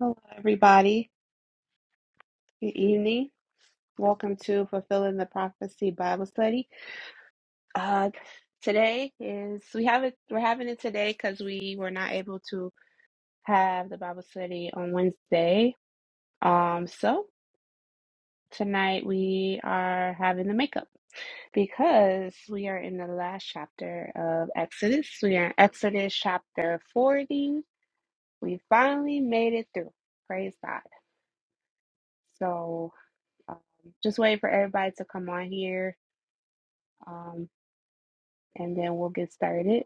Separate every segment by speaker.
Speaker 1: Hello, everybody. Good evening. Welcome to Fulfilling the Prophecy Bible Study. Uh, today is we have it. We're having it today because we were not able to have the Bible study on Wednesday. Um, so tonight we are having the makeup because we are in the last chapter of Exodus. We are in Exodus chapter forty. We finally made it through. Praise God. So um, just wait for everybody to come on here um, and then we'll get started.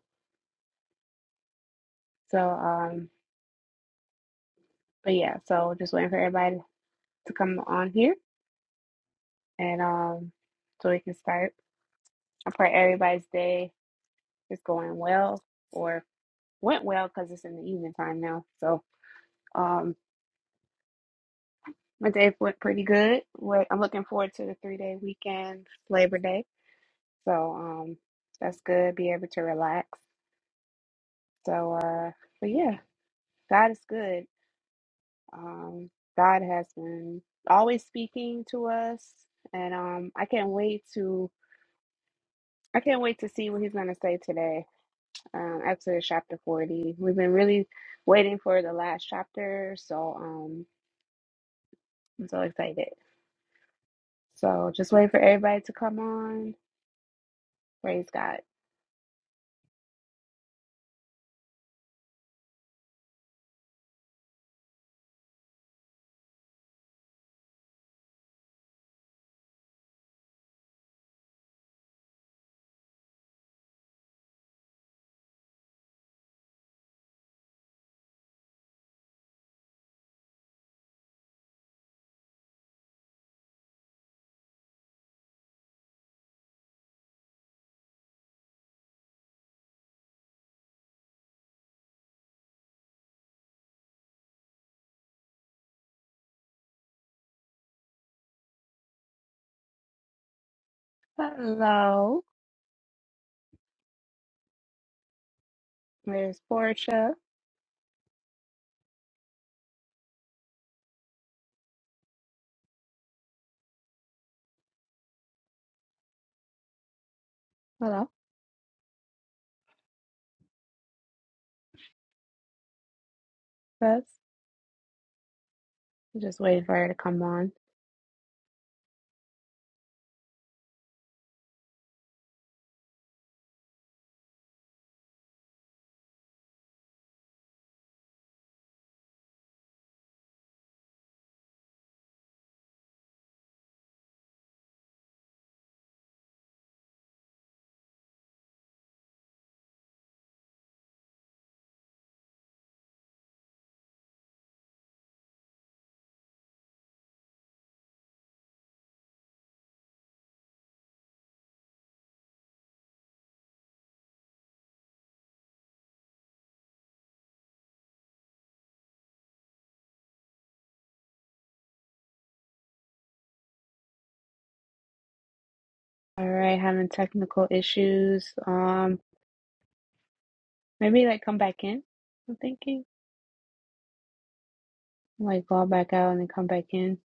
Speaker 1: So, um, but yeah, so just waiting for everybody to come on here, and um, so we can start. I pray everybody's day is going well or went well because it's in the evening time now. So, um, my day went pretty good. Wait, I'm looking forward to the three day weekend, Labor Day. So, um, that's good. Be able to relax. So, uh, but yeah, God is good. Um, God has been always speaking to us, and um, I can't wait to I can't wait to see what He's going to say today. Um, Exodus chapter forty. We've been really waiting for the last chapter, so um, I'm so excited. So just wait for everybody to come on. Praise God. Hello, there's Portia. Hello, Bess. Just waiting for her to come on. All right, having technical issues. Um, maybe like come back in. I'm thinking. Like go back out and then come back in.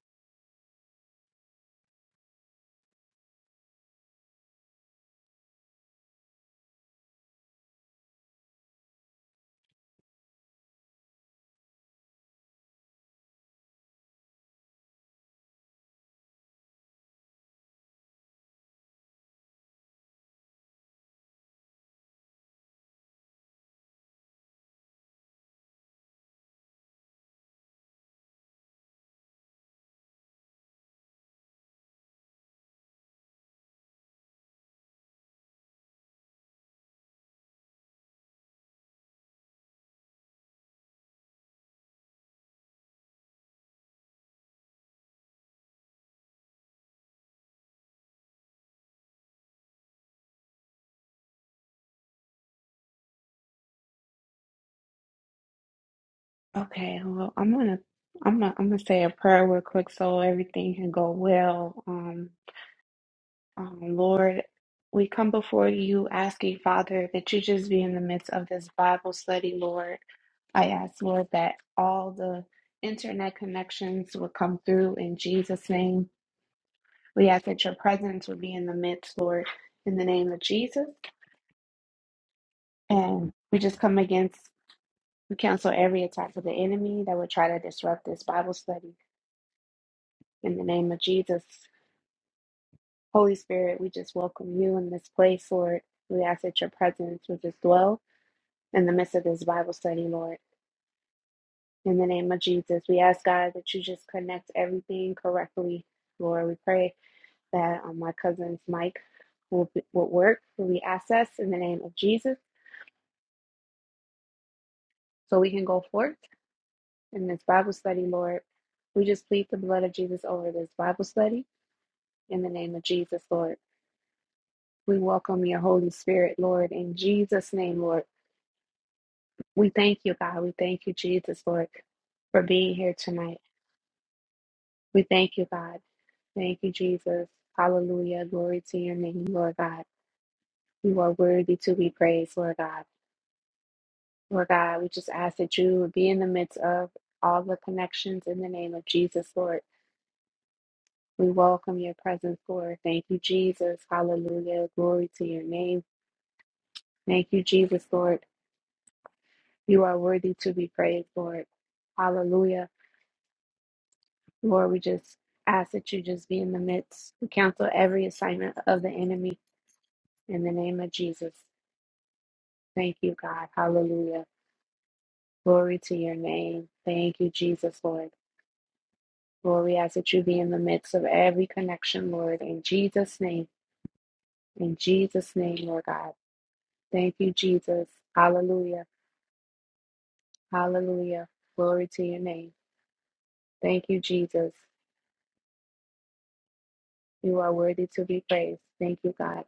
Speaker 1: Okay, well, I'm gonna I'm gonna, I'm gonna say a prayer real quick so everything can go well. Um, um, Lord, we come before you asking, Father, that you just be in the midst of this Bible study, Lord. I ask, Lord, that all the internet connections would come through in Jesus' name. We ask that your presence would be in the midst, Lord, in the name of Jesus. And we just come against We cancel every attack of the enemy that would try to disrupt this Bible study. In the name of Jesus, Holy Spirit, we just welcome you in this place, Lord. We ask that your presence would just dwell in the midst of this Bible study, Lord. In the name of Jesus, we ask God that you just connect everything correctly, Lord. We pray that um, my cousin's mic will, be, will work, will be accessed in the name of Jesus, so we can go forth in this Bible study, Lord. We just plead the blood of Jesus over this Bible study. in the name of Jesus, Lord. We welcome your Holy Spirit, Lord, in Jesus' name, Lord. We thank you, God. We thank you, Jesus, Lord, for being here tonight. We thank you, God. Thank you, Jesus. Hallelujah. Glory to your name, Lord God. You are worthy to be praised, Lord God. Lord God, we just ask that you would be in the midst of all the connections in the name of Jesus, Lord. We welcome your presence, Lord. Thank you, Jesus. Hallelujah. Glory to your name. Thank you, Jesus, Lord. You are worthy to be praised, Lord. Hallelujah. Lord, we just ask that you just be in the midst. We cancel every assignment of the enemy in the name of Jesus. Thank you, God. Hallelujah. Glory to your name. Thank you, Jesus, Lord. Lord, we ask that you be in the midst of every connection, Lord, in Jesus' name. In Jesus' name, Lord God. Thank you, Jesus. Hallelujah. Hallelujah. Glory to your name. Thank you, Jesus. You are worthy to be praised. Thank you, God.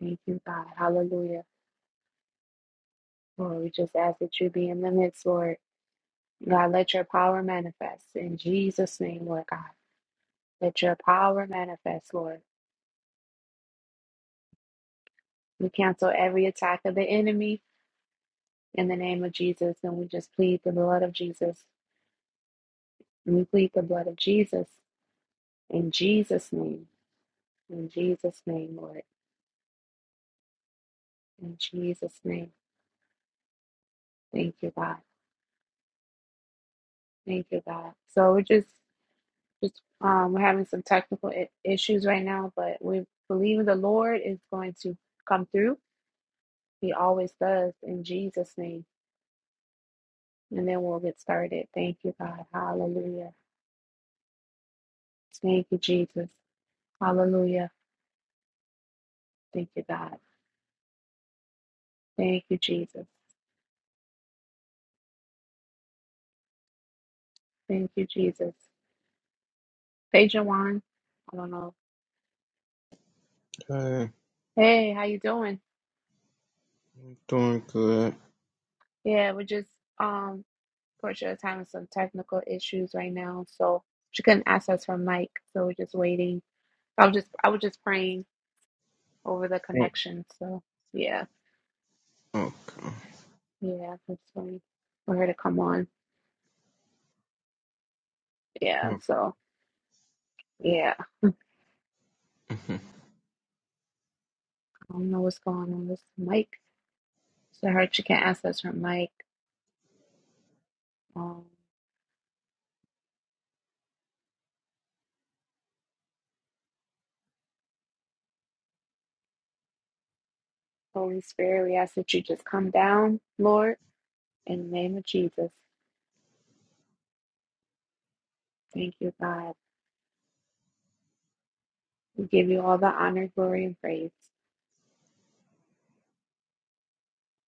Speaker 1: Thank you, God. Hallelujah. Lord, we just ask that you be in the midst, Lord. God, let your power manifest in Jesus' name, Lord God. Let your power manifest, Lord. We cancel every attack of the enemy in the name of Jesus, and we just plead the blood of Jesus. And we plead the blood of Jesus in Jesus' name. In Jesus' name, Lord. In Jesus' name. Thank you, God. Thank you, God. So we're just Just um, we're having some technical I- issues right now, but we believe the Lord is going to come through. He always does in Jesus' name. And then we'll get started. Thank you, God. Hallelujah. Thank you, Jesus. Hallelujah. Thank you, God. Thank you, Jesus. Thank you, Jesus. Hey, Jawan. I don't know.
Speaker 2: Uh,
Speaker 1: Hey, how you doing?
Speaker 2: doing good.
Speaker 1: Yeah, we're just um, Portia is having some technical issues right now, so she couldn't access her mic, so we're just waiting. I was just I was just praying over the
Speaker 2: Oh,
Speaker 1: connection. So yeah,
Speaker 2: okay.
Speaker 1: yeah, that's funny for her to come on. Yeah,
Speaker 2: Amen.
Speaker 1: so yeah, I don't know what's going on with Mike. So I heard she can't access her mic. Um, Holy Spirit, we ask that you just come down, Lord, in the name of Jesus. Thank you, God. We give you all the honor, glory, and praise.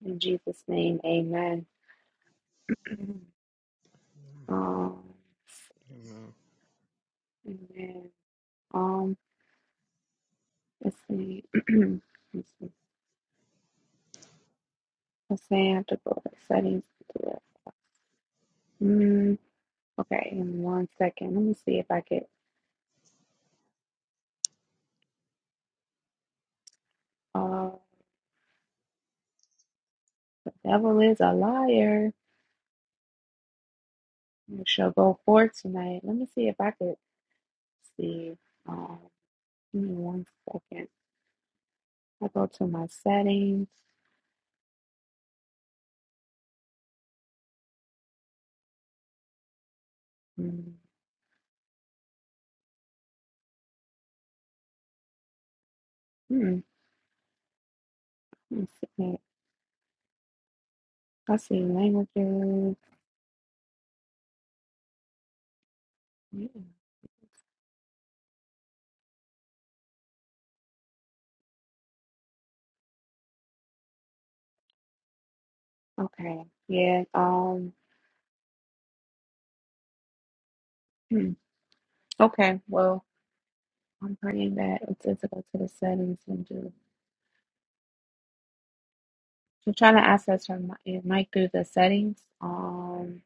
Speaker 1: In Jesus' name, amen. Um, amen. Um, let's see. let's see. Let's see. I have to go to settings. Mm. Okay, in one second. Let me see if I could. Oh, the devil is a liar. It shall go forth tonight. Let me see if I could see. Um, give me one second. I go to my settings. Mm, hmm, let me see. I see languages. Yeah. Okay. Yeah. Um. hmm, Okay. Well, I'm praying that it says to go to the settings and do. So I'm trying to access her mi- it might through the settings. Um.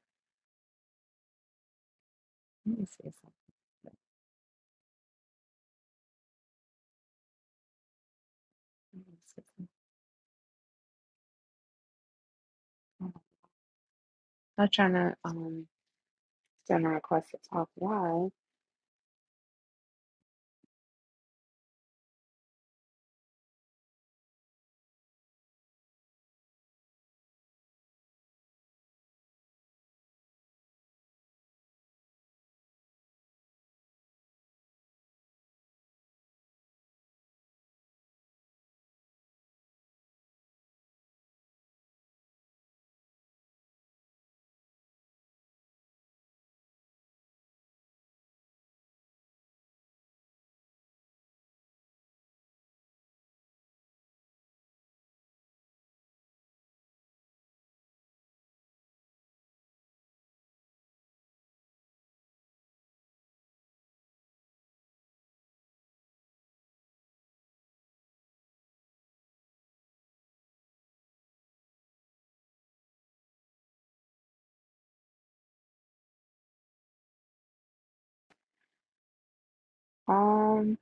Speaker 1: Let me see something. I'm not trying to um send a request to talk live. Um,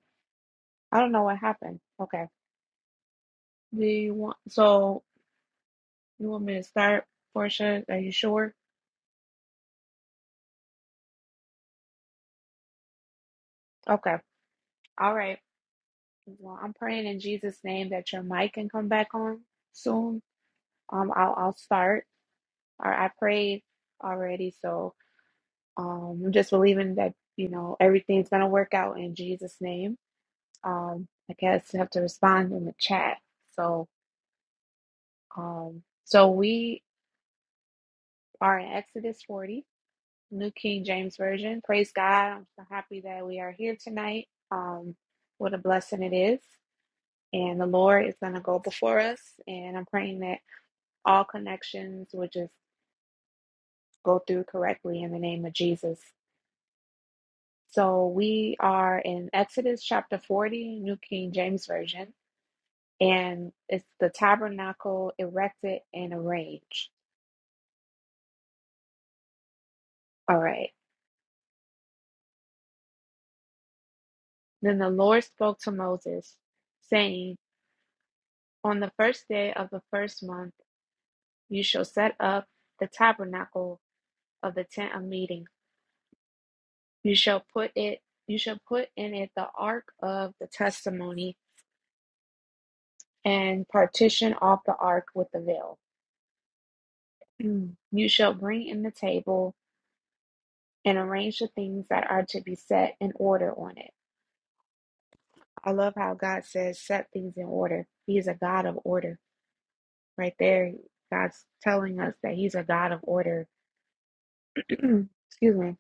Speaker 1: I don't know what happened. Okay. Do you want so you want me to start, Portia? Are you sure? Okay. All right. Well, I'm praying in Jesus' name that your mic can come back on soon. Um, I'll I'll start. Or I prayed already, so um, I'm just believing that you know everything's gonna work out in Jesus' name. Um, I guess you have to respond in the chat. So um, so we are in Exodus 40, New King James Version. Praise God. I'm so happy that we are here tonight. Um, what a blessing it is. And the Lord is going to go before us. And I'm praying that all connections will just go through correctly in the name of Jesus. So we are in Exodus chapter 40, New King James Version. And it's the tabernacle erected and arranged. All right. Then the Lord spoke to Moses, saying, On the first day of the first month, you shall set up the tabernacle of the tent of meeting. You shall put it, you shall put in it the ark of the testimony and partition off the ark with the veil. You shall bring in the table and arrange the things that are to be set in order on it. I love how God says set things in order. He is a God of order. Right there, God's telling us that He's a God of order. Excuse me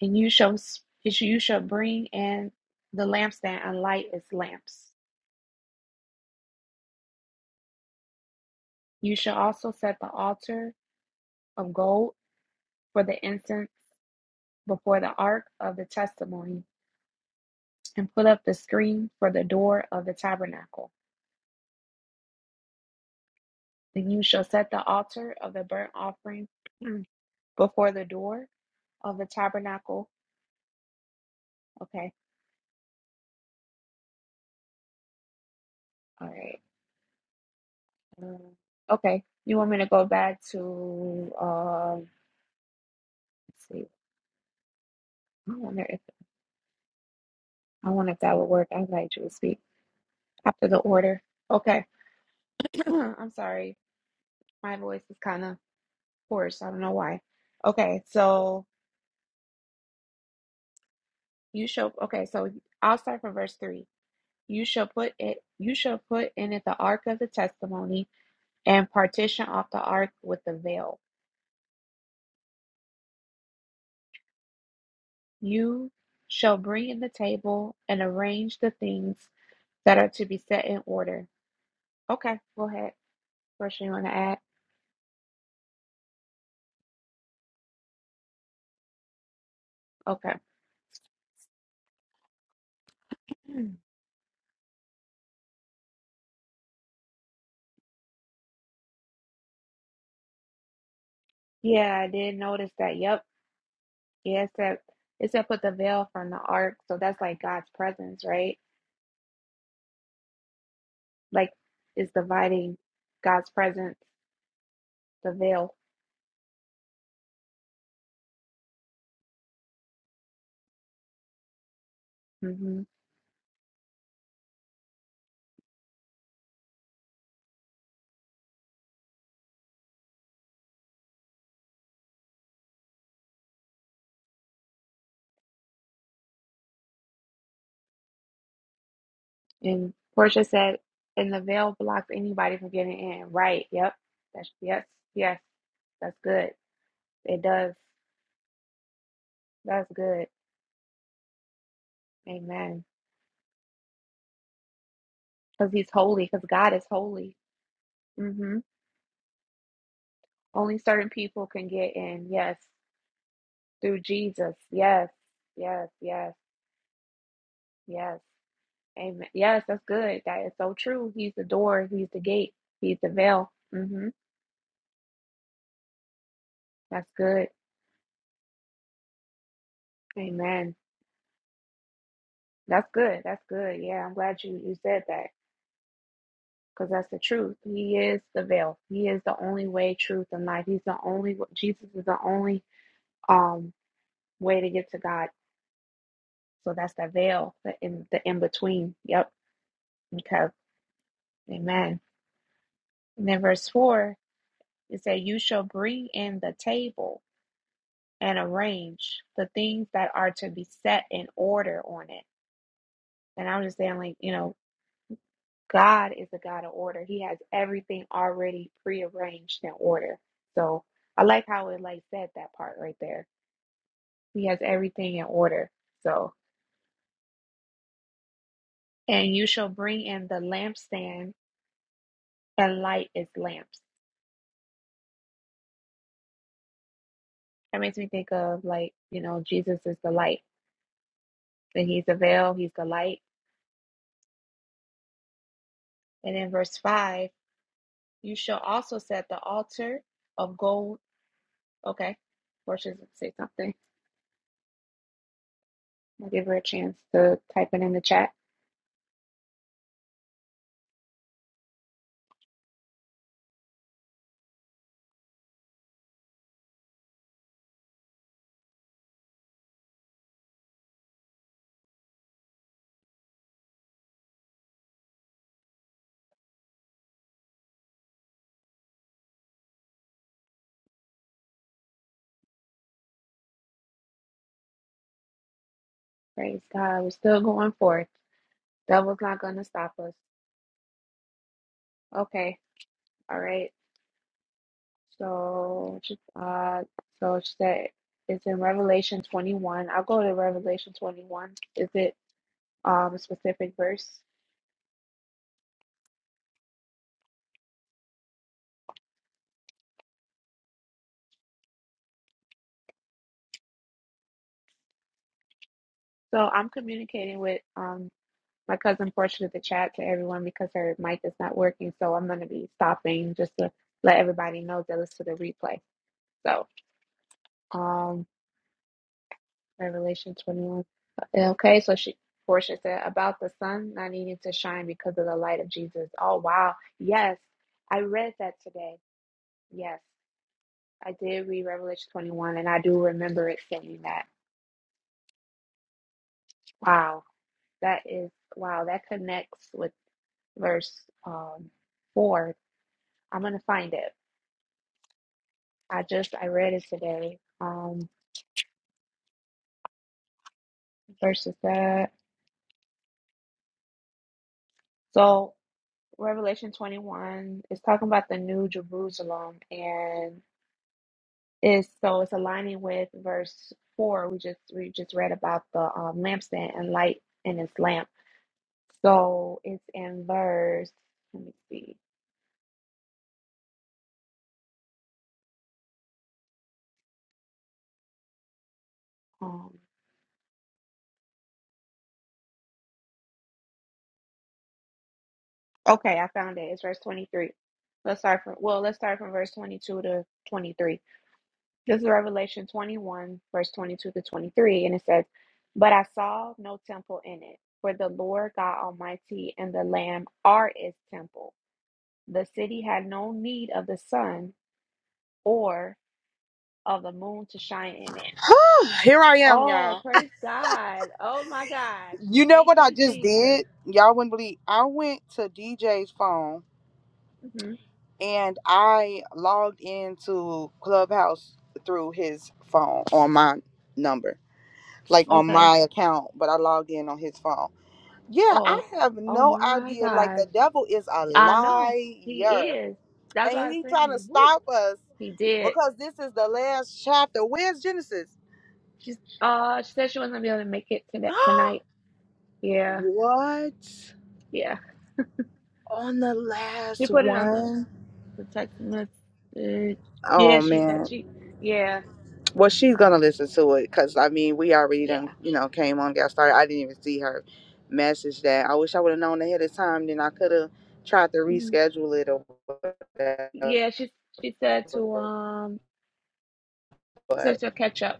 Speaker 1: and you shall s- you shall bring in the lampstand and light its lamps. You shall also set the altar of gold for the incense before the ark of the testimony, and put up the screen for the door of the tabernacle. Then you shall set the altar of the burnt offering before the door of the tabernacle. Okay, all right. Um, okay, you want me to go back to? um let's see. I wonder if I wonder if that would work. I invite you to speak. After the order. Okay. I'm sorry. My voice is kind of hoarse. I don't know why. Okay, so you shall okay, so I'll start from verse three. You shall put it you shall put in it the ark of the testimony and partition off the ark with the veil. You shall bring in the table and arrange the things that are to be set in order. Okay, go ahead. First you want to add? Okay. Yeah, I did notice that. Yep. Yeah, it said it said put the veil from the ark, so that's like God's presence, right? Like it's dividing God's presence, the veil. hmm And Portia said, and the veil blocks anybody from getting in. Right? Yep. That's yes, yes. That's good. It does. That's good. Amen. Because He's holy. Because God is holy. hmm Only certain people can get in. Yes, through Jesus. Yes, yes, yes, yes. Amen. Yes, that's good. That is so true. He's the door. He's the gate. He's the veil. hmm That's good. Amen. That's good. That's good. Yeah, I'm glad you you said that because that's the truth. He is the veil. He is the only way, truth, and life. He's the only. Jesus is the only um way to get to God. So that's the veil, the in the in between. Yep. Okay. Amen. And then verse four, it says, "You shall bring in the table." and arrange the things that are to be set in order on it. And I'm just saying, like, you know, God is a God of order. He has everything already prearranged in order. So I like how it like said that part right there. He has everything in order. So and you shall bring in the lampstand and light its lamps. That makes me think of like, you know, Jesus is the light. And he's the veil, he's the light. And in verse five, you shall also set the altar of gold Okay. Portia's gonna say something. I'll give her a chance to type it in the chat. Praise God. We're still going forth. Devil's not gonna stop us. Okay. All right. So she uh so she said it's in Revelation twenty one. I'll go to Revelation twenty one. Is it um a specific verse? So I'm communicating with um my cousin Portia to the chat to everyone because her mic is not working. So I'm gonna be stopping just to let everybody know that listen to the replay. So um Revelation 21. Okay, so she Portia said about the sun not needing to shine because of the light of Jesus. Oh wow. Yes, I read that today. Yes, I did read Revelation 21 and I do remember it saying that. Wow. That is wow, that connects with verse um four. I'm gonna find it. I just I read it today. Um verses that so Revelation 21 is talking about the new Jerusalem and. is so it's aligning with verse four. We just we just read about the um, lampstand and light in its lamp. So it's in verse. Let me see. Um. Okay, I found it. It's verse twenty three. Let's start from well. Let's start from verse twenty two to twenty three. This is Revelation twenty one, verse twenty two to twenty three, and it says, "But I saw no temple in it, for the Lord God Almighty and the Lamb are its temple. The city had no need of the sun." of the moon to shine in it.
Speaker 3: Here I am,
Speaker 1: Oh,
Speaker 3: y'all.
Speaker 1: praise God. Oh my gosh.
Speaker 3: You know
Speaker 1: Thank
Speaker 3: what I
Speaker 1: you,
Speaker 3: just
Speaker 1: Jesus.
Speaker 3: did? Y'all wouldn't believe. I went to DJ's phone
Speaker 1: hmm
Speaker 3: and I logged into Clubhouse through his phone on my number, like on
Speaker 1: Okay.
Speaker 3: my account, but I logged in on his phone. Yeah, I
Speaker 1: Oh,
Speaker 3: have
Speaker 1: oh
Speaker 3: no
Speaker 1: my
Speaker 3: idea. Like
Speaker 1: gosh.
Speaker 3: the devil is a
Speaker 1: I know he
Speaker 3: liar,
Speaker 1: is. That's
Speaker 3: and
Speaker 1: what I was
Speaker 3: he trying to
Speaker 1: saying. Woo.
Speaker 3: stop us
Speaker 1: He did.
Speaker 3: because this is the last chapter. Where's Genesis?
Speaker 1: She's uh she said she wasn't gonna be able to make it to that tonight. Yeah,
Speaker 3: what
Speaker 1: yeah.
Speaker 3: on the
Speaker 1: She
Speaker 3: last
Speaker 1: put it on the,
Speaker 3: one?
Speaker 1: the text message. Yeah,
Speaker 3: Oh
Speaker 1: she got
Speaker 3: man.
Speaker 1: she yeah,
Speaker 3: Well, she's gonna listen to it because I mean, we already done,
Speaker 1: yeah.
Speaker 3: you know, came on, got started. I didn't even see her message that. I wish I would have known ahead of time, then I could have tried to
Speaker 1: Mhm.
Speaker 3: reschedule it or whatever.
Speaker 1: Yeah, she she said to um she
Speaker 3: But
Speaker 1: said she'll catch up.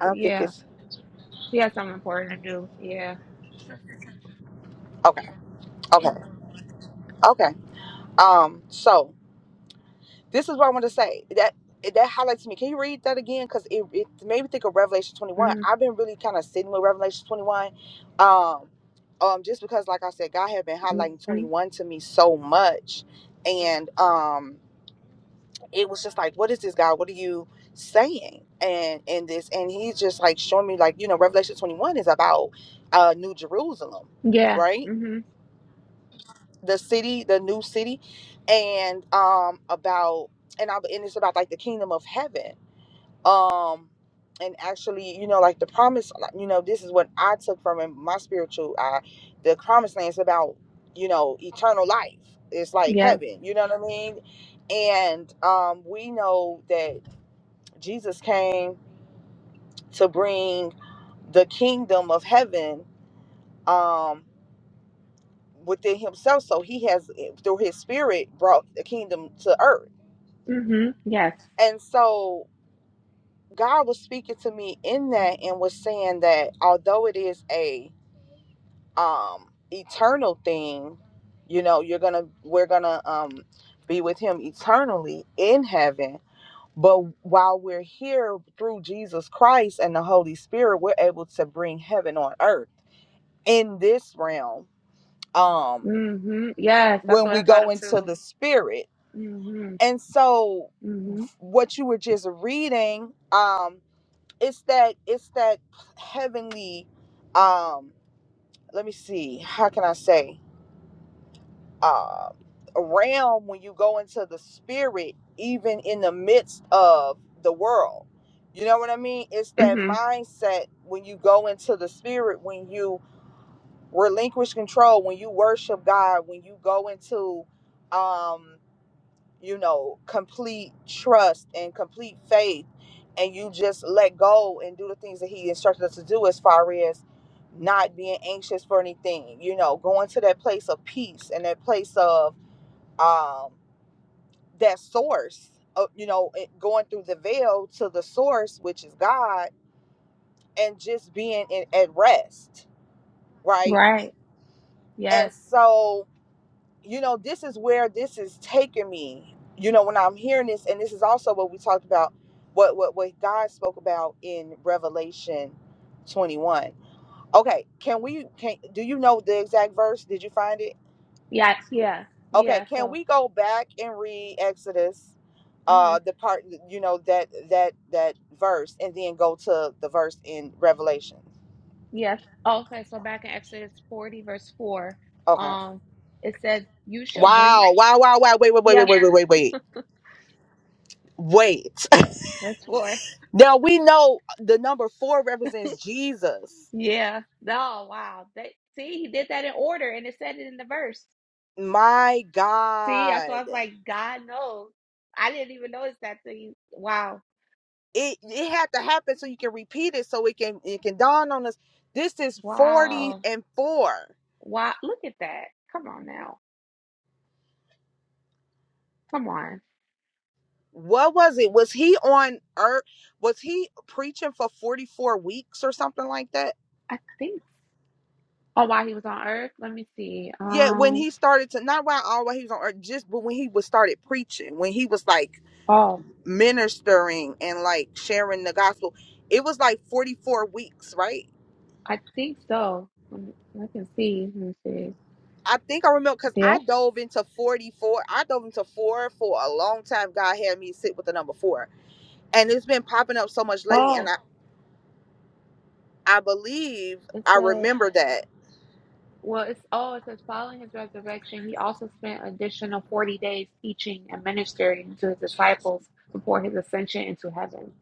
Speaker 3: I
Speaker 1: But
Speaker 3: don't think
Speaker 1: Yeah.
Speaker 3: it's
Speaker 1: She has something important to do. Yeah.
Speaker 3: okay. Okay. Okay. Um. So. This is what I want to say. That that highlights me. Can you read that again? Because it, it made me think of Revelation 21.
Speaker 1: Mm-hmm.
Speaker 3: I've been really kind of sitting with Revelation 21. Um, um, just because, like I said, God had been highlighting
Speaker 1: Mm-hmm.
Speaker 3: 21 to me so much. And um, it was just like, what is this, God? What are you saying? And in this, and he's just like showing me, like, you know, Revelation 21 is about uh, New Jerusalem,
Speaker 1: Yeah.
Speaker 3: right?
Speaker 1: Mm. hmm
Speaker 3: the city, the new city, and um about and I and it's about like the kingdom of heaven. Um and actually, you know, like the promise, like, you know, this is what I took from it, my spiritual eye. The promised land is about, you know, eternal life. It's like
Speaker 1: Yes.
Speaker 3: heaven, you know what I mean? And um we know that Jesus came to bring the kingdom of heaven um within himself so he has eh, through his spirit brought the kingdom to earth
Speaker 1: Mm. hmm Yes.
Speaker 3: And so God was speaking to me in that and was saying that although it is a um eternal thing, you know, you're going to we're going to um be with him eternally in heaven, but while we're here through Jesus Christ and the Holy Spirit, we're able to bring heaven on earth in this realm. Um
Speaker 1: Mm. hmm Yes. That's
Speaker 3: when
Speaker 1: what
Speaker 3: we
Speaker 1: I thought
Speaker 3: go
Speaker 1: of
Speaker 3: into
Speaker 1: too.
Speaker 3: the spirit.
Speaker 1: Mm.
Speaker 3: And so
Speaker 1: hmm
Speaker 3: what you were just reading um, it's that it's that heavenly um let me see how can i say uh realm when you go into the spirit even in the midst of the world you know what i mean it's
Speaker 1: hmm
Speaker 3: that
Speaker 1: hmm
Speaker 3: mindset when you go into the spirit when you relinquish control when you worship god when you go into um you know, complete trust and complete faith, and you just let go and do the things that He instructed us to do as far as not being anxious for anything, you know, going to that place of peace and that place of um, that source, of, you know, it- going through the veil to the source, which is God, and just being in, at rest, right?
Speaker 1: Right.
Speaker 3: And
Speaker 1: Yes.
Speaker 3: so you know, this is where this is taking me. You know, when I'm hearing this, and this is also what we talked about, what what what God spoke about in Revelation 21. Okay, can we can do you know the exact verse? Did you find it?
Speaker 1: Yeah. Yeah.
Speaker 3: Okay,
Speaker 1: Yeah.
Speaker 3: can
Speaker 1: So.
Speaker 3: we go back and read Exodus,
Speaker 1: Mm. hmm
Speaker 3: uh, the part you know that that that verse, and then go to the verse in Revelation?
Speaker 1: Yes. Okay. So back in Exodus forty, verse four,
Speaker 3: Okay.
Speaker 1: um, it says, "You shall bring."
Speaker 3: Wow! Wow! Wow! Wow! Wait! Wait! Wait! Wait!
Speaker 1: Yeah.
Speaker 3: Wait! Wait! Wait! Wait! Wait!
Speaker 1: Verse four.
Speaker 3: Now we know uh, the number four represents Jesus.
Speaker 1: Yeah. Oh wow. They see he did that in order, and it said it in the verse.
Speaker 3: My
Speaker 1: See, that's why
Speaker 3: God.
Speaker 1: I was like, God knows. I didn't even notice that till you. Wow.
Speaker 3: It it had to happen so you can repeat it so it can it can dawn on us. This is 40
Speaker 1: Wow.
Speaker 3: and 4.
Speaker 1: Wow. Look at that. Come on now. Come on.
Speaker 3: What was it? Was he on earth? Was he preaching for 44 weeks or something like that?
Speaker 1: I think. Oh, while he was on Earth? Let me see.
Speaker 3: Yeah, when
Speaker 1: Um.
Speaker 3: he started to not while all while he was on earth, just but when he was started preaching, when he was like
Speaker 1: Oh,
Speaker 3: ministering and like sharing the gospel, it was like 44 weeks, right?
Speaker 1: I think so. Let me- I can see. Let me see.
Speaker 3: I think I remember because I
Speaker 1: Yeah.
Speaker 3: dove into 44. I dove into four for a long time. God had me sit with the number four. And it's been popping up so much lately. And
Speaker 1: Oh,
Speaker 3: I, I believe
Speaker 1: it
Speaker 3: I
Speaker 1: said.
Speaker 3: remember that
Speaker 1: Well, it's oh, it says following his resurrection, he also spent additional forty days teaching and ministering to his disciples before his ascension into heaven.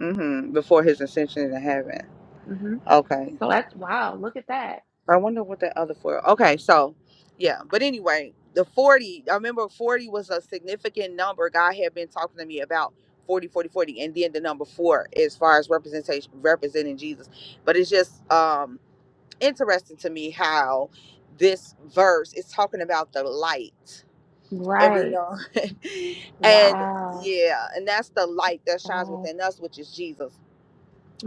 Speaker 3: hmm before his ascension into heaven.
Speaker 1: hmm
Speaker 3: Okay.
Speaker 1: So that's wow. Look at that.
Speaker 3: I wonder what that other four. Okay. So, yeah. But anyway, the 40, I remember 40 was a significant number. God had been talking to me about 40, 40, 40, And then the number four as far as representation, representing Jesus. But it's just, um, interesting to me how this verse is talking about the light and we
Speaker 1: Right.
Speaker 3: know and
Speaker 1: Wow.
Speaker 3: yeah and that's the light that shines
Speaker 1: God.
Speaker 3: within us which is jesus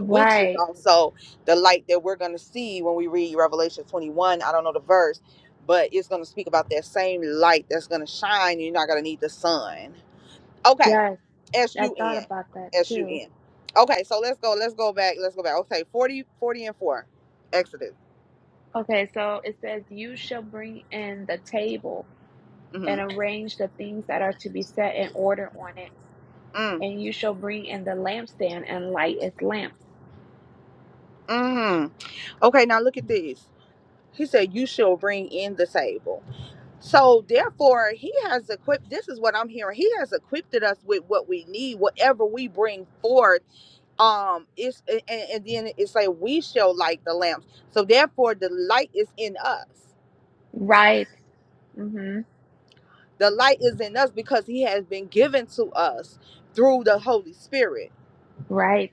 Speaker 3: which is also the light that we're going to see when we read revelation 21 i don't know the verse but it's going to speak about that same light that's going to shine you're not going to need the sun okay
Speaker 1: Yes. I thought
Speaker 3: s-u-n
Speaker 1: about that too.
Speaker 3: s-u-n okay so let's go let's go back let's go back okay 40, 40 and 4 exodus
Speaker 1: Okay, so it says, You shall bring in the table and
Speaker 3: hmm
Speaker 1: arrange the things that are to be set in order on it, and you shall bring in the lampstand and light its lamps.
Speaker 3: Mm. Okay, now look at this. He said, You shall bring in the table. So, therefore, he has equipped, this is what I'm hearing. He has equipped us with what we need, whatever we bring forth. Um, it's, and, and then it's like, We shall light the lamps. So, therefore, the light is in us.
Speaker 1: Right. Mm-hmm.
Speaker 3: The light is in us because he has been given to us through the Holy Spirit.
Speaker 1: Right.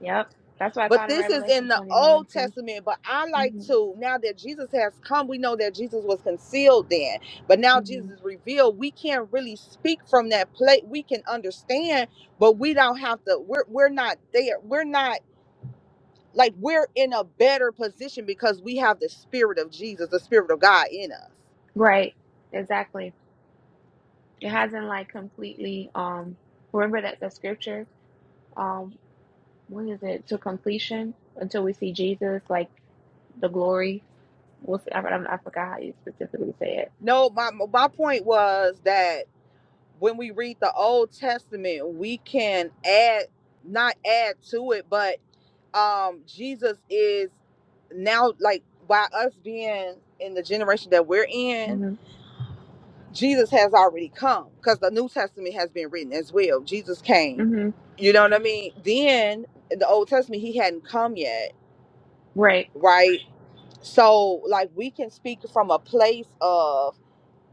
Speaker 1: Yep. That's what I
Speaker 3: But
Speaker 1: thought in
Speaker 3: this is in
Speaker 1: Revelation
Speaker 3: the
Speaker 1: 21
Speaker 3: Old
Speaker 1: too.
Speaker 3: Testament. But I like
Speaker 1: Mm-hmm.
Speaker 3: to, now that Jesus has come, we know that Jesus was concealed then. But now Jesus
Speaker 1: Mm-hmm.
Speaker 3: is revealed. We can't really speak from that plate. We can understand, but we don't have to, we're, we're not there. We're not like we're in a better position because we have the spirit of Jesus, the spirit of God in us.
Speaker 1: Right. Exactly. It hasn't like completely um remember that the scripture um what is it to completion until we see Jesus like the glory. We'll see. I, I, I forgot how you specifically say it.
Speaker 3: No, my my point was that when we read the Old Testament, we can add, not add to it, but um, Jesus is now like by us being in the generation that we're in,
Speaker 1: hmm
Speaker 3: Jesus has already come because the New Testament has been written as well. Jesus came,
Speaker 1: hmm
Speaker 3: you know what I mean? Then in the Old Testament, he hadn't come yet,
Speaker 1: Right.
Speaker 3: right? So, like, we can speak from a place of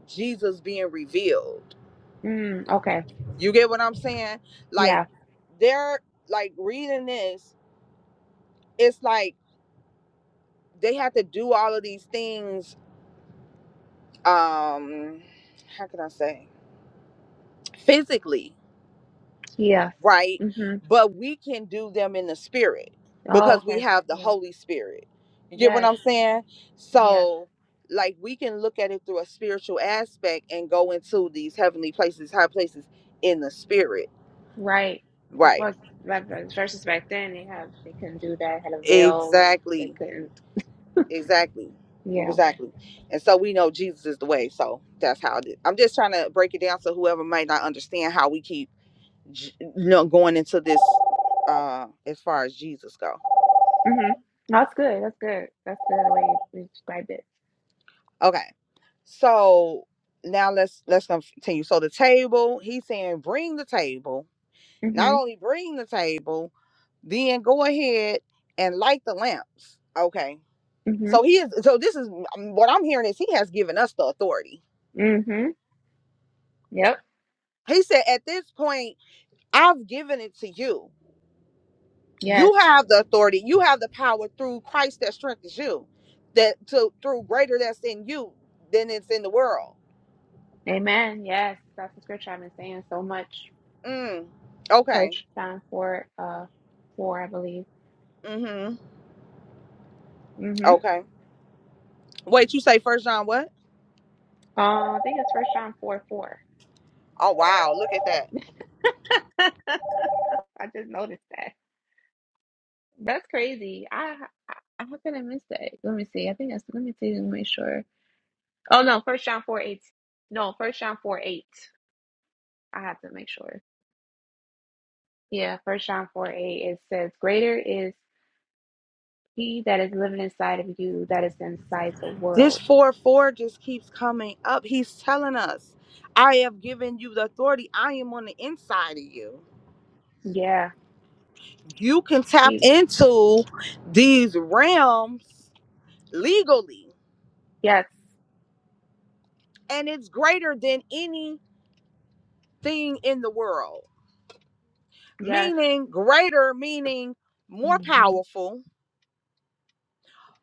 Speaker 3: Jesus being revealed
Speaker 1: Mm, okay.
Speaker 3: You get what I'm saying? Like
Speaker 1: Yeah.
Speaker 3: they're like reading this, it's like they have to do all of these things um how can I say? Physically,
Speaker 1: Yeah.
Speaker 3: right?
Speaker 1: hmm
Speaker 3: But we can do them in the spirit
Speaker 1: Oh,
Speaker 3: because we
Speaker 1: okay.
Speaker 3: have the
Speaker 1: Yeah.
Speaker 3: Holy Spirit. You get what
Speaker 1: Yes.
Speaker 3: I'm saying?
Speaker 1: Yes.
Speaker 3: So like we can look at it through a spiritual aspect and go into these heavenly places, high places in the spirit.
Speaker 1: Right. As
Speaker 3: Right.
Speaker 1: well as that- that- versus back then, they had they couldn't do that. Had a veil, and they
Speaker 3: Exactly.
Speaker 1: couldn't.
Speaker 3: Exactly.
Speaker 1: Yeah.
Speaker 3: Exactly. And so we know Jesus is the way. So that's how it is. I'm just trying to break it down so whoever might not understand how we keep j- you know, going into this uh as far as Jesus go.
Speaker 1: hmm That's good. That's good. That's good. The way you you described it.
Speaker 3: Okay. So now let's let's continue. So the table, he's saying bring the table. Not
Speaker 1: hmm
Speaker 3: only bring the table, then go ahead and light the lamps. Okay.
Speaker 1: hmm
Speaker 3: So he is so this is what I'm hearing is he has given us the authority.
Speaker 1: hmm Yep.
Speaker 3: He said at this point I've given it to you. You
Speaker 1: Yes.
Speaker 3: have the authority. You have the power through Christ that strengthens you. That to through greater that's in you than it's in the world.
Speaker 1: Amen. Yes. That's the scripture I've been saying so much.
Speaker 3: Mm. Okay.
Speaker 1: First John four uh four I believe.
Speaker 3: Mm-hmm.
Speaker 1: Mm-hmm.
Speaker 3: Okay. Wait, you say first John what?
Speaker 1: Uh, I think it's First John four four.
Speaker 3: Oh wow, look at that.
Speaker 1: I just noticed that. That's crazy. I how could I miss that? Let me see. I think that's let me see and make sure. Oh no, First John four eight. No, First John four eight. I have to make sure. Yeah, First John four eight. It says, "Greater is He that is living inside of you that is inside the
Speaker 3: This
Speaker 1: world."
Speaker 3: four four just keeps coming up. He's telling us, I have given you the authority. I am on the inside of you.
Speaker 1: Yeah.
Speaker 3: You can tap
Speaker 1: He.
Speaker 3: into these realms legally
Speaker 1: Yes.
Speaker 3: and it's greater than any thing in the world,
Speaker 1: Yes.
Speaker 3: meaning greater, meaning more
Speaker 1: hmm
Speaker 3: powerful,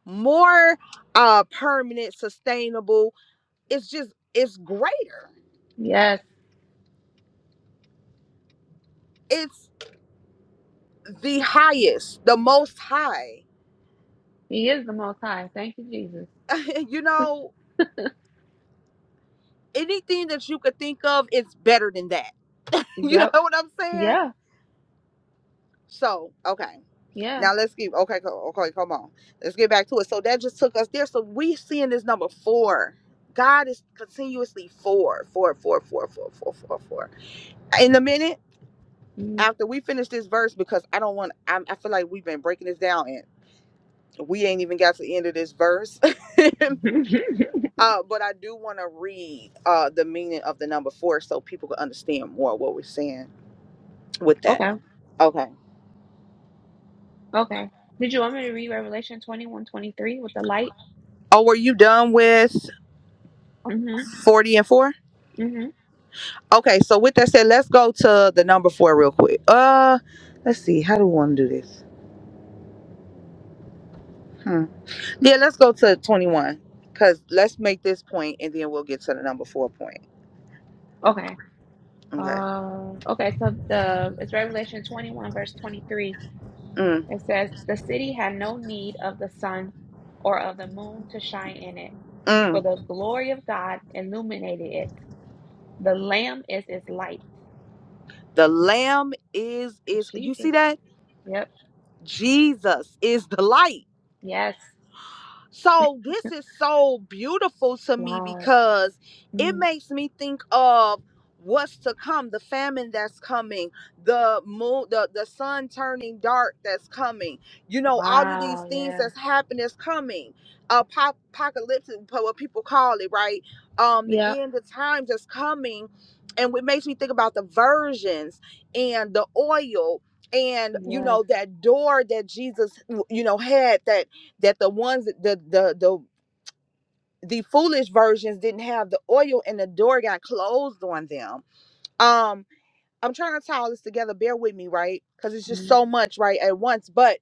Speaker 3: more uh, permanent, sustainable. It's just, it's greater.
Speaker 1: Yes.
Speaker 3: It's the highest, the most high.
Speaker 1: He is the Most High. Thank you, Jesus.
Speaker 3: you know, anything that you could think of, it's better than that. You know
Speaker 1: Yep.
Speaker 3: what I'm saying?
Speaker 1: Yeah.
Speaker 3: So, okay.
Speaker 1: Yeah.
Speaker 3: Now let's get okay, co- okay, come on. Let's get back to it. So that just took us there. So we seeing this number four. God is continuously four, four, four, four, four, four, four, four. In a minute
Speaker 1: Mm.
Speaker 3: after we finish this verse, because I don't want. I, I feel like we've been breaking this down, and we ain't even got to the end of this verse. uh, but I do want to read uh the meaning of the number four, so people can understand more what we're saying with that.
Speaker 1: okay.
Speaker 3: Okay.
Speaker 1: Okay. Did you want me to read Revelation 21 23 with the light?
Speaker 3: Oh, were you done with
Speaker 1: Mm-hmm.
Speaker 3: forty and four?
Speaker 1: Mm-hmm.
Speaker 3: Okay, so with that said, let's go to the number four real quick. Uh, let's see. How do we want to do this? Hmm. Yeah, let's go to twenty-one. Cause let's make this point, and then we'll get to the number four point.
Speaker 1: Okay.
Speaker 3: Okay.
Speaker 1: Uh, okay. So the it's Revelation 21, verse 23.
Speaker 3: Mm,
Speaker 1: It says, The city had no need of the sun or of the moon to shine in it, for
Speaker 3: mm.
Speaker 1: the glory of God illuminated it. The Lamb is its light.
Speaker 3: The Lamb is
Speaker 1: It's
Speaker 3: is you
Speaker 1: Jesus.
Speaker 3: see that
Speaker 1: Yep.
Speaker 3: Jesus is the light.
Speaker 1: Yes.
Speaker 3: So this is so beautiful to me
Speaker 1: Wow.
Speaker 3: because
Speaker 1: Mm.
Speaker 3: it makes me think of what's to come, the famine that's coming, the moon, the, the sun turning dark that's coming, you know, all of these
Speaker 1: Wow,
Speaker 3: things
Speaker 1: yeah.
Speaker 3: that's happening is coming. Apop- apocalyptic, po- what people call it, right? Um, the
Speaker 1: Yep.
Speaker 3: end of times is coming. And it makes me think about the versions and the oil and you
Speaker 1: Yes.
Speaker 3: know that door that Jesus you know had that that the ones that- the the the the foolish versions didn't have the oil and the door got closed on them. Um, I'm trying to tie all this together. Bear with me, right? Because it's just
Speaker 1: Mm,
Speaker 3: so much right at once. But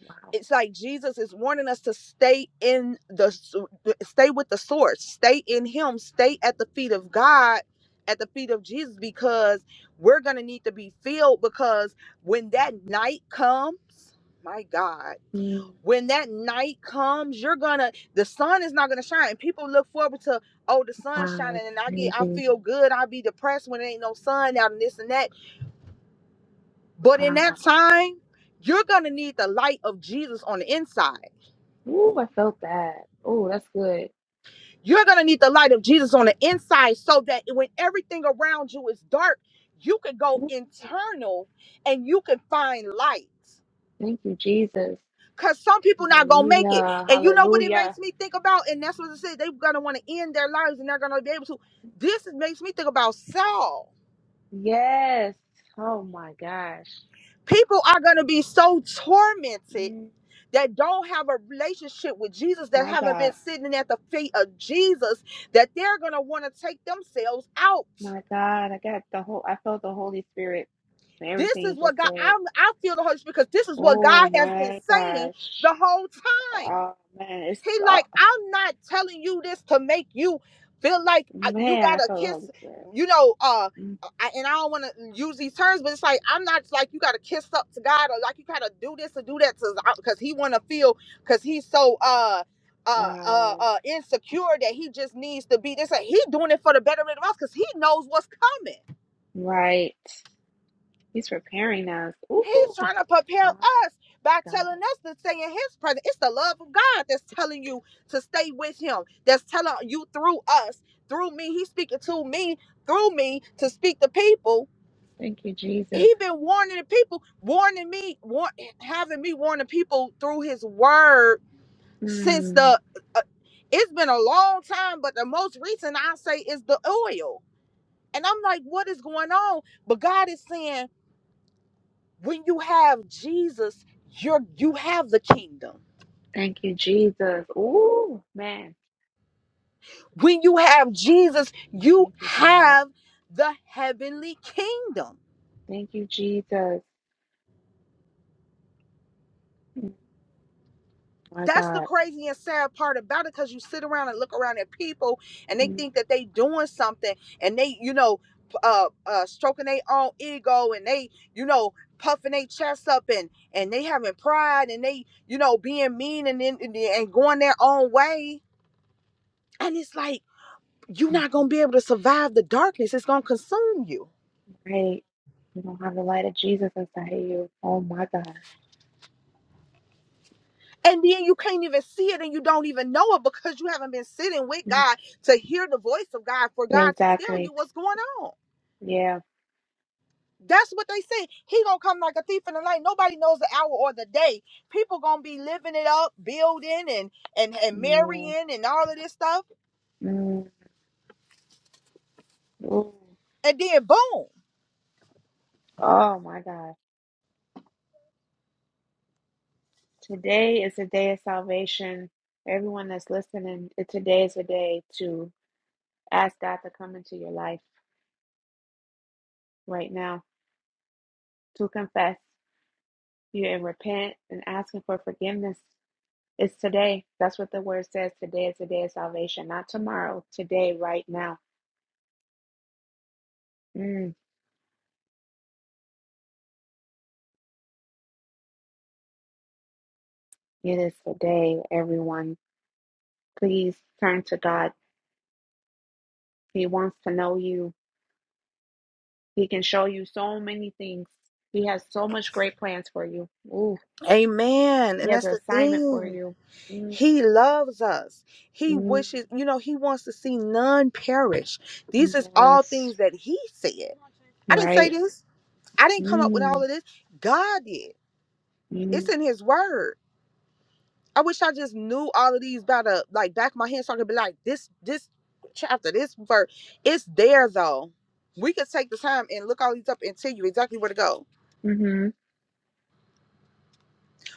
Speaker 1: wow.
Speaker 3: it's like Jesus is warning us to stay in the s- stay with the source, stay in Him, stay at the feet of God, at the feet of Jesus, because we're gonna need to be filled. Because when that night comes, my God.
Speaker 1: Mm,
Speaker 3: when that night comes, you're gonna the sun is not gonna shine. People look forward to oh the sun's
Speaker 1: wow,
Speaker 3: shining and I get
Speaker 1: it's
Speaker 3: I
Speaker 1: crazy.
Speaker 3: feel good. I'll be depressed when there ain't no sun out and this and that. But in
Speaker 1: Wow.
Speaker 3: that time, you're gonna need the light of Jesus on the inside.
Speaker 1: Ooh, I felt that. Oh, that's good.
Speaker 3: You're gonna need the light of Jesus on the inside so that when everything around you is dark, you can go
Speaker 1: Ooh,
Speaker 3: internal and you can find light.
Speaker 1: thank you, Jesus.
Speaker 3: Cause some people not gonna make it.
Speaker 1: Hallelujah.
Speaker 3: And you know what it
Speaker 1: Hallelujah.
Speaker 3: makes me think about? And that's what it says. They're gonna want to end their lives and they're gonna be able to. This is- makes me think about Saul.
Speaker 1: Yes. Oh my gosh.
Speaker 3: People are gonna be so tormented
Speaker 1: Mm,
Speaker 3: that don't have a relationship with Jesus, that
Speaker 1: my
Speaker 3: haven't been
Speaker 1: God.
Speaker 3: sitting at the feet of Jesus, that they're gonna want to take themselves out.
Speaker 1: My God. I got the whole I felt the Holy Spirit and
Speaker 3: This
Speaker 1: everything
Speaker 3: is
Speaker 1: you
Speaker 3: what
Speaker 1: just
Speaker 3: God
Speaker 1: said.
Speaker 3: I'm I feel the Holy Spirit because this is what
Speaker 1: Oh
Speaker 3: God has been
Speaker 1: my
Speaker 3: saying
Speaker 1: gosh.
Speaker 3: the whole time.
Speaker 1: Oh man, it's
Speaker 3: He
Speaker 1: uh,
Speaker 3: like, I'm not telling you this to make you feel like uh, you
Speaker 1: man,
Speaker 3: got
Speaker 1: I
Speaker 3: to
Speaker 1: felt the Holy
Speaker 3: kiss,
Speaker 1: Spirit.
Speaker 3: you know, uh
Speaker 1: Mm.
Speaker 3: I, and I don't want to use these terms, but it's like I'm not like you got to kiss up to God or like you got to do this or do that to because he want to feel because he's so uh uh, uh
Speaker 1: Wow.
Speaker 3: uh insecure that he just needs to be this. He doing it for the betterment of us because he knows what's coming.
Speaker 1: Right. He's preparing us.
Speaker 3: He's
Speaker 1: Ooh.
Speaker 3: trying to prepare
Speaker 1: My
Speaker 3: us by telling
Speaker 1: God.
Speaker 3: us to stay in his presence. It's the love of God that's telling you to stay with him, that's telling you through us, through me. He's speaking to me, through me, to speak to people.
Speaker 1: Thank you, Jesus.
Speaker 3: He been warning the people, warning me, war- having me warn the people through his word since
Speaker 1: Mm.
Speaker 3: the. Uh, it's been a long time, but the most recent I say is the oil. And I'm like, what is going on? But God is saying when you have Jesus, you're you have the kingdom.
Speaker 1: Thank you, Jesus. Ooh, man.
Speaker 3: When you have Jesus, you
Speaker 1: Thank you, God.
Speaker 3: have the heavenly kingdom.
Speaker 1: Thank you, Jesus. Mm, My
Speaker 3: That's the
Speaker 1: God.
Speaker 3: crazy and sad part about it because you sit around and look around at people and they
Speaker 1: Mm.
Speaker 3: think that they doing something and they, you know, uh, uh, stroking their own ego and they, you know, puffing their chest up and and they having pride and they, you know, being mean and and, and going their own way. And it's like you're not going to be able to survive the darkness. It's going to consume you.
Speaker 1: Right. You don't have the light of Jesus inside of you. Oh, my God.
Speaker 3: And then you can't even see it and you don't even know it because you haven't been sitting with
Speaker 1: Mm.
Speaker 3: God to hear the voice of God for God to tell
Speaker 1: Exactly.
Speaker 3: you what's going on.
Speaker 1: Yeah.
Speaker 3: That's what they say. He gonna come like a thief in the night. Nobody knows the hour or the day. People gonna be living it up, building and and and
Speaker 1: Yeah.
Speaker 3: marrying and all of this stuff,
Speaker 1: Mm. Ooh.
Speaker 3: and then boom,
Speaker 1: Oh, my God. Today is a day of salvation. Everyone that's listening, it- today is a day to ask God to come into your life right now, to confess you and repent and asking for forgiveness. It's today. That's what the word says. Today is a day of salvation, not tomorrow. Today, right now. Mm, it is today, everyone. Please turn to God. He wants to know you. He can show you so many things. He has so much great plans for you. Ooh,
Speaker 3: amen.
Speaker 1: he
Speaker 3: And
Speaker 1: has
Speaker 3: that's
Speaker 1: an
Speaker 3: the
Speaker 1: assignment for
Speaker 3: thing.
Speaker 1: you. Mm,
Speaker 3: He loves us. He
Speaker 1: Mm,
Speaker 3: wishes, you know, he wants to see none perish. These is all
Speaker 1: yes,
Speaker 3: things that he said. I didn't say
Speaker 1: right.
Speaker 3: this. I didn't come up with all
Speaker 1: Mm,
Speaker 3: of this. God did. It's
Speaker 1: mm,
Speaker 3: in his word. I wish I just knew all of these by the like back of my hand so I could be like, this this chapter, this verse. It's there though. We could take the time and look all these up and tell you exactly where to go.
Speaker 1: mm-hmm.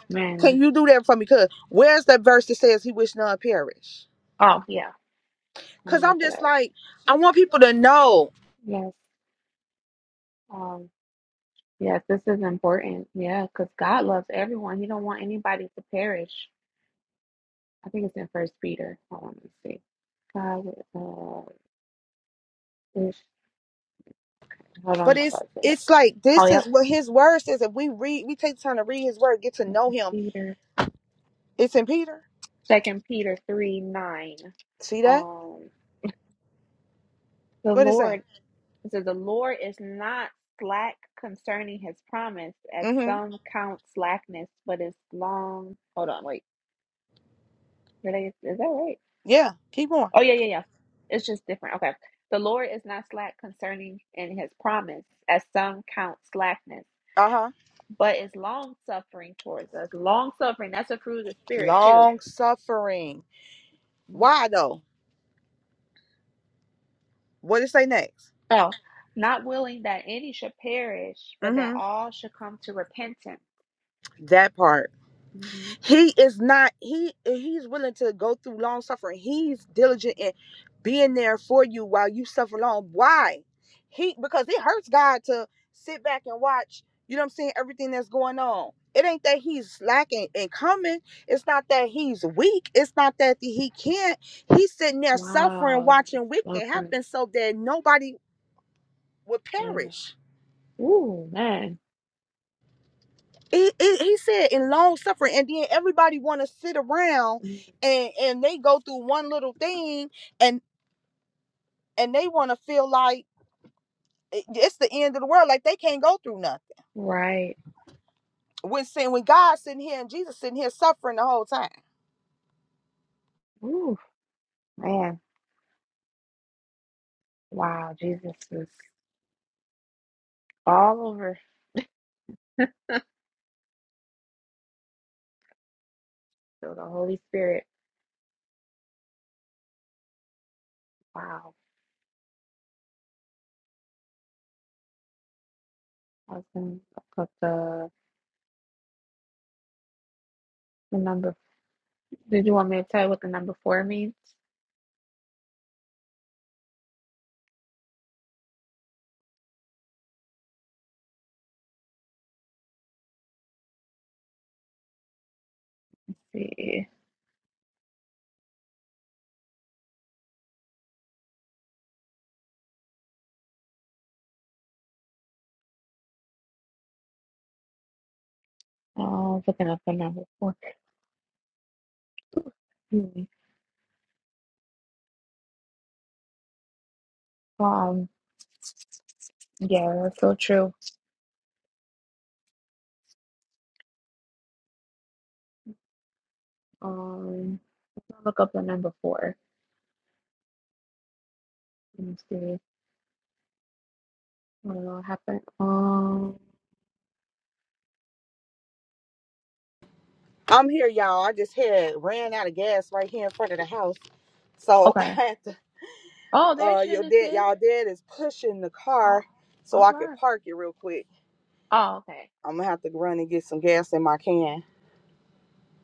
Speaker 1: Man.
Speaker 3: Can you do that for me? Cause where's that verse that says he wished none perish?
Speaker 1: Oh, yeah. Let
Speaker 3: Cause
Speaker 1: me look
Speaker 3: I'm
Speaker 1: it
Speaker 3: just
Speaker 1: up.
Speaker 3: like, I want people to know.
Speaker 1: Yes. Um, yes, this is important. Yeah, because God loves everyone. He don't want anybody to perish. I think it's in First Peter. Hold on, let me see. God, uh, is, hold
Speaker 3: But
Speaker 1: on, my
Speaker 3: it's
Speaker 1: God. said it.
Speaker 3: it's like
Speaker 1: Oh,
Speaker 3: this is
Speaker 1: yep.
Speaker 3: what his word says. If we read, we take the time to read his word, get to know
Speaker 1: Second
Speaker 3: him.
Speaker 1: Peter.
Speaker 3: It's in Peter.
Speaker 1: Second Peter three nine.
Speaker 3: See that?
Speaker 1: Um, the
Speaker 3: What is
Speaker 1: Lord.
Speaker 3: that?
Speaker 1: So the Lord is not slack concerning his promise, as
Speaker 3: Mm-hmm.
Speaker 1: some count slackness, but is long. Hold on, wait. Did I, is that right?
Speaker 3: Yeah. Keep going.
Speaker 1: Oh, yeah, yeah, yeah. It's just different. Okay. The Lord is not slack concerning in his promise, as some count slackness,
Speaker 3: Uh huh.
Speaker 1: but is long suffering towards us. Long suffering, that's a fruit of the Spirit, too.
Speaker 3: Long suffering. Why though? What did it say next?
Speaker 1: Oh, not willing that any should perish, but that
Speaker 3: Mm-hmm.
Speaker 1: all should come to repentance.
Speaker 3: That part.
Speaker 1: Mhm.
Speaker 3: he is not he he's willing to go through long suffering he's diligent in being there for you while you suffer long why he because it hurts god to sit back and watch you know what i'm saying everything that's going on it ain't that he's slacking and coming it's not that he's weak it's not that he can't he's sitting there suffering
Speaker 1: Wow, long
Speaker 3: watching wicked happen
Speaker 1: suffering.
Speaker 3: so that nobody would
Speaker 1: yeah.
Speaker 3: perish
Speaker 1: Ooh, man.
Speaker 3: It, it, he said in long suffering and then everybody want to sit around
Speaker 1: Mm,
Speaker 3: and and they go through one little thing and and they want to feel like it- it's the end of the world like they can't go through nothing
Speaker 1: Right.
Speaker 3: when sin when god sitting here and jesus sitting here suffering the whole time
Speaker 1: Ooh, man. Wow. Jesus is all over. So the Holy Spirit. Wow. I was gonna look up the the number. Did you want me to tell you what the number four means? Let's see. Uh, I was looking up the number four. Hmm. Um. Yeah, that's so true. Um. Let's not look up the number four. Let me see. I don't know what happened. Um.
Speaker 3: i'm here y'all i just had ran out of gas right here in front of the house so I
Speaker 1: Okay.
Speaker 3: had to.
Speaker 1: Oh, there
Speaker 3: uh your
Speaker 1: Shannon
Speaker 3: dad
Speaker 1: is.
Speaker 3: y'all dad is pushing the
Speaker 1: Oh,
Speaker 3: car so
Speaker 1: all
Speaker 3: I could
Speaker 1: right.
Speaker 3: park it real quick.
Speaker 1: Oh, okay.
Speaker 3: I'm gonna have to run and get some gas in my can.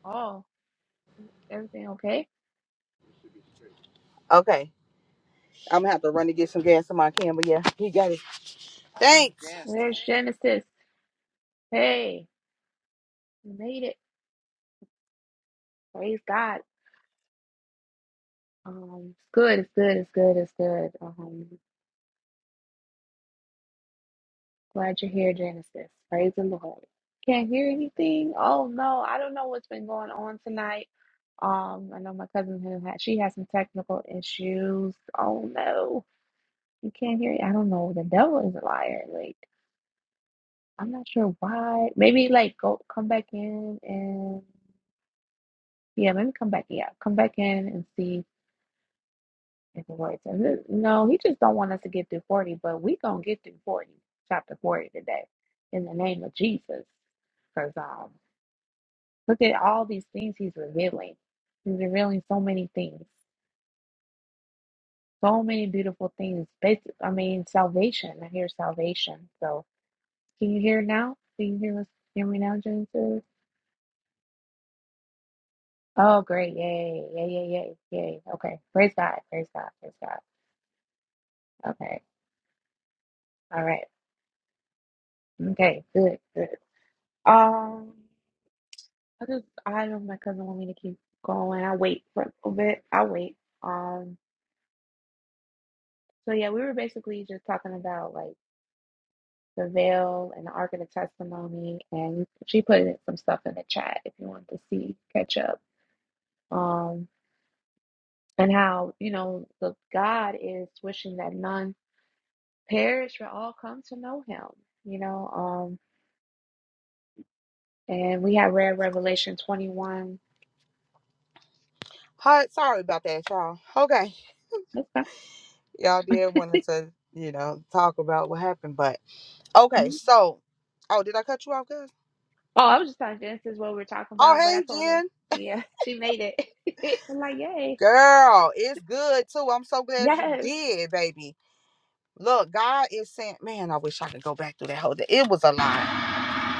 Speaker 1: Oh. Everything okay?
Speaker 3: Okay. I'm gonna have to run and get some gas in my can, but yeah, he got it. Thanks.
Speaker 1: There's Genesis. Hey, we made it. Praise God. Um, it's good. It's good. It's good. It's good. Um, glad you're here, Genesis. Praise the Lord. Can't hear anything. Oh no, I don't know what's been going on tonight. Um, I know my cousin who had she has some technical issues. Oh no, you can't hear. I don't know. The devil is a liar. Like I'm not sure why. Maybe like go come back in and yeah, maybe come back. Yeah, come back in and see If it were to- look, No, he just don't want us to get through 40, but we gonna get through 40, chapter 40 today, in the name of Jesus. Because um, look at all these things he's revealing. He's revealing so many things, so many beautiful things. Basic, I mean, salvation. I hear salvation. So can you hear now? Can you hear us? Hear me now, Genesis? Oh, great! Yay! Yay! Yay! Yay! Yay! Okay, praise God! Praise God! Praise God! Okay, all right. Okay, good, good. Um. I just I don't my cousin want me to keep going. I wait for a little bit. I wait. Um so yeah, we were basically just talking about like the veil and the ark of the testimony and she put in some stuff in the chat if you want to see catch up. Um and how, you know, the God is wishing that none perish but all come to know him. You know, um and we had read Revelation twenty one.
Speaker 3: Hi, sorry about that, y'all. Okay.
Speaker 1: Okay.
Speaker 3: Y'all did wanted to, you know, talk about what happened, but okay, so oh did I cut you off, guys?
Speaker 1: Oh, I was just telling Genesis what we were talking
Speaker 3: Oh
Speaker 1: about, but I
Speaker 3: hey
Speaker 1: told her,
Speaker 3: Jen.
Speaker 1: yeah, she made it. I'm like, yay,
Speaker 3: Girl, it's good too. I'm so glad you
Speaker 1: yes,
Speaker 3: did, baby. Look, God is saying, man, I wish I could go back through that whole day. It was a lot.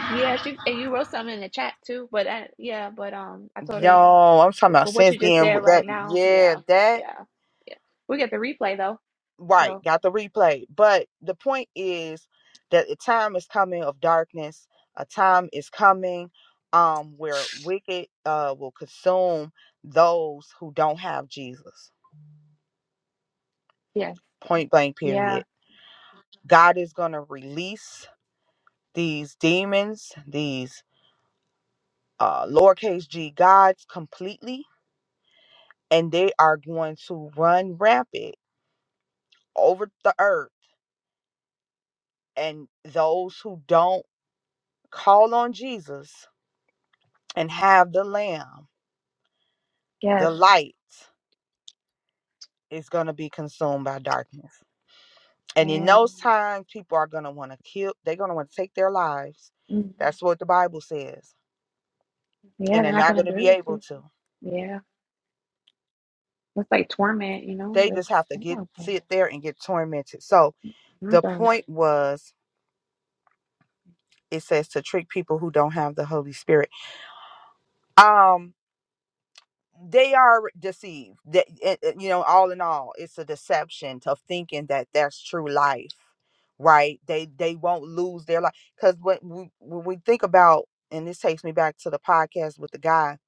Speaker 1: yeah. She and you wrote something in the chat too, but I, yeah, but um, I told her,
Speaker 3: Yo, I'm talking
Speaker 1: but,
Speaker 3: about
Speaker 1: but what
Speaker 3: since
Speaker 1: you just
Speaker 3: then
Speaker 1: said
Speaker 3: with
Speaker 1: right
Speaker 3: that.
Speaker 1: now,
Speaker 3: Yeah,
Speaker 1: yeah,
Speaker 3: that
Speaker 1: yeah, yeah. We get the replay though,
Speaker 3: right.
Speaker 1: so
Speaker 3: Got the replay. But the point is that a time is coming of darkness. A time is coming um where wicked uh will consume those who don't have Jesus.
Speaker 1: yes,
Speaker 3: Point blank
Speaker 1: yeah,
Speaker 3: period. God is gonna release these demons, these uh lowercase g gods completely, and they are going to run rampant over the earth And those who don't call on Jesus and have the Lamb,
Speaker 1: yes,
Speaker 3: the light is going to be consumed by darkness. And in
Speaker 1: man,
Speaker 3: those times, people are going to want to kill, they're going to want to take their lives.
Speaker 1: mm,
Speaker 3: That's what the Bible says.
Speaker 1: yeah.
Speaker 3: And they're
Speaker 1: They're not
Speaker 3: not
Speaker 1: gonna
Speaker 3: going to
Speaker 1: agree
Speaker 3: be
Speaker 1: with
Speaker 3: able
Speaker 1: you,
Speaker 3: to.
Speaker 1: yeah. that's like torment, you know.
Speaker 3: They
Speaker 1: This,
Speaker 3: just have to get
Speaker 1: oh
Speaker 3: sit there and get tormented. So
Speaker 1: my
Speaker 3: the
Speaker 1: god, I
Speaker 3: point was it says to trick people who don't have the Holy Spirit. Um they are deceived that it- it- you know all in all it's a deception of thinking that that's true life right they they won't lose their life because when we when we think about and this takes me back to the podcast with the guy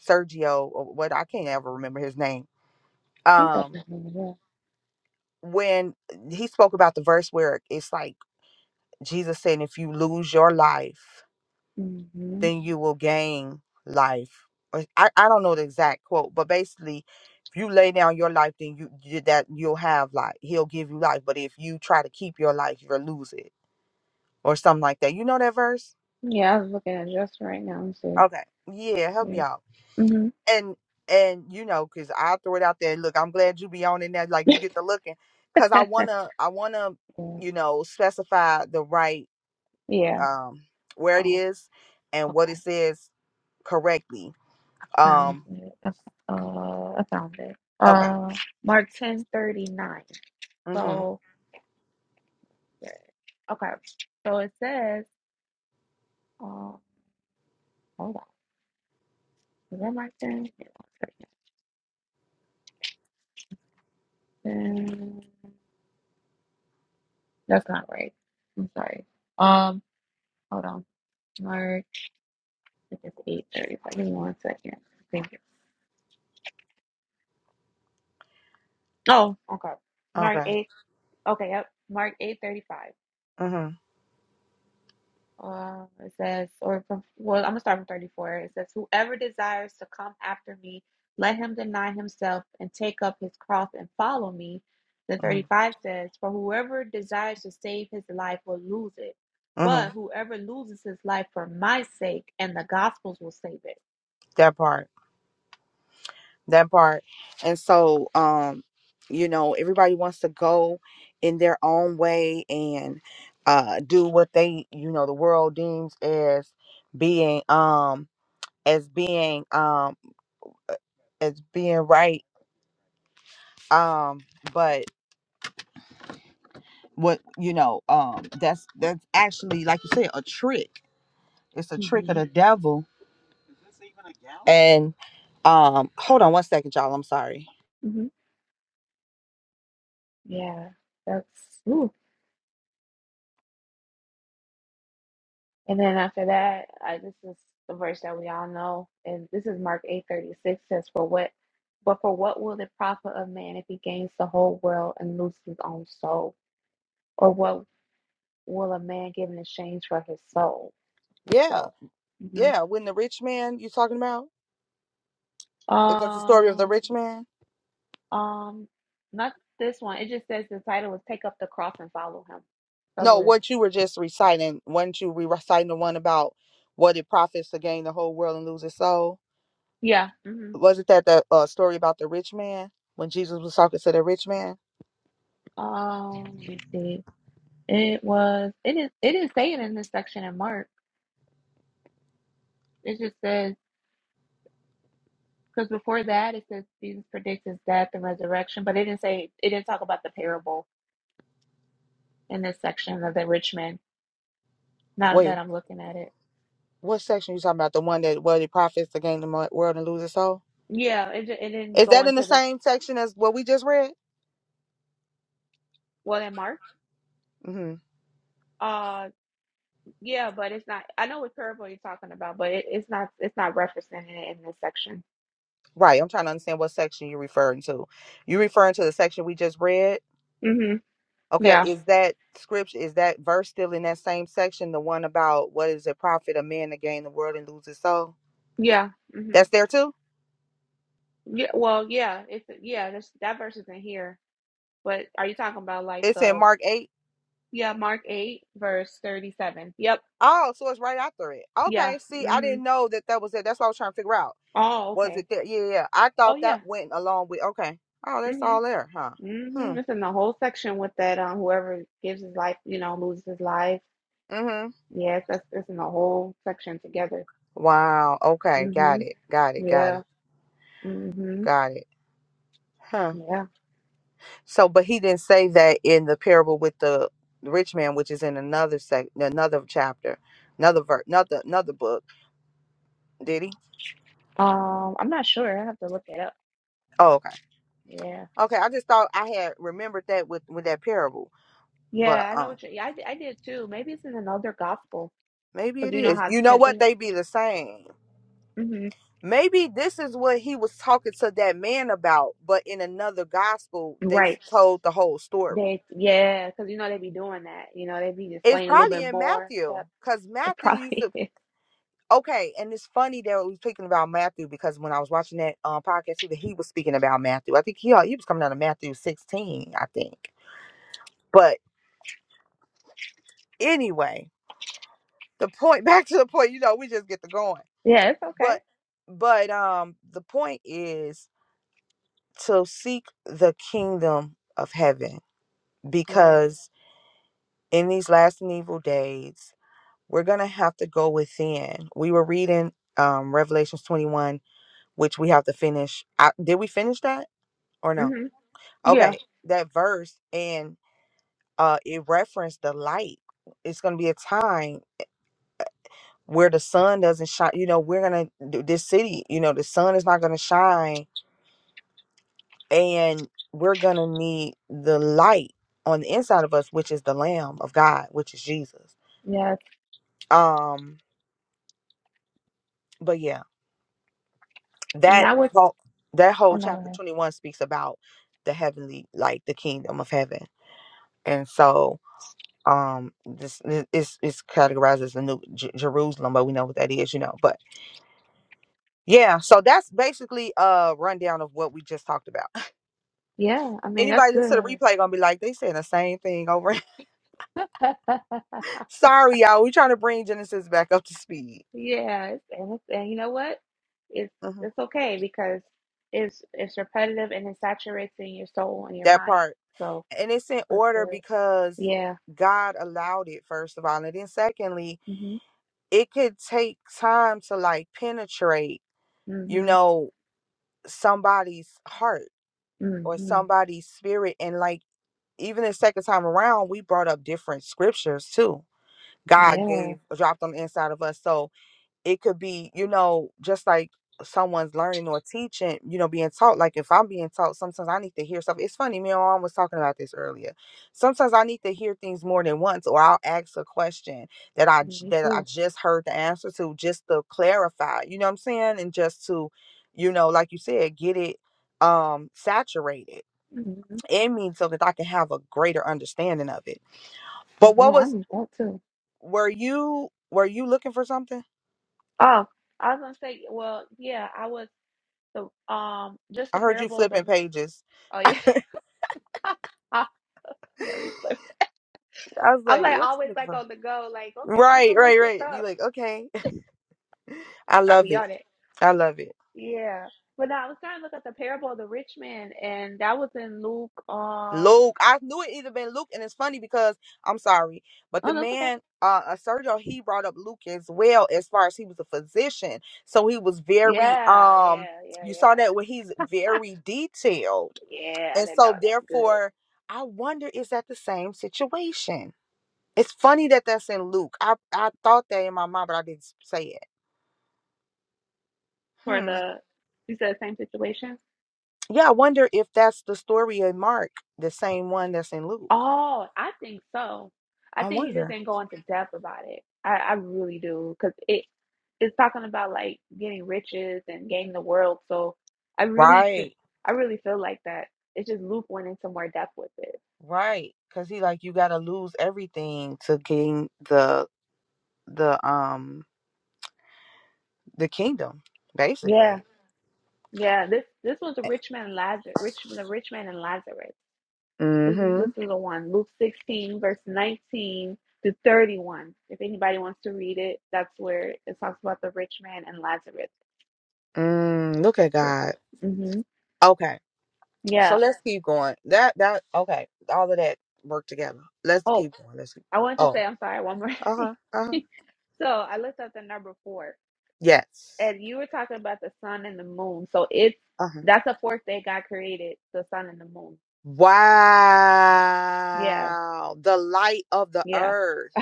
Speaker 3: sergio or what i can't ever remember his name
Speaker 1: think that's
Speaker 3: um
Speaker 1: what it is,
Speaker 3: when he spoke about the verse where it's like jesus said if you lose your life
Speaker 1: yeah. hmm
Speaker 3: then you will gain life. Or I, I don't know the exact quote, but basically, if you lay down your life, then you you- that you'll have life. He'll give you life. But if you try to keep your life, you'll lose it or something like that. You know that verse?
Speaker 1: Yeah, I was looking at just right now. Let see.
Speaker 3: Okay, yeah, help
Speaker 1: yeah.
Speaker 3: me out.
Speaker 1: hmm
Speaker 3: And and you know, cause I throw it out there. Look, I'm glad you be on in that. Like you get to looking, cause I wanna I wanna
Speaker 1: yeah.
Speaker 3: you know specify the right
Speaker 1: yeah.
Speaker 3: um where it
Speaker 1: Oh,
Speaker 3: is and what
Speaker 1: okay.
Speaker 3: it says correctly.
Speaker 1: Found
Speaker 3: Um,
Speaker 1: it. Okay. Uh, I found it.
Speaker 3: okay.
Speaker 1: Uh, Mark ten thirty nine.
Speaker 3: Mm-hmm.
Speaker 1: So yeah, okay. So it says. Uh, hold on. Is that Mark ten? Yeah, Mark 10. That's not right. I'm sorry. Um, hold on. Mark. It is eight thirty five. Give me one second. Thank you. Oh, okay. Mark
Speaker 3: Okay.
Speaker 1: eight. Okay. Yep. Mark eight thirty five.
Speaker 3: Mhm.
Speaker 1: Uh, it says, or from, well, I'm gonna start from 34. It says, Whoever desires to come after me, let him deny himself and take up his cross and follow me. Then
Speaker 3: Mhm.
Speaker 1: 35 says, For whoever desires to save his life will lose it, but
Speaker 3: Mhm.
Speaker 1: whoever loses his life for my sake and the gospel's will save it.
Speaker 3: That part. That part. And so, um, you know, everybody wants to go in their own way and uh do what they, you know, the world deems as being um as being um uh, as being right. Um, but what you know, um, that's that's actually like you said, a trick. It's a trick of
Speaker 1: hmm
Speaker 3: the devil. And um, hold on one second, y'all. I'm sorry.
Speaker 1: hmm Yeah, that's, ooh. And then after that, I, this is the verse that we all know, and this is Mark eight thirty six says, "For what, but for what will it profit a man if he gains the whole world and loses his own soul? Or what will a man give in exchange for his soul?"
Speaker 3: Yeah.
Speaker 1: So, mhm.
Speaker 3: Yeah, when the rich man you talking about? Is that the story of the
Speaker 1: um,
Speaker 3: rich man?
Speaker 1: um, not this one. It just says the title is "Take Up the Cross and Follow Him." That
Speaker 3: No,
Speaker 1: was
Speaker 3: what you were just reciting, weren't you re- reciting the one about what it profits to gain the whole world and lose his soul?
Speaker 1: yeah. hmm
Speaker 3: Wasn't that the uh, story about the rich man when Jesus was talking to the rich man?
Speaker 1: Um, let me see. It was. It is. It is saying in this section in Mark. It just says. Because before that, it says Jesus predicts his death and resurrection, but it didn't say it didn't talk about the parable in this section of the rich man. Now that
Speaker 3: Wait,
Speaker 1: I'm looking at it,
Speaker 3: what section you talking about? The one that what it profits to gain the mo- world and lose his soul?
Speaker 1: yeah, it ju- it didn't
Speaker 3: Is
Speaker 1: go
Speaker 3: that in the
Speaker 1: into the
Speaker 3: same section as what we just read?
Speaker 1: well in Mark.
Speaker 3: hmm
Speaker 1: Uh, yeah, but it's not. I know what parable you're talking about, but it, it's not. It's not referencing it in this section.
Speaker 3: Right, I'm trying to understand what section you're referring to. You referring to the section we just read?
Speaker 1: Mm-hmm.
Speaker 3: Okay,
Speaker 1: Yeah.
Speaker 3: is that scripture, is that verse still in that same section? The one about what is it profit a man to gain the world and lose his soul?
Speaker 1: Yeah. Mm-hmm.
Speaker 3: That's there too?
Speaker 1: Yeah. Well, yeah. It's yeah. This, that verse isn't here. But are you talking about like
Speaker 3: It's in
Speaker 1: the
Speaker 3: Mark 8.
Speaker 1: yeah Mark eight verse thirty seven? Yep.
Speaker 3: Oh, so it's right after it.
Speaker 1: Yeah.
Speaker 3: Okay, see, I
Speaker 1: Mm-hmm.
Speaker 3: didn't know that that was it. That's what I was trying to figure out.
Speaker 1: Oh,
Speaker 3: Was
Speaker 1: okay.
Speaker 3: it there? Yeah, yeah. I
Speaker 1: Oh
Speaker 3: thought that
Speaker 1: yeah.
Speaker 3: went along with, okay. Oh, that's
Speaker 1: Mhm.
Speaker 3: all there, huh? Hmm.
Speaker 1: Mhm. It's in the whole section with that. Um, whoever gives his life, you know, loses his life.
Speaker 3: Mm hmm.
Speaker 1: Yes, that's it's in the whole section together.
Speaker 3: Wow. Okay, got
Speaker 1: Mhm.
Speaker 3: it. Got it. Got
Speaker 1: Yeah.
Speaker 3: it.
Speaker 1: Mhm.
Speaker 3: Got it. Huh.
Speaker 1: Yeah.
Speaker 3: So, but he didn't say that in the parable with the rich man, which is in another sec, another chapter, another verse, another another book. Did he?
Speaker 1: Um, I'm not sure. I have to look it up.
Speaker 3: Oh, okay,
Speaker 1: Yeah.
Speaker 3: okay. I just thought I had remembered that with with that parable, but
Speaker 1: Yeah, I know.
Speaker 3: um,
Speaker 1: What you yeah, I d- I did too. Maybe it's in another gospel
Speaker 3: maybe
Speaker 1: because
Speaker 3: it
Speaker 1: you know
Speaker 3: is.
Speaker 1: how it
Speaker 3: You know
Speaker 1: says
Speaker 3: what?
Speaker 1: they.
Speaker 3: They be the same.
Speaker 1: Mhm.
Speaker 3: Maybe this is what he was talking to that man about, but in another gospel, they
Speaker 1: Right.
Speaker 3: told the whole story.
Speaker 1: They yeah, because you know they be doing that. You know they be
Speaker 3: It's
Speaker 1: displaying a little
Speaker 3: probably
Speaker 1: bit
Speaker 3: in
Speaker 1: more.
Speaker 3: Matthew,
Speaker 1: That
Speaker 3: cause
Speaker 1: it
Speaker 3: Matthew used
Speaker 1: probably
Speaker 3: to
Speaker 1: is.
Speaker 3: Okay, and it's funny that we were speaking about Matthew because when I was watching that um, podcast, too, that he was speaking about Matthew. I think he he was coming out of Matthew sixteen, I think. But anyway, the point back to the point. You know, we just get to going.
Speaker 1: Yeah, it's okay.
Speaker 3: But but um, the point is to seek the kingdom of heaven
Speaker 1: Yes.
Speaker 3: because in these last and evil days, we're gonna have to go within. We were reading um Revelations twenty one, which we have to finish. I, did we finish that or no?
Speaker 1: Mhm. Yeah.
Speaker 3: Okay, that verse and uh it referenced the light. It's gonna be a time where the sun doesn't shine. You know, we're gonna th- this city, you know, the sun is not gonna shine and we're gonna need the light on the inside of us, which is the Lamb of God, which is Jesus.
Speaker 1: Yes.
Speaker 3: Um, but yeah,
Speaker 1: And
Speaker 3: that
Speaker 1: that would,
Speaker 3: whole that
Speaker 1: oh
Speaker 3: whole
Speaker 1: no, go
Speaker 3: chapter
Speaker 1: ahead.
Speaker 3: twenty one speaks about the heavenly like the kingdom of heaven. And so um this it- it's it's categorized as the new J- jerusalem but we know what that is you know but yeah so that's basically a rundown of what we just talked about
Speaker 1: Yeah, I mean, that's
Speaker 3: anybody listen to the
Speaker 1: good.
Speaker 3: replay gonna be like they saying the same thing over sorry y'all we trying to bring genesis back up to speed
Speaker 1: Yeah, it's, and it's, and you know what? It's
Speaker 3: Mhm.
Speaker 1: it's okay because it's it's repetitive and it saturates in your soul and your
Speaker 3: that
Speaker 1: mind.
Speaker 3: part
Speaker 1: So
Speaker 3: and it's in
Speaker 1: that's
Speaker 3: order
Speaker 1: good.
Speaker 3: because
Speaker 1: Yeah.
Speaker 3: god allowed it first of all and then secondly
Speaker 1: hmm
Speaker 3: it could take time to like penetrate you
Speaker 1: hmm
Speaker 3: know somebody's heart or
Speaker 1: hmm
Speaker 3: somebody's spirit and like even the second time around, we brought up different scriptures too. God
Speaker 1: Yeah.
Speaker 3: gave dropped them inside of us. So it could be, you know, just like someone's learning or teaching, you know, being taught. Like if I'm being taught, sometimes I need to hear stuff. It's funny, me and my mom was talking about this earlier. Sometimes I need to hear things more than once, or I'll ask a question that I j-
Speaker 1: Me
Speaker 3: that I
Speaker 1: too.
Speaker 3: just heard the answer to just to clarify, you know what I'm saying? And just to, you know, like you said, get it um saturated
Speaker 1: hmm
Speaker 3: in me so that I can have a greater understanding of it. But
Speaker 1: Yeah,
Speaker 3: what
Speaker 1: I
Speaker 3: was
Speaker 1: need that too.
Speaker 3: were you were you looking for something?
Speaker 1: Oh, I was gonna say, well, yeah, I was the um just
Speaker 3: I
Speaker 1: the
Speaker 3: heard you
Speaker 1: parable of the
Speaker 3: flipping pages.
Speaker 1: oh yeah. Ah, yeah, replay.
Speaker 3: I was
Speaker 1: I'm
Speaker 3: like,
Speaker 1: like
Speaker 3: what you
Speaker 1: always
Speaker 3: looking
Speaker 1: like
Speaker 3: for?
Speaker 1: on the go, like, okay, let me
Speaker 3: Right,
Speaker 1: go look
Speaker 3: right,
Speaker 1: this
Speaker 3: right. You
Speaker 1: up.
Speaker 3: like, okay. I
Speaker 1: I'll
Speaker 3: love
Speaker 1: be
Speaker 3: it.
Speaker 1: on it.
Speaker 3: I love it.
Speaker 1: Yeah. But no, I was trying to look at the parable of the rich man and that was in Luke um
Speaker 3: Luke. I knew it either been Luke, and it's funny because I'm sorry, but the
Speaker 1: oh that's okay.
Speaker 3: man, uh, uh, Sergio, he brought up Luke as well as far as he was a physician, so he was very
Speaker 1: Yeah,
Speaker 3: um.
Speaker 1: yeah, yeah,
Speaker 3: You saw that
Speaker 1: yeah.
Speaker 3: when he's very detailed
Speaker 1: Yeah, I
Speaker 3: And
Speaker 1: didn't know
Speaker 3: so,
Speaker 1: that's good.
Speaker 3: therefore, I wonder is that the same situation? It's funny that that's in Luke. I, I thought that in my mind, but I didn't say it.
Speaker 1: For
Speaker 3: Hmm.
Speaker 1: the you said same situation?
Speaker 3: Yeah, I wonder if that's the story in Mark, the same one that's in Luke.
Speaker 1: Oh, I think so. I
Speaker 3: I
Speaker 1: think he just
Speaker 3: wonder.
Speaker 1: didn't go into depth about it. I, I really do, because it it's talking about like getting riches and gaining the world. So I really, fe-
Speaker 3: Right,
Speaker 1: I really feel like that. It's just Luke went into more depth with it.
Speaker 3: right. Cause he like you gotta lose everything to gain the the um the kingdom,
Speaker 1: Yeah,
Speaker 3: basically.
Speaker 1: yeah. This this was the rich man and Lazarus. Rich the rich man and Lazarus. This is
Speaker 3: Mm-hmm.
Speaker 1: this is the one. Luke sixteen verse nineteen to thirty one. If anybody wants to read it, that's where it talks about the rich man and Lazarus.
Speaker 3: Mm, look at
Speaker 1: So,
Speaker 3: God.
Speaker 1: hmm
Speaker 3: Okay. So let's keep going. That that okay. All of that work together. Let's
Speaker 1: Oh,
Speaker 3: keep going. Let's keep.
Speaker 1: I wanted to
Speaker 3: Oh.
Speaker 1: say, I'm sorry, one more
Speaker 3: Uh
Speaker 1: thing.
Speaker 3: huh. Uh huh.
Speaker 1: so I looked up the number four,
Speaker 3: Yes.
Speaker 1: and you were talking about the sun and the moon. So it's
Speaker 3: Uh huh.
Speaker 1: that's the fourth day God created the sun and the moon. Yeah,
Speaker 3: Wow. The light of the
Speaker 1: yeah,
Speaker 3: earth.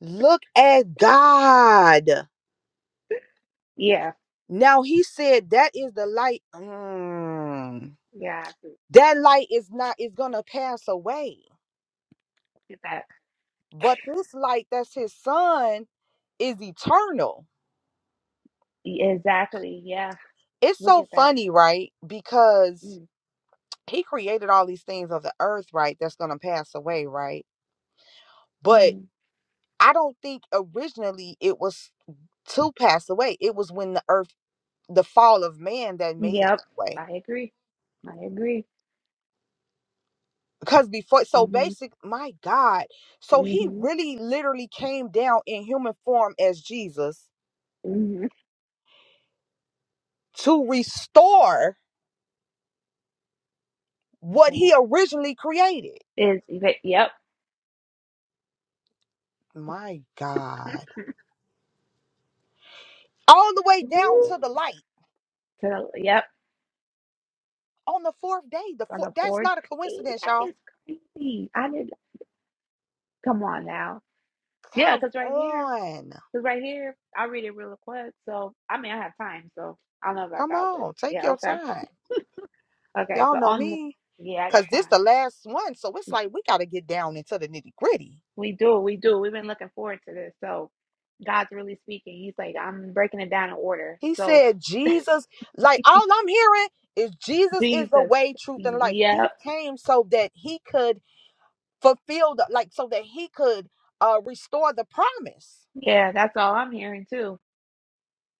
Speaker 3: Look at God.
Speaker 1: yeah,
Speaker 3: Now he said that is the light. Mm.
Speaker 1: yeah. I agree.
Speaker 3: That light is not is gonna pass away.
Speaker 1: Look at that.
Speaker 3: But this light that's his son is eternal.
Speaker 1: E- Exactly. Yeah.
Speaker 3: It's
Speaker 1: Look
Speaker 3: so
Speaker 1: at that.
Speaker 3: funny, right? Because
Speaker 1: Mm,
Speaker 3: he created all these things of the earth, right? That's gonna pass away, right? But
Speaker 1: Mm-hmm.
Speaker 3: I don't think originally it was to pass away. It was when the earth, the fall of man, that made it
Speaker 1: Yep.
Speaker 3: that way.
Speaker 1: I agree. I agree.
Speaker 3: Because before, so
Speaker 1: Mm-hmm.
Speaker 3: basic, my God, so he
Speaker 1: Mm-hmm.
Speaker 3: really literally came down in human form as Jesus
Speaker 1: Mm-hmm.
Speaker 3: to restore what he originally created.
Speaker 1: Yeah. Is yep.
Speaker 3: My God, all the way down
Speaker 1: Woo.
Speaker 3: to the light
Speaker 1: So, yep.
Speaker 3: on the fourth day. The
Speaker 1: on
Speaker 3: fourth,
Speaker 1: the
Speaker 3: that's
Speaker 1: 14th.
Speaker 3: not a
Speaker 1: That
Speaker 3: coincidence, y'all
Speaker 1: is crazy. I did. Come on now. Yeah,
Speaker 3: Come
Speaker 1: because right here,
Speaker 3: on.
Speaker 1: because right here, I read it real quick. So I mean, I have time. So I don't know about
Speaker 3: Come
Speaker 1: God, but
Speaker 3: on. Take
Speaker 1: yeah,
Speaker 3: your
Speaker 1: okay,
Speaker 3: time.
Speaker 1: okay.
Speaker 3: Y'all
Speaker 1: So
Speaker 3: know
Speaker 1: on, the-
Speaker 3: me.
Speaker 1: yeah, I got
Speaker 3: Cause this
Speaker 1: time.
Speaker 3: the last one. So it's like we gotta get down into the nitty gritty.
Speaker 1: We do, we do. We've been looking forward to this. So God's really speaking. He's like, I'm breaking it down in order.
Speaker 3: He
Speaker 1: So
Speaker 3: said Jesus, like all I'm hearing is Jesus is the
Speaker 1: Jesus,
Speaker 3: way, truth, and life. He
Speaker 1: yep,
Speaker 3: came so that he could fulfill the like so that he could uh restore the promise.
Speaker 1: yeah, that's all I'm hearing too.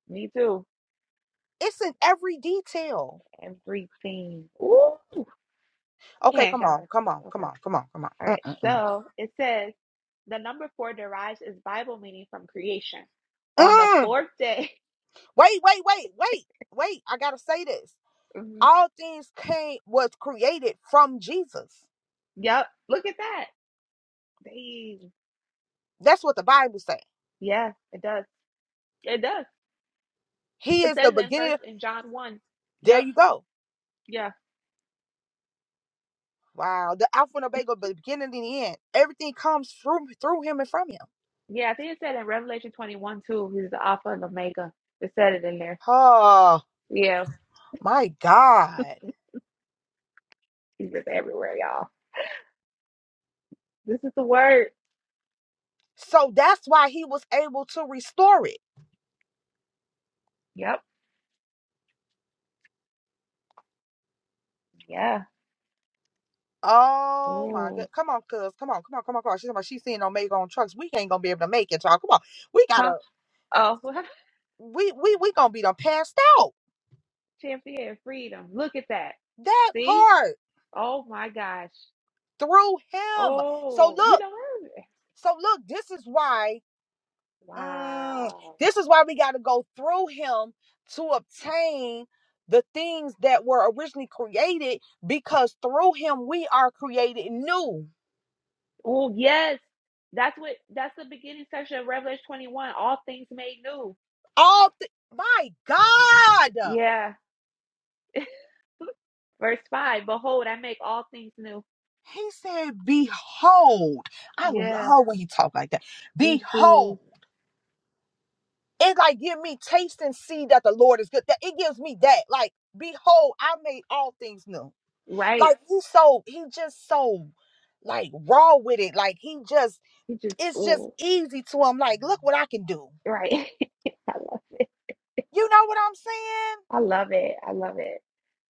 Speaker 1: Me too.
Speaker 3: It's in every detail.
Speaker 1: Everything. Ooh,
Speaker 3: Okay,
Speaker 1: man,
Speaker 3: come on,
Speaker 1: God.
Speaker 3: come on, come
Speaker 1: Okay.
Speaker 3: on, come on, come on.
Speaker 1: All right.
Speaker 3: Mm-mm-mm. Mm.
Speaker 1: So it says. The number four derives its Bible meaning from creation.
Speaker 3: mm.
Speaker 1: On the
Speaker 3: Mm.
Speaker 1: fourth day.
Speaker 3: Wait, wait, wait, wait, wait. I gotta say this. all things came was created from Jesus.
Speaker 1: Yep. Look at that. Dang.
Speaker 3: That's what the Bible says.
Speaker 1: Yeah, it does. It does.
Speaker 3: He
Speaker 1: It
Speaker 3: is
Speaker 1: says
Speaker 3: the
Speaker 1: in
Speaker 3: beginning.
Speaker 1: first in John one.
Speaker 3: There
Speaker 1: Yep.
Speaker 3: you go.
Speaker 1: Yeah.
Speaker 3: Wow, the Alpha and Omega, the beginning and the end. Everything comes through through him and from him.
Speaker 1: Yeah. I think it said in Revelation twenty one too. He's the Alpha and Omega. It said it in there.
Speaker 3: Oh
Speaker 1: Yeah.
Speaker 3: my God!
Speaker 1: He's just everywhere, y'all. This is the word.
Speaker 3: So that's why he was able to restore it.
Speaker 1: Yep. Yeah.
Speaker 3: Oh my God!
Speaker 1: Ooh.
Speaker 3: Come on, cuz, come on, come on, come on, come on. She's talking about she's seeing Omega on trucks. We ain't gonna be able to make it, y'all. Come on, we
Speaker 1: Huh?
Speaker 3: gotta.
Speaker 1: Oh,
Speaker 3: We we we gonna be done passed out.
Speaker 1: champion freedom. Look at that.
Speaker 3: That
Speaker 1: See?
Speaker 3: part
Speaker 1: Oh my gosh.
Speaker 3: through him. So
Speaker 1: Oh,
Speaker 3: look.
Speaker 1: you know,
Speaker 3: So look, this is why mm,
Speaker 1: Wow.
Speaker 3: this is why we got to go through him to obtain the things that were originally created because through him we are created new.
Speaker 1: Oh, yes. That's what that's the beginning section of Revelation 21. All things made new.
Speaker 3: All th- my God.
Speaker 1: Yeah. Verse 5. Behold, I make all things new.
Speaker 3: He said, "Behold." I
Speaker 1: Yeah.
Speaker 3: love when he talk like that.
Speaker 1: Me
Speaker 3: Behold.
Speaker 1: too.
Speaker 3: It like give me taste and see that the Lord is good. That it gives me that. Like, behold, I made all things new.
Speaker 1: Right.
Speaker 3: Like he's so he just so like raw with it. Like he just
Speaker 1: You just
Speaker 3: it's just
Speaker 1: oh
Speaker 3: easy to him. Like, look what I can do.
Speaker 1: right. I love it.
Speaker 3: You know what I'm saying?
Speaker 1: I love it. I love it.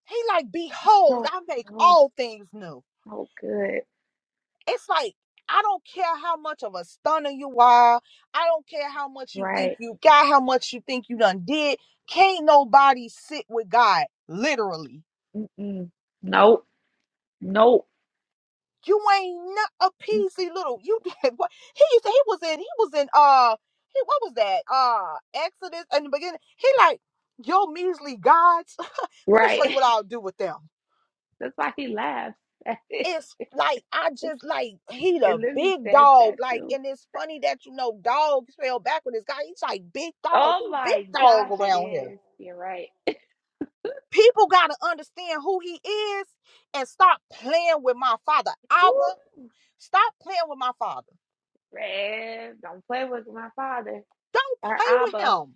Speaker 3: He like,
Speaker 1: It's
Speaker 3: behold,
Speaker 1: so
Speaker 3: I make
Speaker 1: so
Speaker 3: all things new.
Speaker 1: so good.
Speaker 3: It's like I don't care how much of a stunner you are. I don't care how much you think
Speaker 1: Right.
Speaker 3: you got, how much you think you done did. Can't nobody sit with God, literally.
Speaker 1: Mm-mm. Nope. Nope.
Speaker 3: You ain't not a
Speaker 1: Mm,
Speaker 3: peasy little. You did what? He used to. He was in. He was in. Uh, he what was that? Uh, Exodus in the beginning. He like yo measly gods. Let me show you
Speaker 1: Right.
Speaker 3: what I'll do with them.
Speaker 1: That's why he laughs.
Speaker 3: It's like I just like he
Speaker 1: It
Speaker 3: the
Speaker 1: literally
Speaker 3: big
Speaker 1: says
Speaker 3: dog.
Speaker 1: that
Speaker 3: Like,
Speaker 1: too.
Speaker 3: and it's funny that you know dog spelled backward is guy. He's like big dog.
Speaker 1: Oh
Speaker 3: Who big
Speaker 1: my
Speaker 3: dog
Speaker 1: gosh, it
Speaker 3: around here?
Speaker 1: is. You're right.
Speaker 3: People gotta understand who he is and stop playing with my father.
Speaker 1: Woo!
Speaker 3: Abba. stop playing with my father.
Speaker 1: Rev, don't play with my father
Speaker 3: Don't
Speaker 1: or
Speaker 3: play with
Speaker 1: Abba.
Speaker 3: him.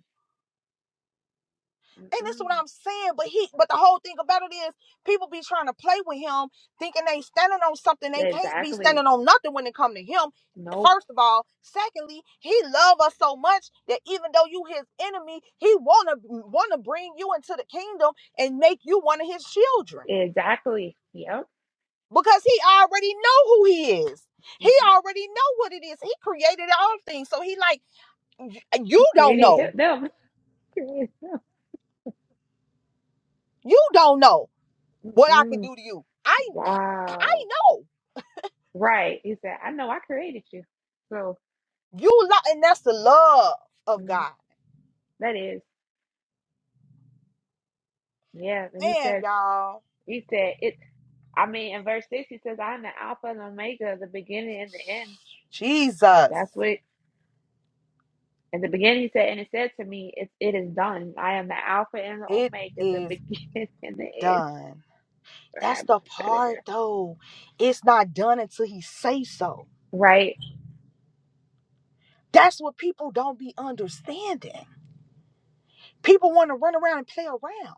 Speaker 3: And that's
Speaker 1: Mm-mm.
Speaker 3: what I'm saying. But he but the whole thing about it is people be trying to play with him, thinking they standing on something they can't be
Speaker 1: Exactly.
Speaker 3: standing on nothing when it come to him.
Speaker 1: Nope.
Speaker 3: First of all, secondly, he love us so much that even though you his enemy, he wanna wanna bring you into the kingdom and make you one of his children
Speaker 1: Exactly. Yep.
Speaker 3: because he already know who he is. He
Speaker 1: hmm
Speaker 3: already know what it is. He created all things, so he like you
Speaker 1: He
Speaker 3: don't
Speaker 1: created him,
Speaker 3: know.
Speaker 1: them. Created them.
Speaker 3: You don't know what I can
Speaker 1: Mm-mm.
Speaker 3: do to you. I I
Speaker 1: Wow.
Speaker 3: know.
Speaker 1: Right. He said, I know I created you. So
Speaker 3: You love, and that's the love of
Speaker 1: mm,
Speaker 3: God.
Speaker 1: that is, yeah. And he
Speaker 3: Man,
Speaker 1: says,
Speaker 3: y'all.
Speaker 1: he said, it, I mean, in verse 6, he says, I'm the Alpha and Omega, the beginning and the end. That's
Speaker 3: Jesus,
Speaker 1: what In the beginning, he said, and it said to me, it, it is done. I am the Alpha and the
Speaker 3: it
Speaker 1: Omega, the
Speaker 3: is
Speaker 1: beginning and the end.
Speaker 3: done.
Speaker 1: So I
Speaker 3: That's
Speaker 1: had to put
Speaker 3: the
Speaker 1: that in
Speaker 3: part
Speaker 1: there.
Speaker 3: though. It's not done until he says so.
Speaker 1: Right?
Speaker 3: That's what people don't be understanding. People want to run around and play around.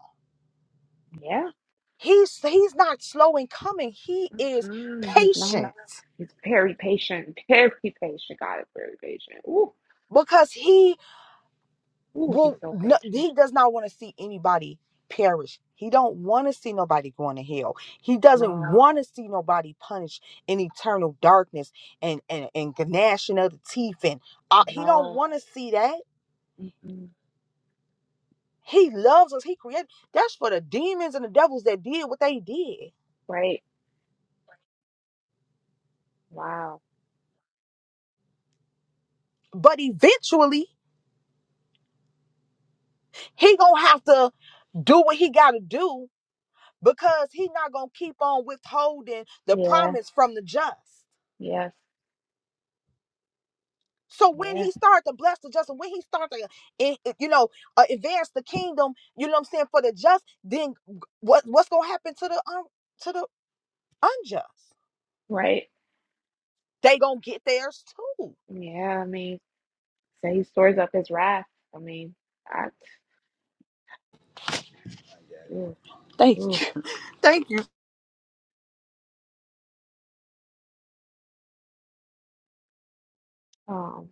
Speaker 1: Yeah.
Speaker 3: He's he's not slow in coming. He is
Speaker 1: Mm, he's not.
Speaker 3: patient
Speaker 1: He's very patient. Very patient. God is very patient. Ooh,
Speaker 3: because he
Speaker 1: ooh, he's
Speaker 3: Well,
Speaker 1: so
Speaker 3: no,
Speaker 1: patient.
Speaker 3: he does not want to see anybody perish. He don't want to see nobody going to hell. He doesn't
Speaker 1: No,
Speaker 3: want to see nobody punished in eternal darkness and and and gnashing of the teeth. And uh, he don't
Speaker 1: no.
Speaker 3: want to see that.
Speaker 1: Mm-mm.
Speaker 3: He loves us. He created. That's for the demons and the devils that did what they did.
Speaker 1: Right? Wow.
Speaker 3: But eventually, he gonna have to do what he gotta do because he not gonna keep on withholding the
Speaker 1: Yeah.
Speaker 3: promise from the just.
Speaker 1: Yes.
Speaker 3: So when
Speaker 1: Yeah.
Speaker 3: he started to bless the just, and when he started to, eh, eh, you know, uh, advance the kingdom, you know what I'm saying for the just, then what what's gonna happen to the um to the unjust?
Speaker 1: Right?
Speaker 3: They gonna get theirs too.
Speaker 1: Yeah. I mean, say he stores up his wrath. I mean, I. Ooh,
Speaker 3: Thank
Speaker 1: ooh.
Speaker 3: you. Thank you.
Speaker 1: Um.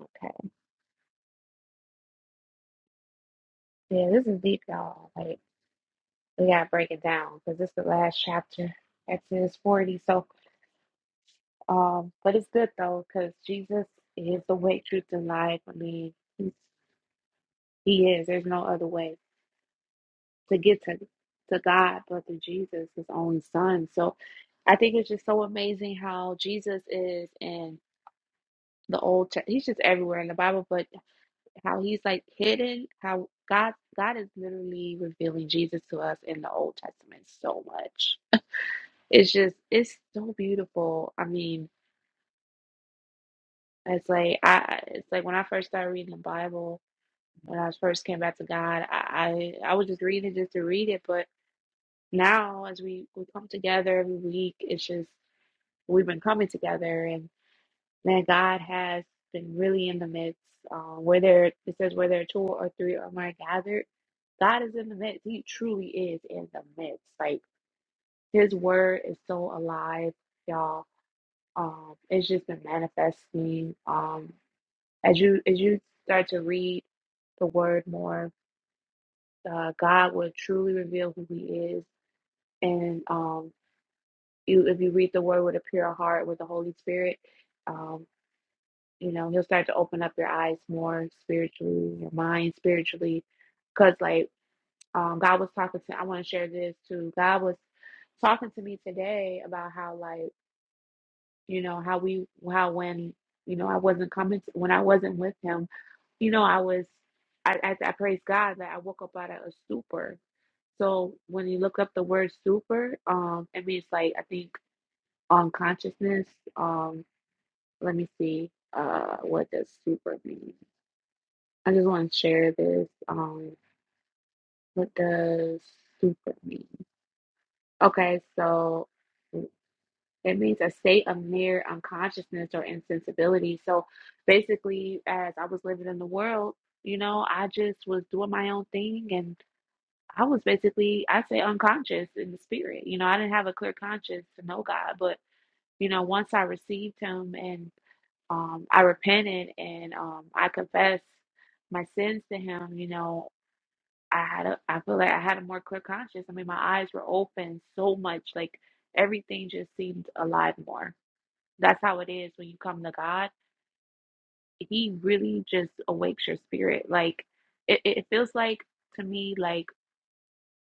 Speaker 1: okay. Yeah, this is deep, y'all. Like we gotta break it down because this is the last chapter. Exodus forty. So, um, but it's good though because Jesus is the way, truth, and life. I mean, he's, he is. There's no other way to get to to God but through Jesus, His only Son. So, I think it's just so amazing how Jesus is in the old. Te- He's just everywhere in the Bible, but how he's like hidden. How God God is literally revealing Jesus to us in the Old Testament so much It's just it's so beautiful. I mean, it's like I it's like when I first started reading the Bible, when I first came back to God, I I, I was just reading it just to read it, but now as we we come together every week, it's just we've been coming together and man, God has been really in the midst. Um, where there it says where there are two or three or more gathered, God is in the midst. He truly is in the midst. Like His word is so alive, y'all. Um, it's just been manifesting. Um, as you as you start to read the word more, uh, God will truly reveal who He is. And um, you, if you read the word with a pure heart, with the Holy Spirit, um, you know He'll start to open up your eyes more spiritually, your mind spiritually. Because like um, God was talking to, I want to share this too. God was talking to me today about how like you know how we how when you know i wasn't coming to, when i wasn't with him you know i was I, I i praise god that i woke up out of a stupor so when you look up the word stupor um it means like i think unconsciousness um let me see uh what does stupor mean i just want to share this um what does stupor mean okay so It means a state of near unconsciousness or insensibility. So basically, as I was living in the world, you know, I just was doing my own thing and I was basically, I say unconscious in the spirit. You know, I didn't have a clear conscience to know God, but you know, once I received him and um I repented and um I confessed my sins to him, you know, I had a I feel like I had a more clear conscience. I mean, my eyes were open so much, like everything just seemed alive more. That's how it is when you come to God. He really just awakes your spirit. Like it, it feels like to me like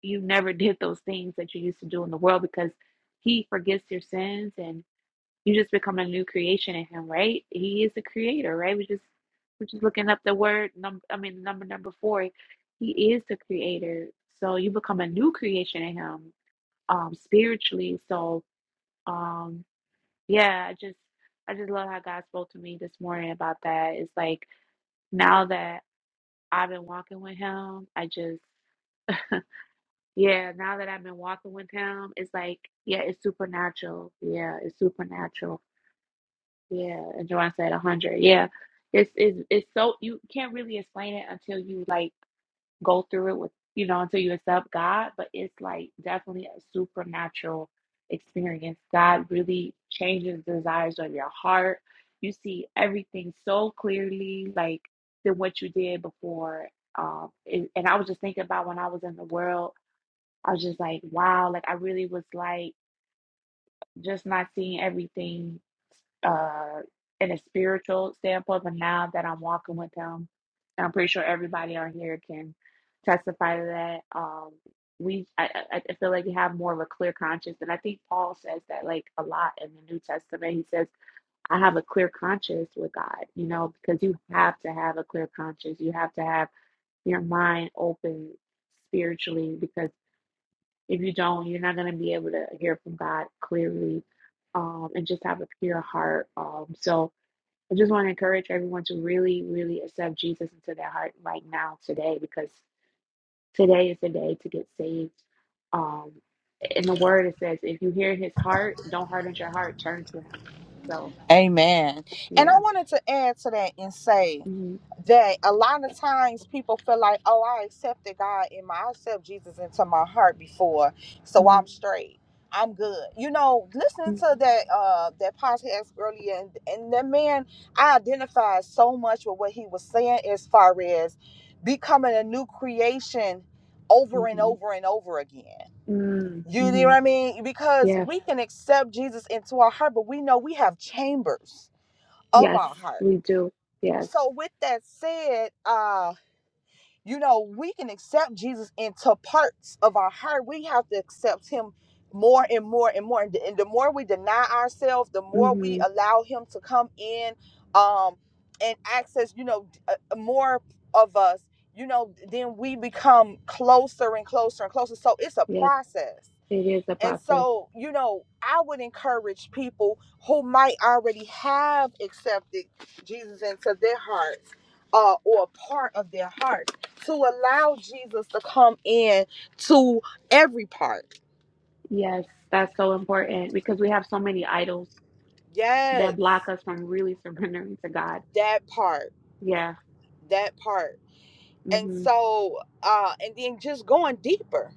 Speaker 1: you never did those things that you used to do in the world because he forgets your sins and you just become a new creation in him, right? He is the creator, right? We just we're just looking up the word number I mean number number four. He is the creator. So you become a new creation in him um spiritually. So um Yeah, I just I just love how God spoke to me this morning about that. It's like now that I've been walking with him, I just yeah, now that I've been walking with him, it's like yeah, it's supernatural. Yeah, it's supernatural. Yeah, and Joanne said a hundred. Yeah, it's it's it's so you can't really explain it until you like. go through it with, you know, until you accept God, but it's like definitely a supernatural experience. God really changes the desires of your heart. You see everything so clearly, like than what you did before. Um, and, and I was just thinking about when I was in the world, I was just like, wow, like I really was like just not seeing everything uh, in a spiritual standpoint, but now that I'm walking with him, and I'm pretty sure everybody on here can testify to that. Um, we, I, I I feel like you have more of a clear conscience, and I think Paul says that like a lot in the New Testament. He says, "I have a clear conscience with God," you know, because you have to have a clear conscience. You have to have your mind open spiritually, because if you don't, you're not going to be able to hear from God clearly, um, and just have a pure heart. Um, so, I just want to encourage everyone to really, really accept Jesus into their heart right now, today, because today is the day to get saved. Um, in the word, it says, if you hear his heart, don't harden your heart, turn to him. So,
Speaker 3: Amen. And I
Speaker 1: yeah.
Speaker 3: wanted to add to that and say
Speaker 1: hmm
Speaker 3: that a lot of times people feel like, oh, I accepted God in my, I accept Jesus into my heart before, so
Speaker 1: hmm
Speaker 3: I'm straight. I'm good. You know, listening to that uh that podcast earlier and, and that man, I identified so much with what he was saying as far as becoming a new creation over and
Speaker 1: hmm
Speaker 3: over and over again. You know what
Speaker 1: hmm
Speaker 3: I mean? Because
Speaker 1: Yeah.
Speaker 3: we can accept Jesus into our heart, but we know we have chambers of
Speaker 1: Yes,
Speaker 3: our heart.
Speaker 1: we do. Yes.
Speaker 3: So with that said, uh you know, we can accept Jesus into parts of our heart. We have to accept him more and more and more. And the, and the more we deny ourselves, the more we
Speaker 1: hmm
Speaker 3: allow him to come in um, and access, you know, d- uh, more of us, you know, then we become closer and closer and closer. So it's a
Speaker 1: Yes,
Speaker 3: process
Speaker 1: it is a
Speaker 3: and
Speaker 1: process.
Speaker 3: so, you know, I would encourage people who might already have accepted Jesus into their hearts uh, or a part of their heart to allow Jesus to come in to every part.
Speaker 1: Yes, that's so important because we have so many idols
Speaker 3: Yes,
Speaker 1: that block us from really surrendering to God.
Speaker 3: that part,
Speaker 1: Yeah.
Speaker 3: that part. And
Speaker 1: Mm-hmm.
Speaker 3: so, uh, and then just going deeper.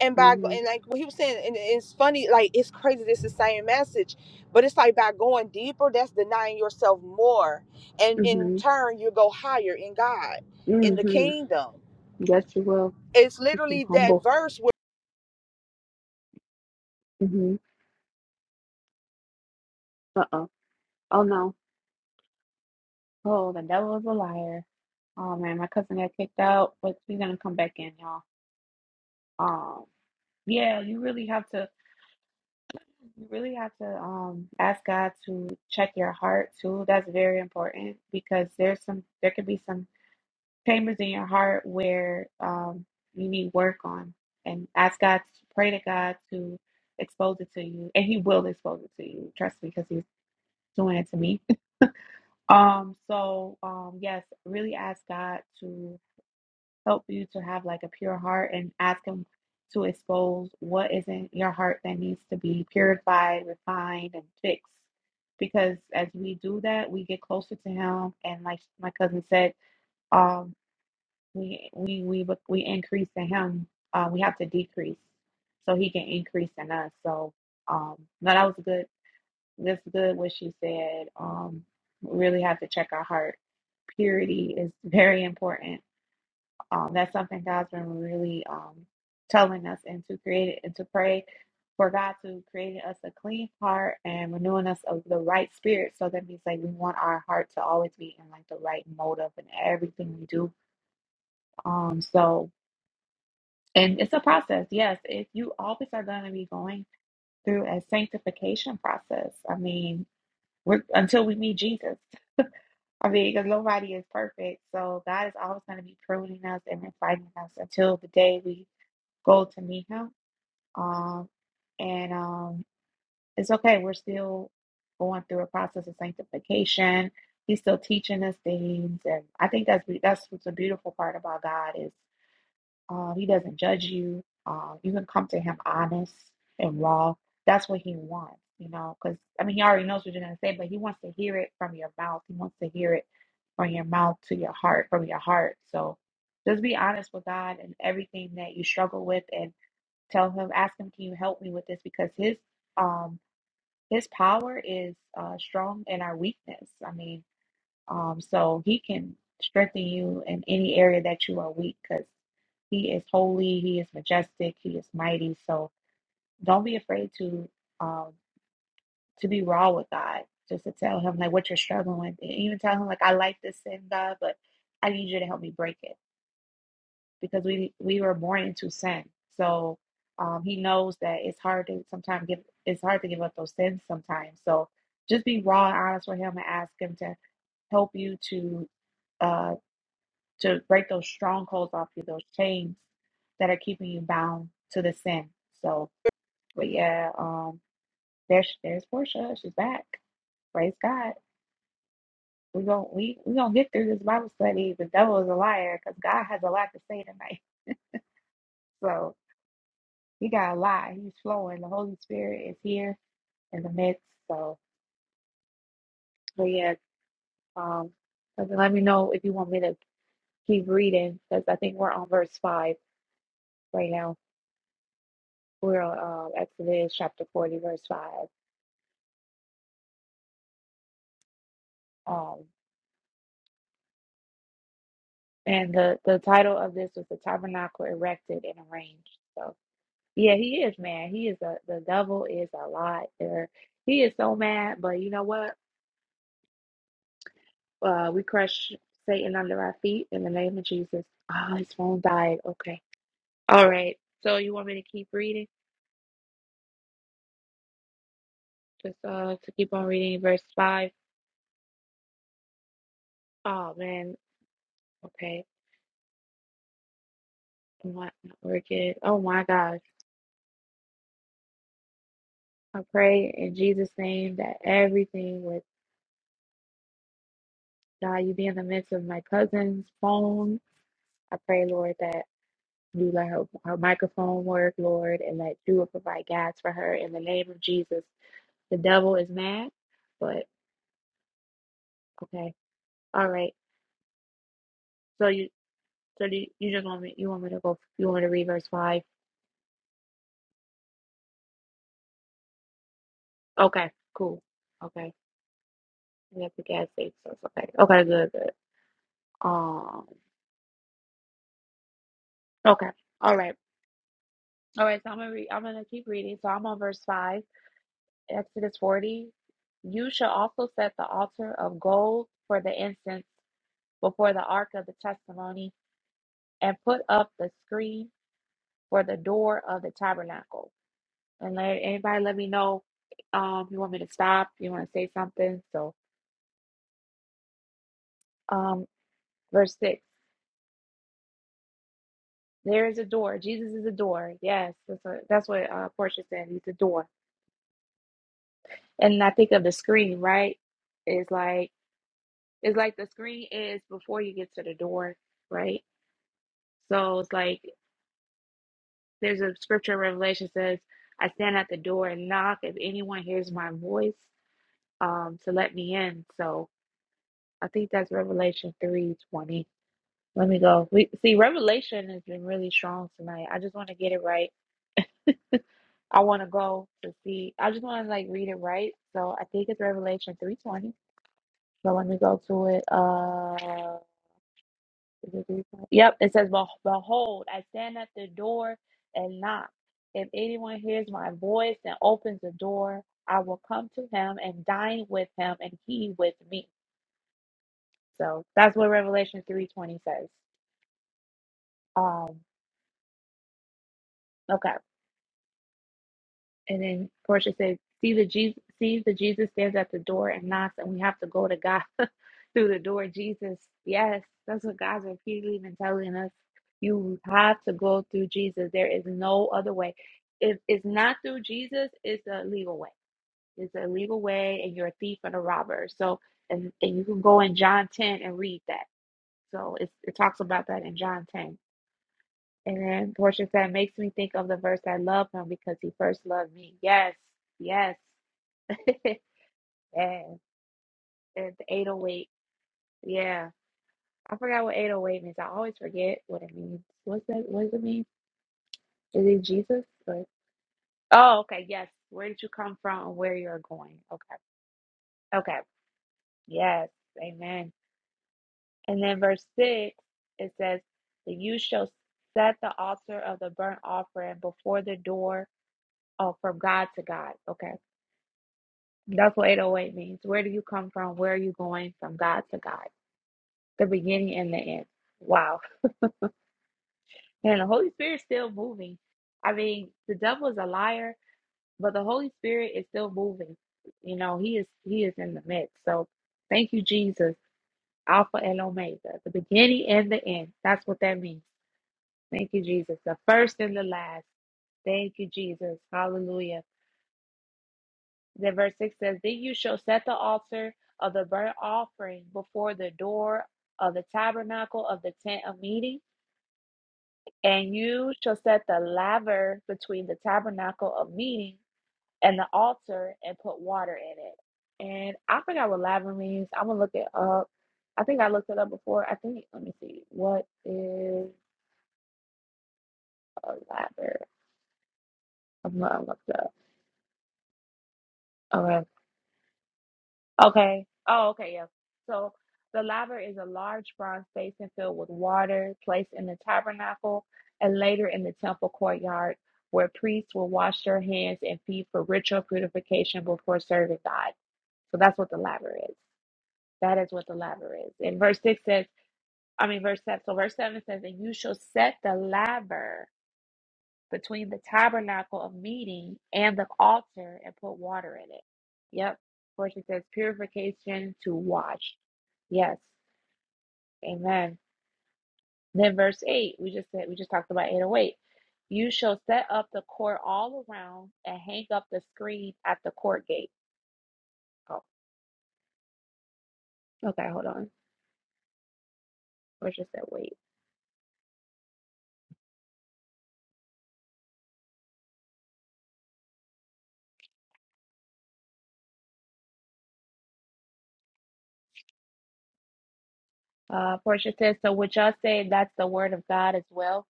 Speaker 3: and by go-
Speaker 1: Mhm.
Speaker 3: and like what he was saying and it's funny like it's crazy it's the same message but it's like by going deeper that's denying yourself more and in
Speaker 1: Mhm.
Speaker 3: turn you go higher in god in the
Speaker 1: Mhm.
Speaker 3: kingdom
Speaker 1: Yes, you will.
Speaker 3: it's
Speaker 1: Mhm.
Speaker 3: literally that
Speaker 1: Humble.
Speaker 3: verse where
Speaker 1: Mhm. Uh oh. Oh no. Oh, the devil is a liar. Oh man, my cousin got kicked out, but he's gonna come back in, y'all. Um. Yeah, you really have to. You really have to um ask God to check your heart too. That's very important because there's some. There could be some. chambers in your heart where um, you need work on and ask God, pray to God to expose it to you. And He will expose it to you. Trust me, because He's doing it to me. Um, so, um, yes, really ask God to help you to have like a pure heart and ask Him to expose what is in your heart that needs to be purified, refined, and fixed. Because as we do that, we get closer to Him. And like my cousin said, um we we we bec- we increase in him uh, we have to decrease so he can increase in us so um no that was good that's good what she said um we really have to check our heart purity is very important um that's something god's been really um telling us and to create it and to pray for god to create us a clean heart and renewing us of the right spirit so that means like we want our heart to always be in like the right motive and everything we do um so And it's a process. Yes, if you always are going to be going through a sanctification process. I mean, we're until we meet Jesus. I mean, because nobody is perfect. So God is always going to be pruning us and refining us until the day we go to meet Him. Um, and um, it's okay. We're still going through a process of sanctification. He's still teaching us things, and I think that's be- that's what's a beautiful part about God is Um, he doesn't judge you. Um, you can come to him honest and raw. That's what he wants, you know, because I mean, he already knows what you're going to say, but he wants to hear it from your mouth. He wants to hear it from your mouth to your heart, from your heart. So just be honest with God and everything that you struggle with and tell him, ask him, can you help me with this? Because his, um, his power is uh, strong in our weakness. I mean, um, so he can strengthen you in any area that you are weak because he is holy, he is majestic, he is mighty. So don't be afraid to um to be raw with God. Just to tell him like what you're struggling with. And even tell him like I like this sin, God, but I need you to help me break it. Because we we were born into sin. So um he knows that it's hard to sometimes give it's hard to give up those sins sometimes. So just be raw and honest with him and ask him to help you to uh, to break those strongholds off you, those chains that are keeping you bound to the sin. So, but yeah, um, there's there's Portia. She's back. Praise God. We gon' we we gonna get through this Bible study. The devil is a liar because God has a lot to say tonight. So he got a lot. He's flowing. The Holy Spirit is here in the midst. So, but yeah, um, so let me know if you want me to keep reading because I think we're on verse five right now. We're on um, Exodus chapter forty, verse five. Um, and the the title of this was the tabernacle erected and arranged. So yeah, he is mad. He is a the devil is a lot. There, he is so mad. But you know what? Uh, we crush Satan under our feet in the name of Jesus. Ah, his phone died. Okay, all right. So you want me to keep reading? Just uh to keep on reading verse five. Oh man. Okay. I'm not not working. Oh my gosh. I pray in Jesus' name that everything would God, you be in the midst of my cousin's phone. I pray, Lord, that you let her, her microphone work, Lord, and that you will provide gas for her in the name of Jesus. The devil is mad, but okay, all right. So you, so do you, you just want me, you want me to go, you want me to read verse five? Okay, cool. Okay, we at the gas station, so it's okay. Okay, good, good. Um, okay, all right, all right. So I'm gonna read. I'm gonna keep reading. So I'm on verse five. Exodus 40. You shall also set the altar of gold for the incense before the ark of the testimony and put up the screen for the door of the tabernacle. And let anybody let me know um if you want me to stop, you want to say something. So um verse six. There is a door. Jesus is a door. Yes, that's what that's what uh Portia said. He's a door. And I think of the screen, right? It's like it's like the screen is before you get to the door, right? So it's like There's a scripture in Revelation says, I stand at the door and knock if anyone hears my voice um to let me in. So I think that's Revelation 3:20. Let me go. We see Revelation has been really strong tonight. I just want to get it right. I want to go to see. I just want to like read it right. So I think it's Revelation 3:20. So let me go to it. Uh Yep, it says, "Beh- Behold, I stand at the door and knock. If anyone hears my voice and opens the door, I will come to him and dine with him and he with me. So that's what Revelation 3:20 says. Um, okay. And then Portia said, "See the Jesus, see the Jesus stands at the door and knocks, and we have to go to God through the door." Jesus, yes, that's what God's repeatedly been telling us. You have to go through Jesus. There is no other way. If it's not through Jesus, it's a legal way. It's a legal way, and you're a thief and a robber. So, and and you can go in John ten and read that. So it's, it talks about that in John ten. And then Portia said, makes me think of the verse, I love him because he first loved me. Yes, yes. yes. And the 808. Yeah. I forgot what 808 means. I always forget what it means. What's that? What does it mean? Is it Jesus? Or... Oh, okay. Yes. Where did you come from and where you're going? Okay. Okay. Yes. Amen. And then verse 6, it says, That you shall set the altar of the burnt offering before the door. Oh, from God to God. Okay. That's what 808 means. Where do you come from? Where are you going from God to God? The beginning and the end. Wow. And the Holy Spirit's still moving. I mean, the devil is a liar, but the Holy Spirit is still moving. You know, he is he is in the midst. So thank you, Jesus. Alpha and Omega, the beginning and the end. That's what that means. Thank you, Jesus. The first and the last. Thank you, Jesus. Hallelujah. Then verse 6 says, Then you shall set the altar of the burnt offering before the door of the tabernacle of the tent of meeting, and you shall set the laver between the tabernacle of meeting and the altar and put water in it. And I forgot what laver means. I'm gonna look it up. I think I looked it up before. I think let me see. What is a laver? I'm gonna look it up. Okay. Okay. Oh, okay. Yeah. So the laver is a large bronze basin filled with water placed in the tabernacle and later in the temple courtyard where priests will wash their hands and feet for ritual purification before serving God. So that's what the laver is. That is what the laver is. And verse 6 says, I mean, verse 7. So verse 7 says, And you shall set the laver between the tabernacle of meeting and the altar and put water in it. Yep. Of course, it says purification to wash. Yes. Amen. Then verse 8, we just said, we just talked about 808. You shall set up the court all around and hang up the screen at the court gate. Oh, okay. Hold on. Portia said, wait. Uh, Portia says, so would y'all say that's the word of God as well?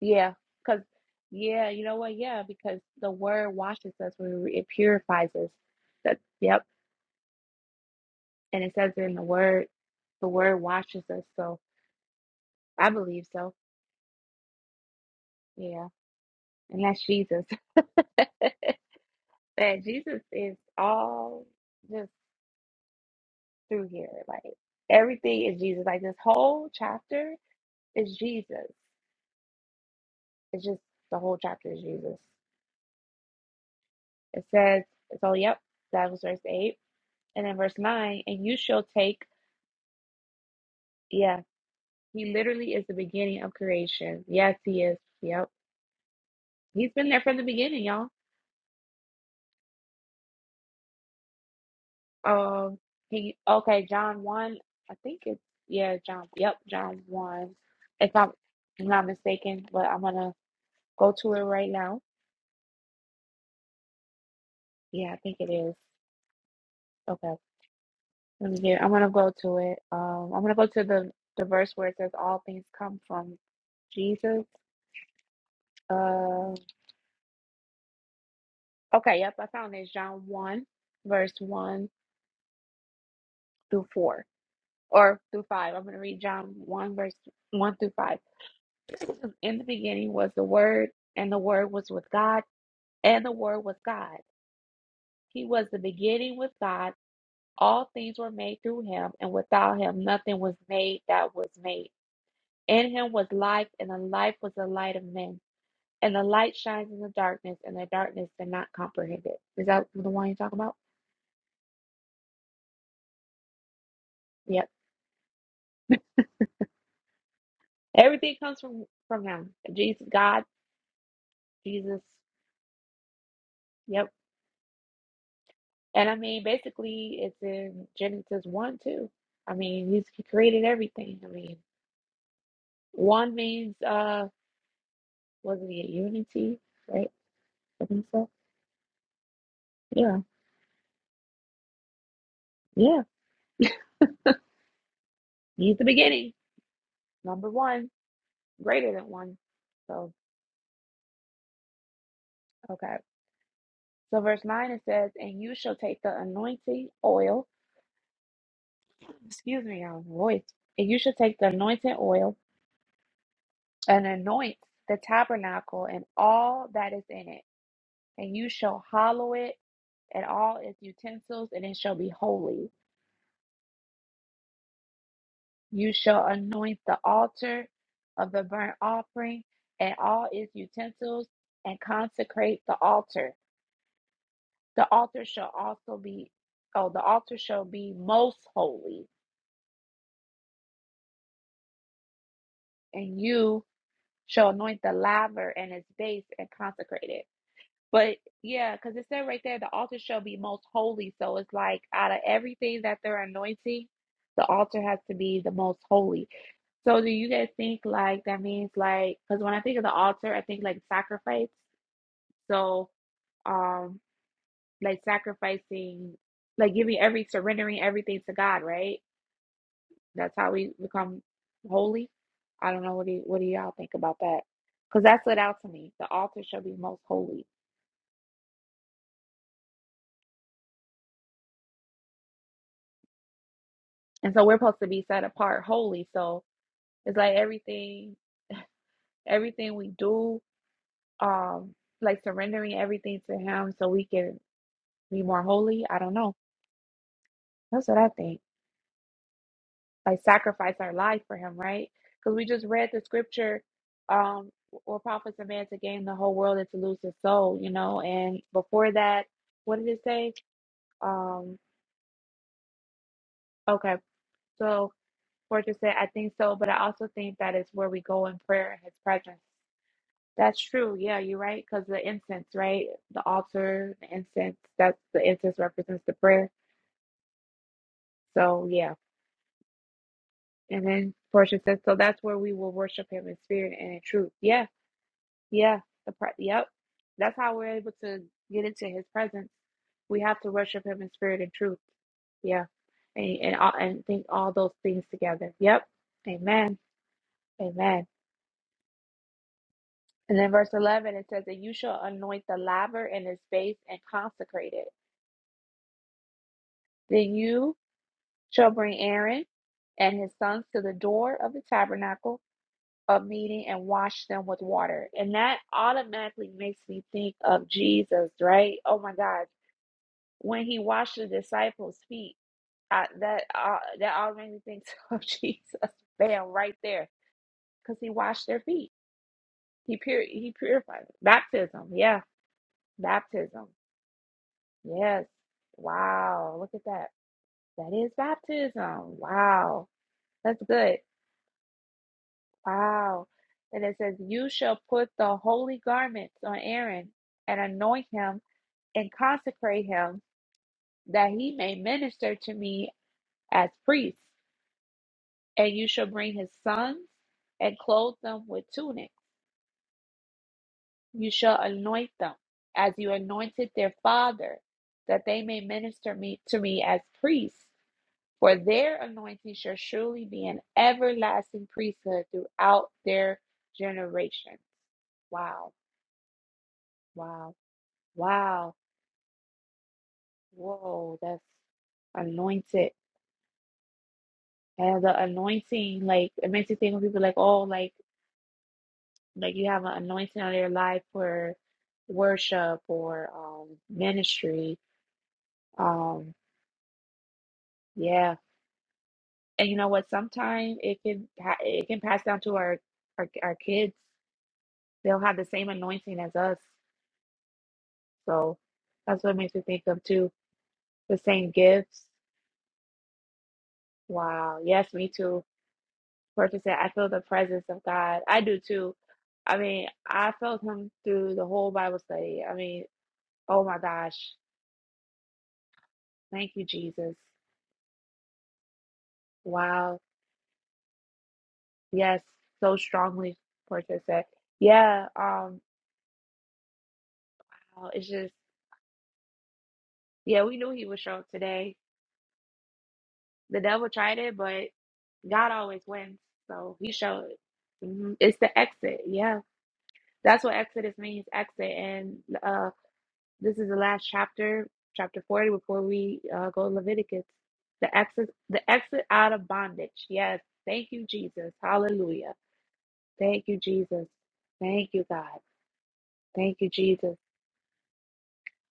Speaker 1: Yeah, because yeah, you know what? Yeah, because the word washes us when we, it purifies us. That yep, and it says in the word, the word washes us. So I believe so. Yeah, and that's Jesus. That Jesus is all just through here. Like everything is Jesus. Like this whole chapter is Jesus. It's just the whole chapter is Jesus. It says so. Yep, that was verse eight, and then verse nine. And you shall take. yeah." He literally is the beginning of creation. Yes, he is. Yep. He's been there from the beginning, y'all. Um he okay, John 1, I think it's yeah, John. Yep, John 1. If I'm, I'm not mistaken, but I'm gonna go to it right now. Yeah, I think it is. Okay. Let me get I'm gonna go to it. Um I'm gonna go to the the verse where it says all things come from Jesus. Uh okay, yep, I found it. John 1, verse 1 through 4. or through five. I'm going to read John 1, verse 1 through 5. In the beginning was the Word, and the Word was with God, and the Word was God. He was the beginning with God. All things were made through him, and without him, nothing was made that was made. In him was life, and the life was the light of men. And the light shines in the darkness, and the darkness did not comprehend it. Is that the one you're talking about? Yep. Everything comes from from him. Jesus, God, Jesus. Yep. And I mean, basically, it's in Genesis 1 too. I mean, he's, he created everything. I mean, one means, uh, was not it unity, right? I think so. Yeah. Yeah. He's the beginning. Number one, greater than one. So, okay. So, verse 9, it says, And you shall take the anointing oil. Excuse me, I was voice. And you shall take the anointing oil and anoint the tabernacle and all that is in it. And you shall hallow it and all its utensils, and it shall be holy. You shall anoint the altar of the burnt offering and all its utensils, and consecrate the altar. The altar shall also be, oh, the altar shall be most holy, and you shall anoint the laver and its base and consecrate it. But yeah, because it said right there, the altar shall be most holy. So it's like out of everything that they're anointing, the altar has to be the most holy So do you guys think like that means like because when I think of the altar, I think like sacrifice. So um like sacrificing like giving every surrendering everything to God, right? That's how we become holy. I don't know what do you, what do y'all think about that? Because that stood out to me. The altar shall be most holy. And so we're supposed to be set apart holy. So it's like everything everything we do, um, like surrendering everything to him so we can be more holy. I don't know. That's what I think. like sacrifice our life for him, right? Because we just read the scripture, um, or profits a man to gain the whole world and to lose his soul, you know. And before that, what did it say? Um, okay, so Fortress said, I think so, but I also think that is where we go in prayer in his presence. That's true, yeah, you're right, because the incense, right? The altar, the incense, that's the incense represents the prayer. So yeah. And then Portia says, so that's where we will worship him in spirit and in truth. Yeah Yeah, the pre- yep. That's how we're able to get into his presence. We have to worship him in spirit and truth. Yeah. And and, all, and think all those things together. Yep. Amen. Amen. And then verse 11 it says that you shall anoint the laver in his face and consecrate it. Then you shall bring Aaron and his sons to the door of the tabernacle of meeting and wash them with water. And that automatically makes me think of Jesus, right? Oh my God when he washed the disciples' feet, I, that uh, that all made me think of Jesus. Bam, right there, because he washed their feet. He pur- he purified them. Baptism, yeah, baptism, yes. Wow, look at that. That is baptism. Wow, that's good. Wow, and it says, "You shall put the holy garments on Aaron and anoint him and consecrate him, that he may minister to me as priest." And you shall bring his sons and clothe them with tunics. You shall anoint them as you anointed their father, that they may minister me to me as priests. For their anointing shall surely be an everlasting priesthood throughout their generations. Wow, wow, wow. Whoa, that's anointed. And the anointing, like it makes you think when people like, oh, like Like you have an anointing on your life for worship or um, ministry. Um, yeah, and you know what? Sometimes it can pa- it can pass down to our, our our kids. They'll have the same anointing as us. So that's what makes me think of too. The same gifts. Wow. Yes, me too. Purpose said, I feel the presence of God. I do too. I mean, I felt him through the whole Bible study. I mean, oh my gosh. Thank you, Jesus. Wow. Yes, so strongly, Portia said. Yeah, um, uh, it's just, yeah, we knew he would show up today. The devil tried it, but God always wins, so he showed. hmm It's the exit, yeah. That's what Exodus means, exit. And uh, this is the last chapter, chapter forty, before we uh, go to Leviticus. The exit, the exit out of bondage. Yes, thank you, Jesus. Hallelujah. Thank you, Jesus. Thank you, God. Thank you, Jesus.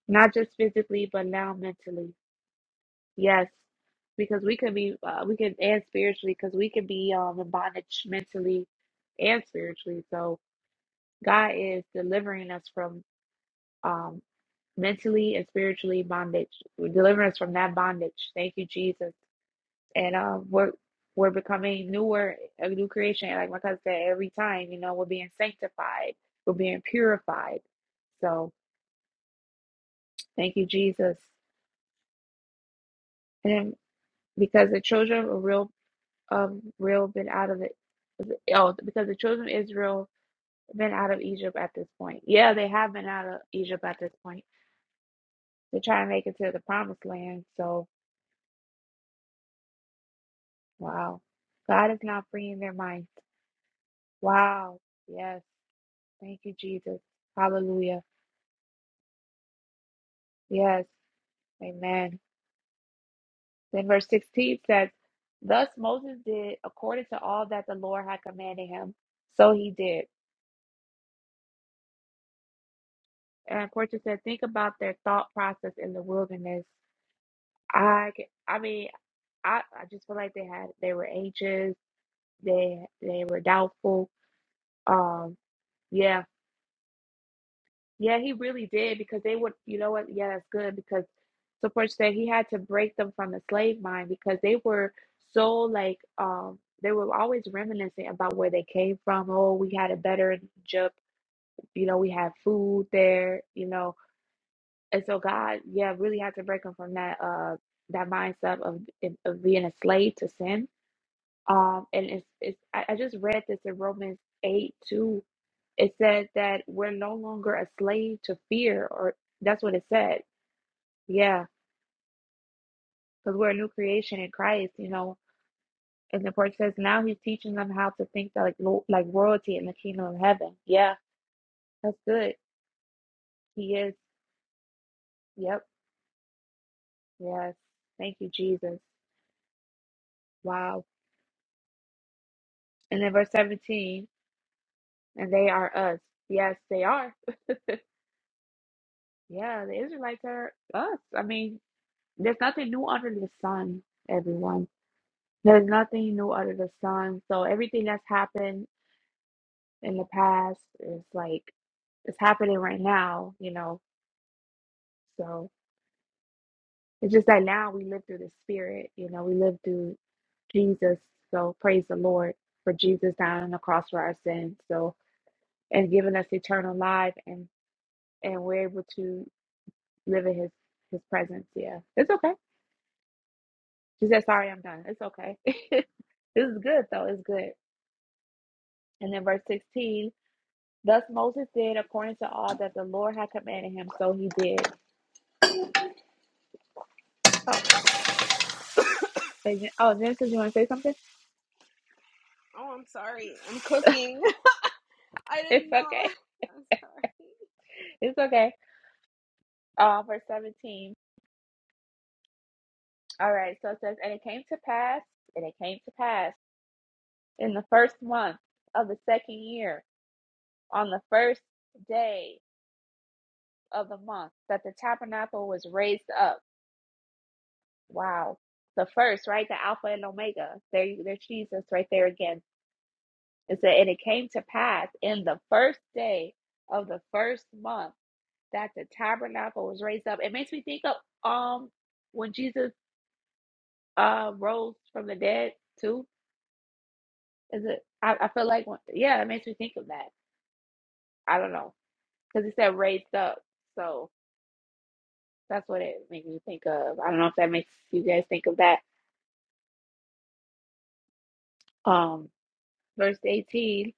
Speaker 1: not just physically but now mentally yes because we could be uh, we can and spiritually because we could be um in bondage mentally and spiritually so god is delivering us from um mentally and spiritually bondage delivering us from that bondage thank you jesus and um we're we're becoming newer a new creation like my cousin said every time you know we're being sanctified we're being purified so thank you jesus and because the children are real of Israel been out of the oh because the children of Israel have been out of Egypt at this point. Yeah, they have been out of Egypt at this point. They're trying to make it to the promised land. So wow. God is now freeing their minds. Wow. Yes. Thank you, Jesus. Hallelujah. Yes. Amen. Then verse 16 says, Thus Moses did according to all that the Lord had commanded him. So he did. And Portia said, Think about their thought process in the wilderness I c- I mean I I just feel like they had they were anxious they they were doubtful um yeah yeah he really did because they would you know what yeah that's good because support said he had to break them from the slave mind because they were so like um they were always reminiscing about where they came from oh we had it better in Egypt you know we had food there you know and so God yeah really had to break them from that uh that mindset of of being a slave to sin Um, and it's, it's I, I just read this in Romans 8 too. It said that we're no longer a slave to fear, or that's what it said. Yeah, because we're a new creation in Christ, you know. And the part says now he's teaching them how to think like lo- like royalty in the kingdom of heaven. Yeah, that's good. He is. Yep. Yes. Thank you, Jesus. Wow. And then verse 17, and they are us. Yes, they are. Yeah, the Israelites are us. I mean, There's nothing new under the sun, everyone. There's nothing new under the sun. So everything that's happened in the past is like it's happening right now, you know. So it's just that now we live through the spirit, you know, we live through Jesus. So praise the Lord for Jesus dying on the cross for our sins. So and giving us eternal life and and we're able to live in his his presence. Yeah. It's okay. She said, sorry, I'm done. It's okay. this is good though. It's good. And then verse 16, thus Moses did according to all that the Lord had commanded him, so he did. Oh, oh, Genesis, you want to say something?
Speaker 4: Oh, I'm sorry. I'm cooking. I
Speaker 1: It's
Speaker 4: didn't know
Speaker 1: okay. It's okay. Uh, verse 17. All right, so it says, And it came to pass, and it came to pass in the first month of the second year, on the first day of the month, that the tabernacle was raised up. Wow. The first, right? The Alpha and Omega. There, there's Jesus right there again It said, and it came to pass in the first day of the first month that the tabernacle was raised up. It makes me think of um when Jesus uh rose from the dead too. Is it? I, I feel like when- yeah, it makes me think of that. I don't know because it said raised up, so that's what it makes me think of. I don't know if that makes you guys think of that. Um, verse eighteen.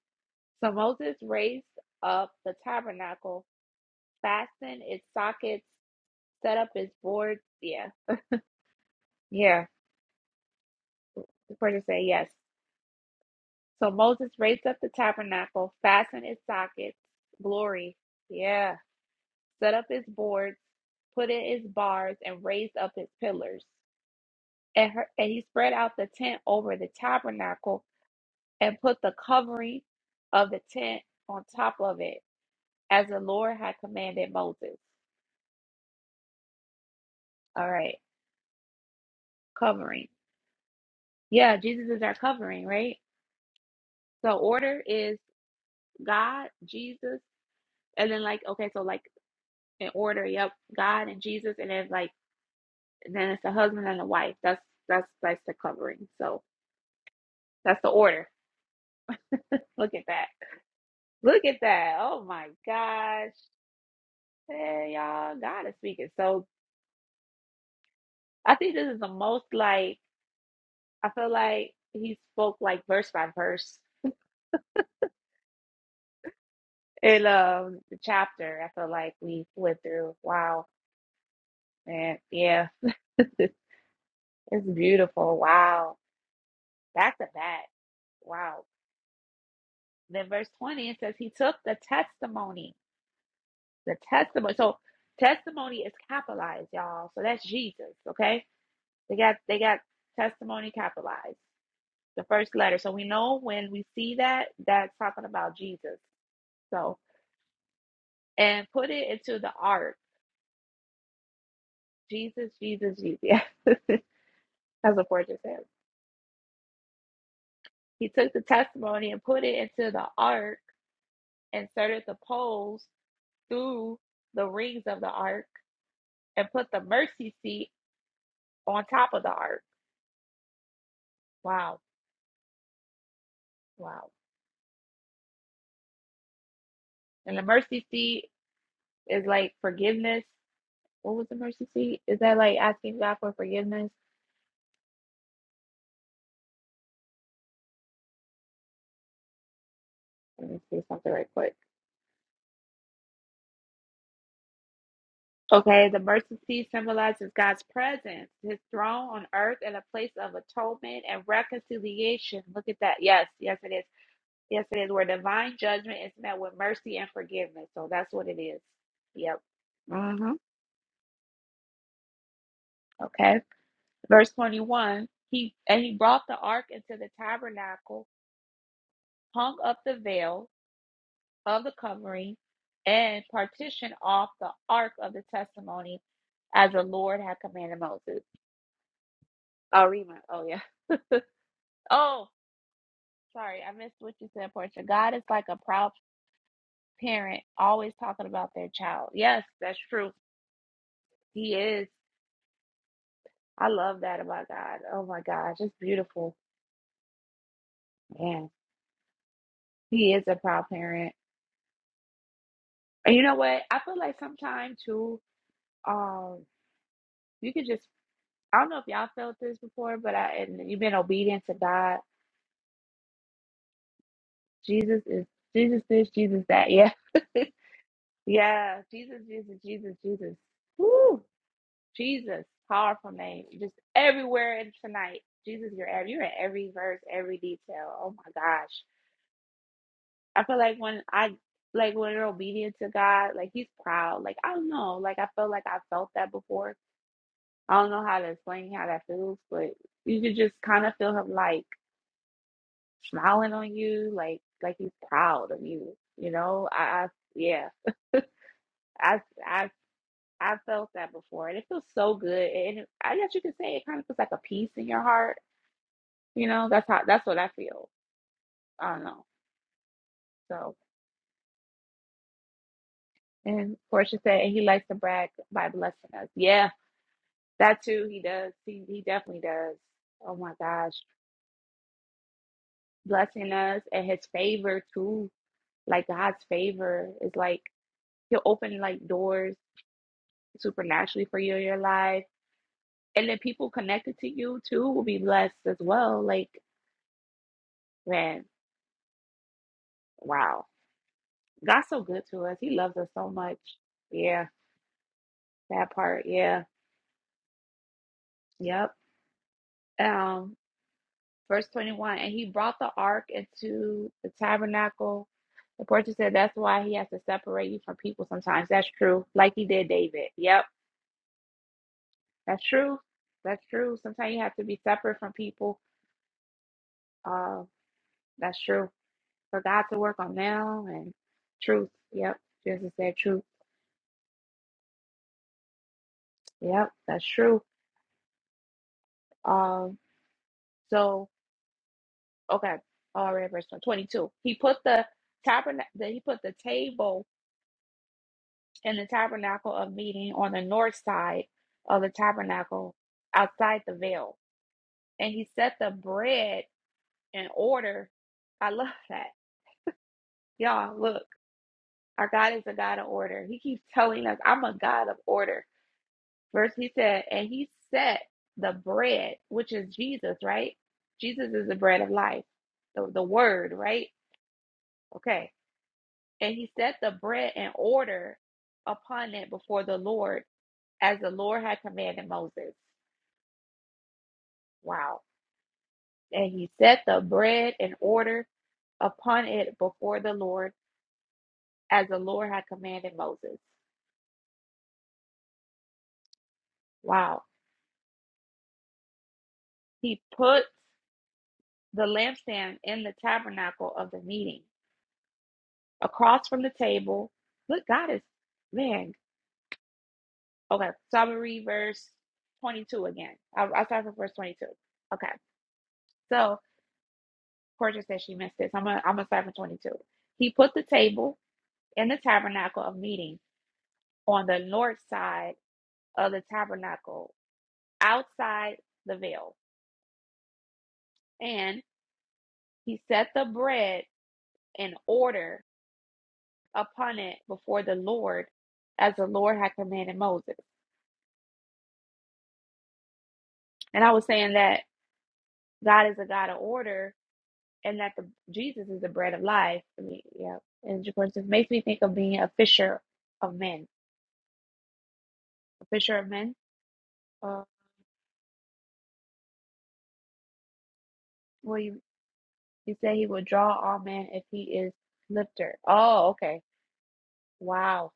Speaker 1: So Moses raised up the tabernacle, fastened its sockets, set up its boards. Yeah. Yeah, the person said yes. So Moses raised up the tabernacle, fastened its sockets, glory. Yeah. Set up its boards, put in its bars, and raised up its pillars. And, her, and he spread out the tent over the tabernacle and put the covering of the tent on top of it, as the Lord had commanded Moses. All right, covering. Yeah, Jesus is our covering, right? So order is God, Jesus, and then like okay, so like. in order. Yep, God and Jesus, and then like then it's the husband and the wife. That's that's that's the covering. So that's the order. Look at that. Look at that. Oh my gosh. Hey y'all, God is speaking. So I think this is the most like I feel like he spoke like verse by verse in um the chapter. I feel like we went through. Wow, man. Yeah, it's beautiful. Wow, back to back. Wow. Then verse 20 it says he took the testimony The testimony. So testimony is capitalized, y'all. So that's Jesus. Okay. They got they got testimony capitalized. The first letter. So we know when we see that, that's talking about Jesus. So and put it into the ark. Jesus, Jesus, Jesus. Yeah. that's what Fortune says. He took the testimony and put it into the ark, inserted the poles through the rings of the ark, and put the mercy seat on top of the ark. Wow. Wow. And the mercy seat is like forgiveness. What was the mercy seat? Is that like asking God for forgiveness? Let me see something right quick. Okay, the mercy seat symbolizes God's presence, his throne on earth, and a place of atonement and reconciliation. Look at that. Yes, yes, it is. Yes, it is where divine judgment is met with mercy and forgiveness. So that's what it is. Yep. Mm-hmm. Okay. Verse 21 He and he brought the ark into the tabernacle, hung up the veil. of the covering and partition off the ark of the testimony as the Lord had commanded Moses. I'll read my, oh yeah. Oh, sorry, I missed what you said, Portia. God is like a proud parent, always talking about their child. Yes, that's true. He is. I love that about God. Oh my gosh, it's beautiful. Man, He is a proud parent. And you know what? I feel like sometimes too, um, you could just. I don't know if y'all felt this before, but I and you've been obedient to God. Jesus is Jesus this, Jesus that. Yeah. yeah. Jesus, Jesus, Jesus, Jesus. Woo. Jesus. Powerful name. Just everywhere in tonight. Jesus, you're ev- you're in every verse, every detail. Oh my gosh. I feel like when I like when you're obedient to God, like he's proud. Like I don't know. Like I feel like I felt that before. I don't know how to explain how that feels, but you could just kind of feel him like smiling on you, like like he's proud of you. You know, I, I yeah. I've I've I've felt that before, and it feels so good. And it- I guess you could say it kind of feels like a peace in your heart. You know, that's how that's what I feel. I don't know. So, and Portia said, and he likes to brag by blessing us. Yeah, that too. He does. He he definitely does. Oh my gosh, blessing us and his favor too. Like God's favor is like he'll open like doors supernaturally for you in your life, and then people connected to you too will be blessed as well. Like man, wow God's so good to us. He loves us so much. Yeah, that part. Yeah. Yep. Um, verse 21, and he brought the ark into the tabernacle. The portrait said that's why he has to separate you from people sometimes. That's true. Like he did David. Yep. That's true. That's true. Sometimes you have to be separate from people. Uh, that's true. For God to work on now and truth. Yep. Jesus said truth. Yep. That's true. Um, so Okay. All right, verse 22. He put the tabernacle, he put the table and the tabernacle of meeting on the north side of the tabernacle outside the veil. And he set the bread in order. I love that. Y'all, look, our God is a God of order. He keeps telling us, I'm a God of order. Verse he said, and he set the bread, which is Jesus, right? Jesus is the bread of life, the, the word, right? Okay And he set the bread in order upon it before the Lord, as the Lord had commanded Moses. Wow. And he set the bread in order upon it before the Lord, as the Lord had commanded Moses. Wow. He put the lampstand in the tabernacle of the meeting across from the table. Look, God is, man. Okay. So I'm going to read verse 22 again. I, I'll start from verse 22. Okay. so. Portia said she missed this. I'm going I'm gonna start from 22. He put the table in the tabernacle of meeting on the north side of the tabernacle, outside the veil, and he set the bread in order upon it before the Lord, as the Lord had commanded Moses. And I was saying that God is a God of order, and that the Jesus is the bread of life. I mean, yeah, and of course, it makes me think of being a fisher of men, a fisher of men. Uh, what do you He said he will draw all men if he is lifter. Oh, okay. Wow.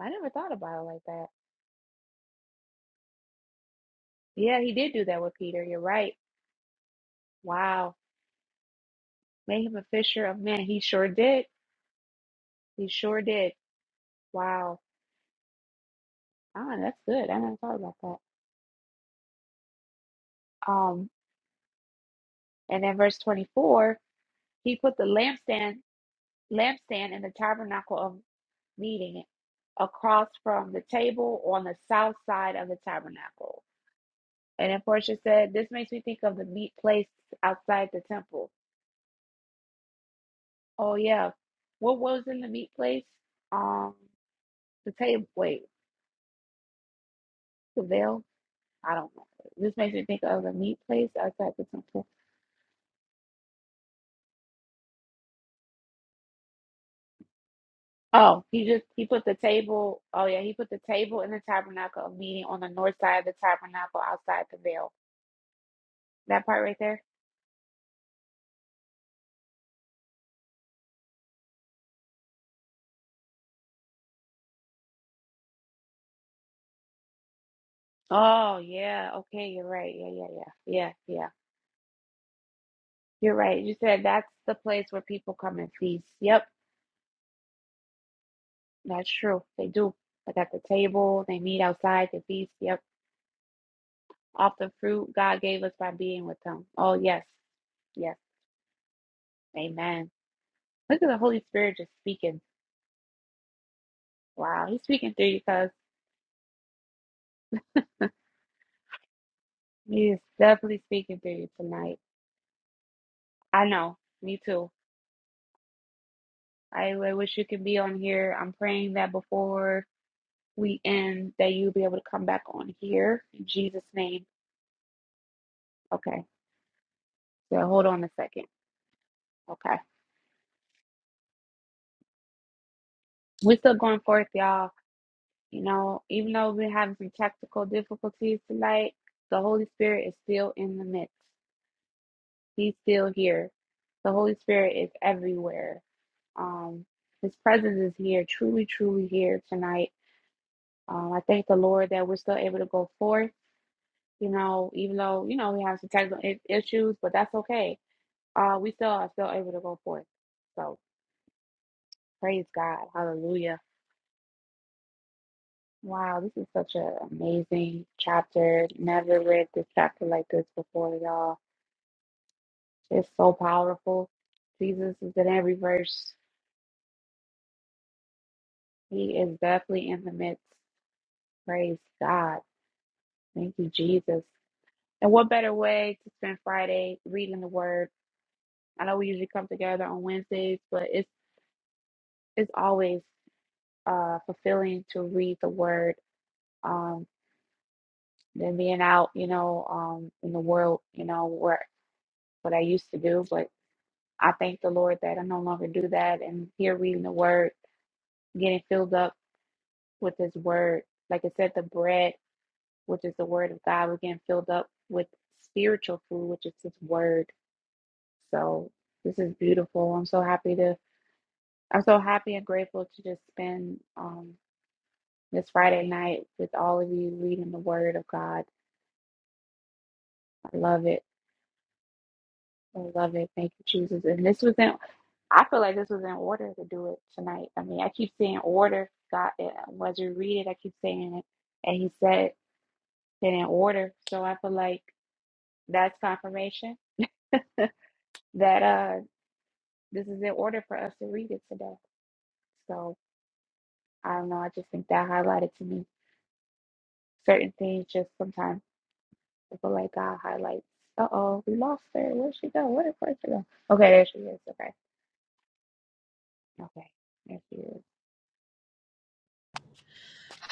Speaker 1: I never thought about it like that. Yeah, he did do that with Peter. You're right. Wow. Made him a fisher of men. He sure did. He sure did. Wow. Ah, that's good. I never thought about that. Um, and then verse 24, he put the lampstand lampstand in the tabernacle of meeting across from the table on the south side of the tabernacle. And then Portia said, This makes me think of the meat place outside the temple. Oh, yeah. What was in the meat place? Um, the table. Wait, the veil? I don't know. This makes me think of the meat place outside the temple. Oh, he just he put the table. Oh yeah, he put the table in the tabernacle of meeting on the north side of the tabernacle outside the veil. That part right there. Oh yeah, okay, you're right. Yeah, yeah, yeah, yeah, yeah. You're right. You said that's the place where people come and feast. Yep. That's true. They do. Like at the table, they meet outside, they feast. Yep. Off the fruit God gave us by being with Him. Oh, yes. Yes. Amen. Look at the Holy Spirit just speaking. Wow. He's speaking through you, cuz He is definitely speaking through you tonight. I know. Me too. I, I wish you could be on here. I'm praying that before we end, that you'll be able to come back on here in Jesus' name. Okay. So hold on a second. Okay. We're still going forth, y'all. You know, even though we're having some tactical difficulties tonight, the Holy Spirit is still in the midst. He's still here. The Holy Spirit is everywhere. Um, His presence is here, truly, truly here tonight. Um, I thank the Lord that we're still able to go forth. You know, even though you know we have some technical i- issues, but that's okay. Uh, we still are still able to go forth. So praise God, Hallelujah. Wow, this is such an amazing chapter. Never read this chapter like this before, y'all. It's so powerful. Jesus is in every verse. He is definitely in the midst. Praise God. Thank you, Jesus. And what better way to spend Friday reading the Word? I know we usually come together on Wednesdays, but it's it's always uh, fulfilling to read the Word um, than being out, you know, um, in the world, you know, where what I used to do, but. I thank the Lord that I no longer do that. And here reading the word, getting filled up with his word. Like I said, the bread, which is the word of God, we're getting filled up with spiritual food, which is his word. So this is beautiful. I'm so happy to I'm so happy and grateful to just spend um this Friday night with all of you reading the word of God. I love it. I love it. Thank you, Jesus. And this was in I feel like this was in order to do it tonight. I mean, I keep saying order. God, uh, as you read it, I keep saying it, and He said it in order. So I feel like that's confirmation that uh this is in order for us to read it today. So I don't know. I just think that highlighted to me certain things. Just sometimes I feel like God highlights. Uh oh, we lost her. Where'd she go? Where did where'd she go? Okay, there she is. Okay, okay, there she is.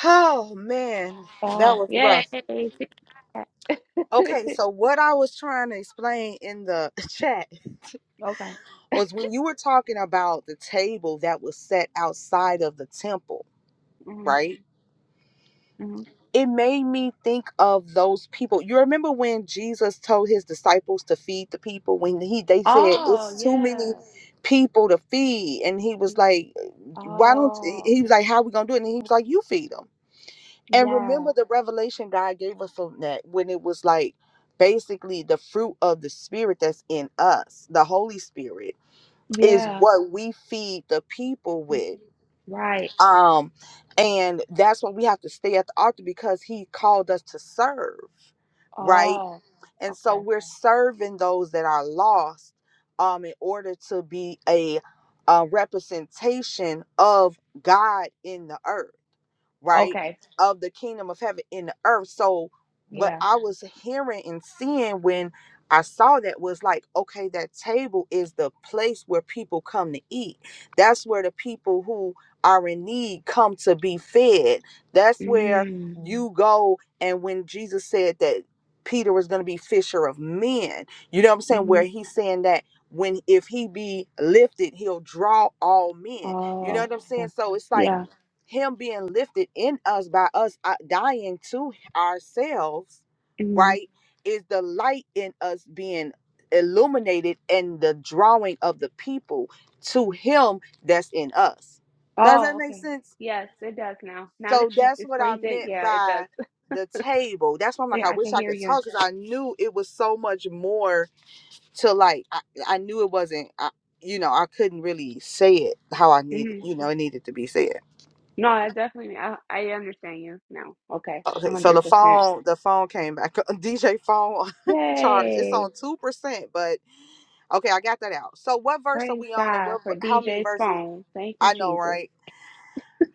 Speaker 3: oh man that
Speaker 1: Oh,
Speaker 3: was
Speaker 1: yay!
Speaker 3: rough
Speaker 1: She's back.
Speaker 3: okay so what i was trying to explain in the chat
Speaker 1: okay. Mm-hmm.
Speaker 3: was when you were talking about the table that was set outside of the temple right
Speaker 1: hmm
Speaker 3: it made me think of those people. You remember when Jesus told his disciples to feed the people when he they said
Speaker 1: Oh,
Speaker 3: it's too many
Speaker 1: yeah.
Speaker 3: people to feed and he was
Speaker 1: He-
Speaker 3: like why don't
Speaker 1: Oh,
Speaker 3: he was like how we going to do it and he was like you feed them. And
Speaker 1: yeah.
Speaker 3: remember the revelation God gave us on that when it was like basically the fruit of the spirit that's in us, the Holy Spirit is Mhm.
Speaker 1: Yeah.
Speaker 3: what we feed the people
Speaker 1: He
Speaker 3: with
Speaker 1: said- Right.
Speaker 3: Um,
Speaker 1: Okay.
Speaker 3: and that's why we have to stay at the altar because he called us to serve, right?
Speaker 1: Oh,
Speaker 3: And so
Speaker 1: okay.
Speaker 3: we're serving those that are lost um in order to be a, a representation of God in the earth right,
Speaker 1: Okay.
Speaker 3: of the kingdom of heaven in the earth. So what
Speaker 1: Yeah.
Speaker 3: I was hearing and seeing when I saw that was like, okay, that table is the place where people come to eat. That's where the people who are in need come to be fed. That's where
Speaker 1: Mm.
Speaker 3: you go. And when Jesus said that Peter was going to be fisher of men, you know what I'm saying? Where
Speaker 1: hmm
Speaker 3: he's saying that when if he be lifted, he'll draw all men. You know
Speaker 1: Oh,
Speaker 3: what I'm saying?
Speaker 1: okay.
Speaker 3: So it's like
Speaker 1: Yeah.
Speaker 3: him being lifted in us by us uh, dying to ourselves,
Speaker 1: hmm
Speaker 3: right, is the light in us being illuminated and the drawing of the people to him that's in us. Does
Speaker 1: Oh,
Speaker 3: that make
Speaker 1: okay.
Speaker 3: sense?
Speaker 1: Yes, it does now. Now
Speaker 3: So
Speaker 1: that you
Speaker 3: that's what I
Speaker 1: explained it,
Speaker 3: meant
Speaker 1: yeah, it does.
Speaker 3: by the table. That's why I'm like,
Speaker 1: Yeah,
Speaker 3: I
Speaker 1: I
Speaker 3: wish
Speaker 1: can
Speaker 3: I
Speaker 1: hear
Speaker 3: could
Speaker 1: you.
Speaker 3: talk because I knew it was so much more to like, I, I knew it wasn't, I, you know, I couldn't really say it how I needed,
Speaker 1: hmm
Speaker 3: you know, it needed to be said.
Speaker 1: No, I definitely, I, I understand you now. Okay.
Speaker 3: Okay, so
Speaker 1: 100%.
Speaker 3: the phone, the phone came back. DJ phone charge. It's
Speaker 1: Yay.
Speaker 3: on two percent, but okay, I got that out. So what verse are
Speaker 1: Praise
Speaker 3: we on, and
Speaker 1: God
Speaker 3: what?
Speaker 1: for
Speaker 3: How many
Speaker 1: DJ's
Speaker 3: verses?
Speaker 1: phone. Thank you,
Speaker 3: I know,
Speaker 1: Jesus.
Speaker 3: right?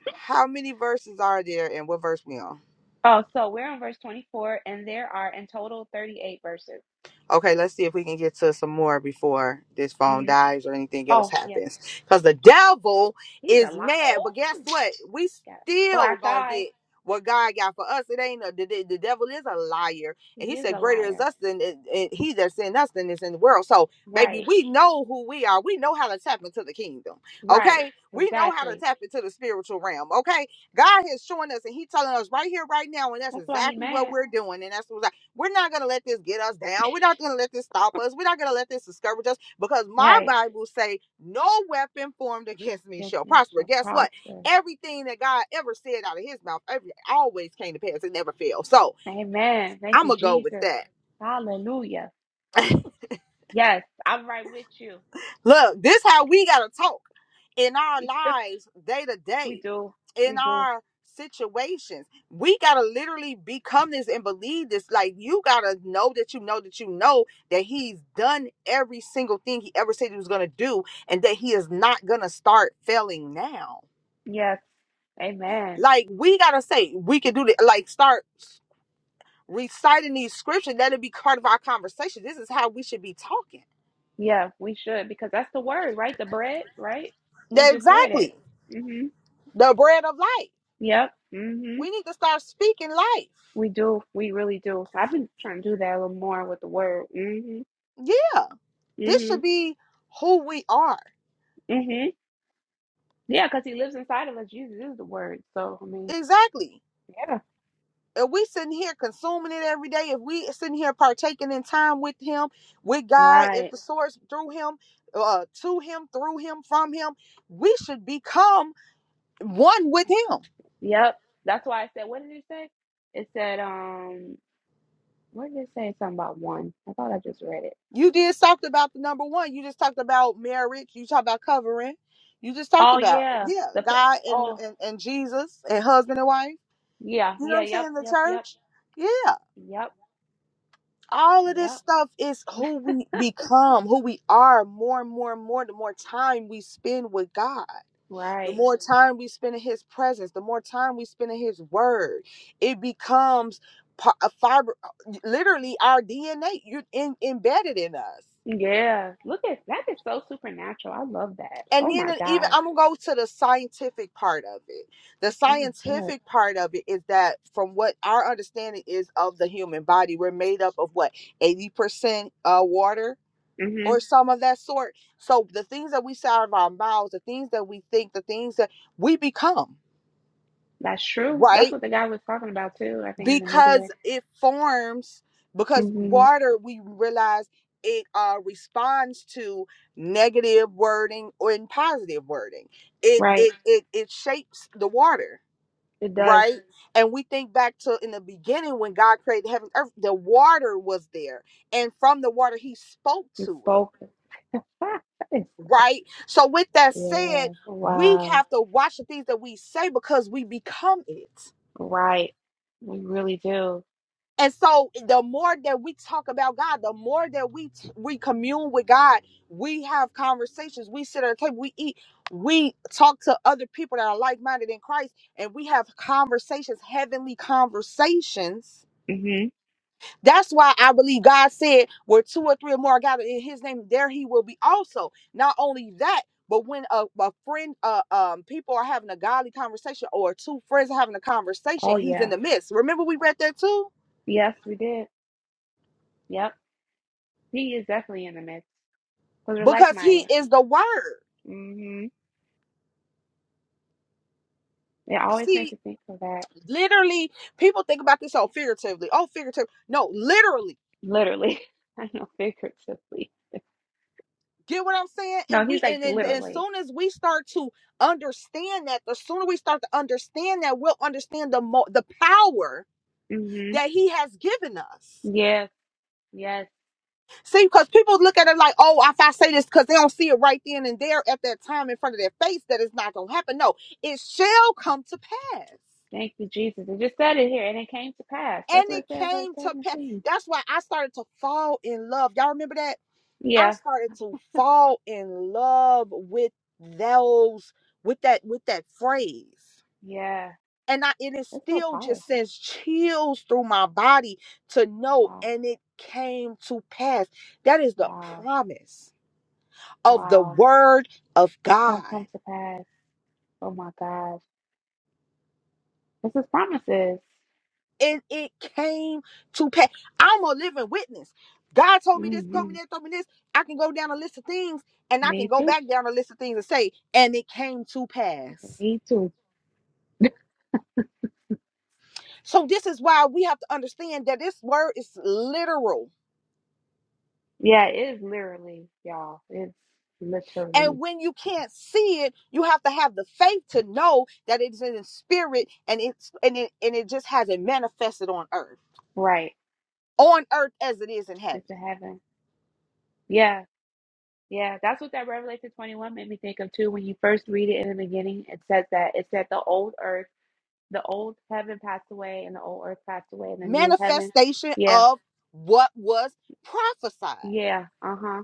Speaker 3: How many verses are there, and what verse we on?
Speaker 1: Oh, so we're on verse 24, and there are in total 38 verses.
Speaker 3: Okay, let's see if we can get to some more before this phone
Speaker 1: hmm
Speaker 3: dies or anything else
Speaker 1: Oh, yes.
Speaker 3: happens. Because the devil
Speaker 1: He's a
Speaker 3: is
Speaker 1: liar. Oh,
Speaker 3: mad, but guess
Speaker 1: got
Speaker 3: what? We
Speaker 1: a
Speaker 3: still
Speaker 1: black
Speaker 3: gonna
Speaker 1: eye.
Speaker 3: get what God got for us. It ain't a, the, the the devil is a liar, and he
Speaker 1: He is
Speaker 3: said,
Speaker 1: a
Speaker 3: "Greater is
Speaker 1: liar.
Speaker 3: us than it- it- he that's in us than is in the world." So, baby,
Speaker 1: Right.
Speaker 3: we know who we are. We know how to tap into the kingdom.
Speaker 1: Right.
Speaker 3: Okay, we know how to
Speaker 1: Exactly.
Speaker 3: tap into the spiritual realm. Okay, God is showing us, and He telling us right here, right now, and that's
Speaker 1: That's why he
Speaker 3: exactly what
Speaker 1: mad.
Speaker 3: we're doing, and that's what. We're not going to let this get us down. We're not going to let this stop us. We're not going to let this discourage us because my
Speaker 1: Right.
Speaker 3: Bible say no weapon formed against me
Speaker 1: Yes,
Speaker 3: shall
Speaker 1: and
Speaker 3: prosper.
Speaker 1: shall
Speaker 3: Guess what?
Speaker 1: prosper.
Speaker 3: Everything that God ever said out of his mouth every, always came to pass. It never failed. So
Speaker 1: Amen. Thank
Speaker 3: I'm
Speaker 1: you,
Speaker 3: going to go with
Speaker 1: Jesus.
Speaker 3: that.
Speaker 1: Hallelujah. Yes, I'm right with you.
Speaker 3: Look, this how we got to talk. in our lives day to
Speaker 1: We
Speaker 3: day,
Speaker 1: do.
Speaker 3: in
Speaker 1: We do.
Speaker 3: our situations. We got to literally become this and believe this. Like, you got to know that you know that you know that He's done every single thing He ever said He was going to do and that He is not going to start failing now.
Speaker 1: Yes. Amen.
Speaker 3: Like, we got to say, we can do that. Like, start reciting these scriptures. Let it be part of our conversation. This is how we should be talking.
Speaker 1: Yeah, we should because that's the word, right? The bread, right? We
Speaker 3: That-
Speaker 1: just read it.
Speaker 3: Exactly.
Speaker 1: Mm-hmm.
Speaker 3: The bread of life.
Speaker 1: Yep. hmm
Speaker 3: We need to start speaking life.
Speaker 1: We do. We really do. I've been trying to do that a little more with the word. hmm
Speaker 3: Yeah. This
Speaker 1: hmm
Speaker 3: should be who we are.
Speaker 1: hmm Yeah, because he lives inside of us. Jesus is the word. So I mean,
Speaker 3: Exactly.
Speaker 1: yeah.
Speaker 3: If we sitting here consuming it every day, if we sitting here partaking in time with Him, with God, at
Speaker 1: Right.
Speaker 3: the source, through Him, uh, to Him, through Him, from Him, we should become one with Him.
Speaker 1: Yep. That's why I said what did it say? It said, um, what did it say? Something about one. I thought I just read it.
Speaker 3: You just talked about the number one. You just talked about marriage. You talked about covering. You just talked
Speaker 1: Oh
Speaker 3: about
Speaker 1: yeah.
Speaker 3: yeah,
Speaker 1: The fa-
Speaker 3: God and
Speaker 1: oh
Speaker 3: and, and Jesus and husband and wife.
Speaker 1: yeah,
Speaker 3: You know what
Speaker 1: yeah,
Speaker 3: I'm
Speaker 1: yep,
Speaker 3: saying? The
Speaker 1: yep, yep,
Speaker 3: church. Yeah.
Speaker 1: yep,
Speaker 3: all of this
Speaker 1: yep.
Speaker 3: stuff is who we become, who we are more and more and more. The more time we spend with God, the
Speaker 1: Right.
Speaker 3: more time we spend in His presence, the more time we spend in His Word, it becomes pa- a fiber, uh, literally our DNA. You're in, embedded in us.
Speaker 1: Yeah. Look at that is so supernatural. I love that.
Speaker 3: And
Speaker 1: Oh
Speaker 3: then
Speaker 1: my
Speaker 3: it even
Speaker 1: gosh.
Speaker 3: I'm gonna go to the scientific part of it. The
Speaker 1: My God.
Speaker 3: scientific part of it is that from what our understanding is of the human body, we're made up of what 80% uh, water,
Speaker 1: hmm
Speaker 3: or some of that sort. So the things that we say out of our mouths, the things that we think, the things that we become,
Speaker 1: That's true. That's
Speaker 3: right?
Speaker 1: what the guy was talking about too, I think in the
Speaker 3: Because
Speaker 1: video.
Speaker 3: it forms because
Speaker 1: hmm
Speaker 3: water we realize it uh responds to negative wording or in positive wording. It
Speaker 1: Right.
Speaker 3: it it it shapes the water,
Speaker 1: It does.
Speaker 3: right? And we think back to in the beginning when God created heaven and earth, the water was there. And from the water he spoke
Speaker 1: He
Speaker 3: to it
Speaker 1: spoke. yeah.
Speaker 3: right? So, with that said, we
Speaker 1: Wow.
Speaker 3: have to watch the things that we say because we become it.
Speaker 1: Right. We really do.
Speaker 3: And so, the more that we talk about God, the more that we t- we commune with God, we have conversations, we sit at a table, we eat, we talk to other people that are like minded in Christ, and we have conversations, heavenly conversations
Speaker 1: hmm
Speaker 3: That's why I believe God said, where two or three or more are gathered in his name, there he will be also. Not only that, but when a, a friend, uh, um, people are having a godly conversation or two friends are having a conversation,
Speaker 1: Oh
Speaker 3: he's in
Speaker 1: yeah.
Speaker 3: the midst. Remember, we read that too?
Speaker 1: Yes, we did. Yep. He is definitely in the midst because we're
Speaker 3: Because he
Speaker 1: like-minded.
Speaker 3: is the word.
Speaker 1: hmm It always makes
Speaker 3: See,
Speaker 1: you think of that.
Speaker 3: literally, people think about this all figuratively. Oh, figurative. No, literally.
Speaker 1: Literally. I know figuratively.
Speaker 3: Get what I'm saying?
Speaker 1: No,
Speaker 3: And we
Speaker 1: he's like
Speaker 3: and, and, and as
Speaker 1: literally.
Speaker 3: soon as we start to understand that, the sooner we start to understand that, we'll understand the mo- the power
Speaker 1: hmm
Speaker 3: that he has given us.
Speaker 1: Yes. Yes.
Speaker 3: See, because people look at it like, oh, if I say this, because they don't see it right then and there at that time in front of their face, that it's not going to happen. No, it shall come to pass.
Speaker 1: Thank you, Jesus. It just said it here, and it came to pass.
Speaker 3: And
Speaker 1: That's what it
Speaker 3: it
Speaker 1: said in verse
Speaker 3: came to pass.
Speaker 1: 17.
Speaker 3: That's why I started to fall in love. Y'all remember that? I
Speaker 1: Yeah,
Speaker 3: started to fall in love with those, with that, with that phrase.
Speaker 1: yeah.
Speaker 3: and I and it
Speaker 1: It's so
Speaker 3: still just
Speaker 1: powerful.
Speaker 3: sends chills through my body to know
Speaker 1: Wow,
Speaker 3: and it came to pass. That is the
Speaker 1: wow,
Speaker 3: promise of the
Speaker 1: wow.
Speaker 3: word of
Speaker 1: It's going
Speaker 3: God.
Speaker 1: to come to pass. Oh, my gosh. This is promises.
Speaker 3: And it came to pass. I'm a living witness. God told me this, told me
Speaker 1: hmm
Speaker 3: that, told me this. I can go down a list of things and I can
Speaker 1: Me
Speaker 3: go
Speaker 1: too.
Speaker 3: back down a list of things and say, and it came to pass.
Speaker 1: Me too.
Speaker 3: So this is why we have to understand that this word is literal
Speaker 1: Yeah, it is literally, y'all. It's
Speaker 3: And
Speaker 1: literally
Speaker 3: when you can't see it, you have to have the faith to know that it's in the spirit and it's and it and it just hasn't manifested on earth.
Speaker 1: right.
Speaker 3: On earth as it is in heaven.
Speaker 1: It's in heaven. Yeah, yeah. That's what that Revelation 21 made me think of, too. When you first read it in the beginning, it says that it said the old earth the old heaven passed away and the old earth passed away and the new heaven.
Speaker 3: Manifestation
Speaker 1: Yeah,
Speaker 3: of what was prophesied.
Speaker 1: yeah, uh huh,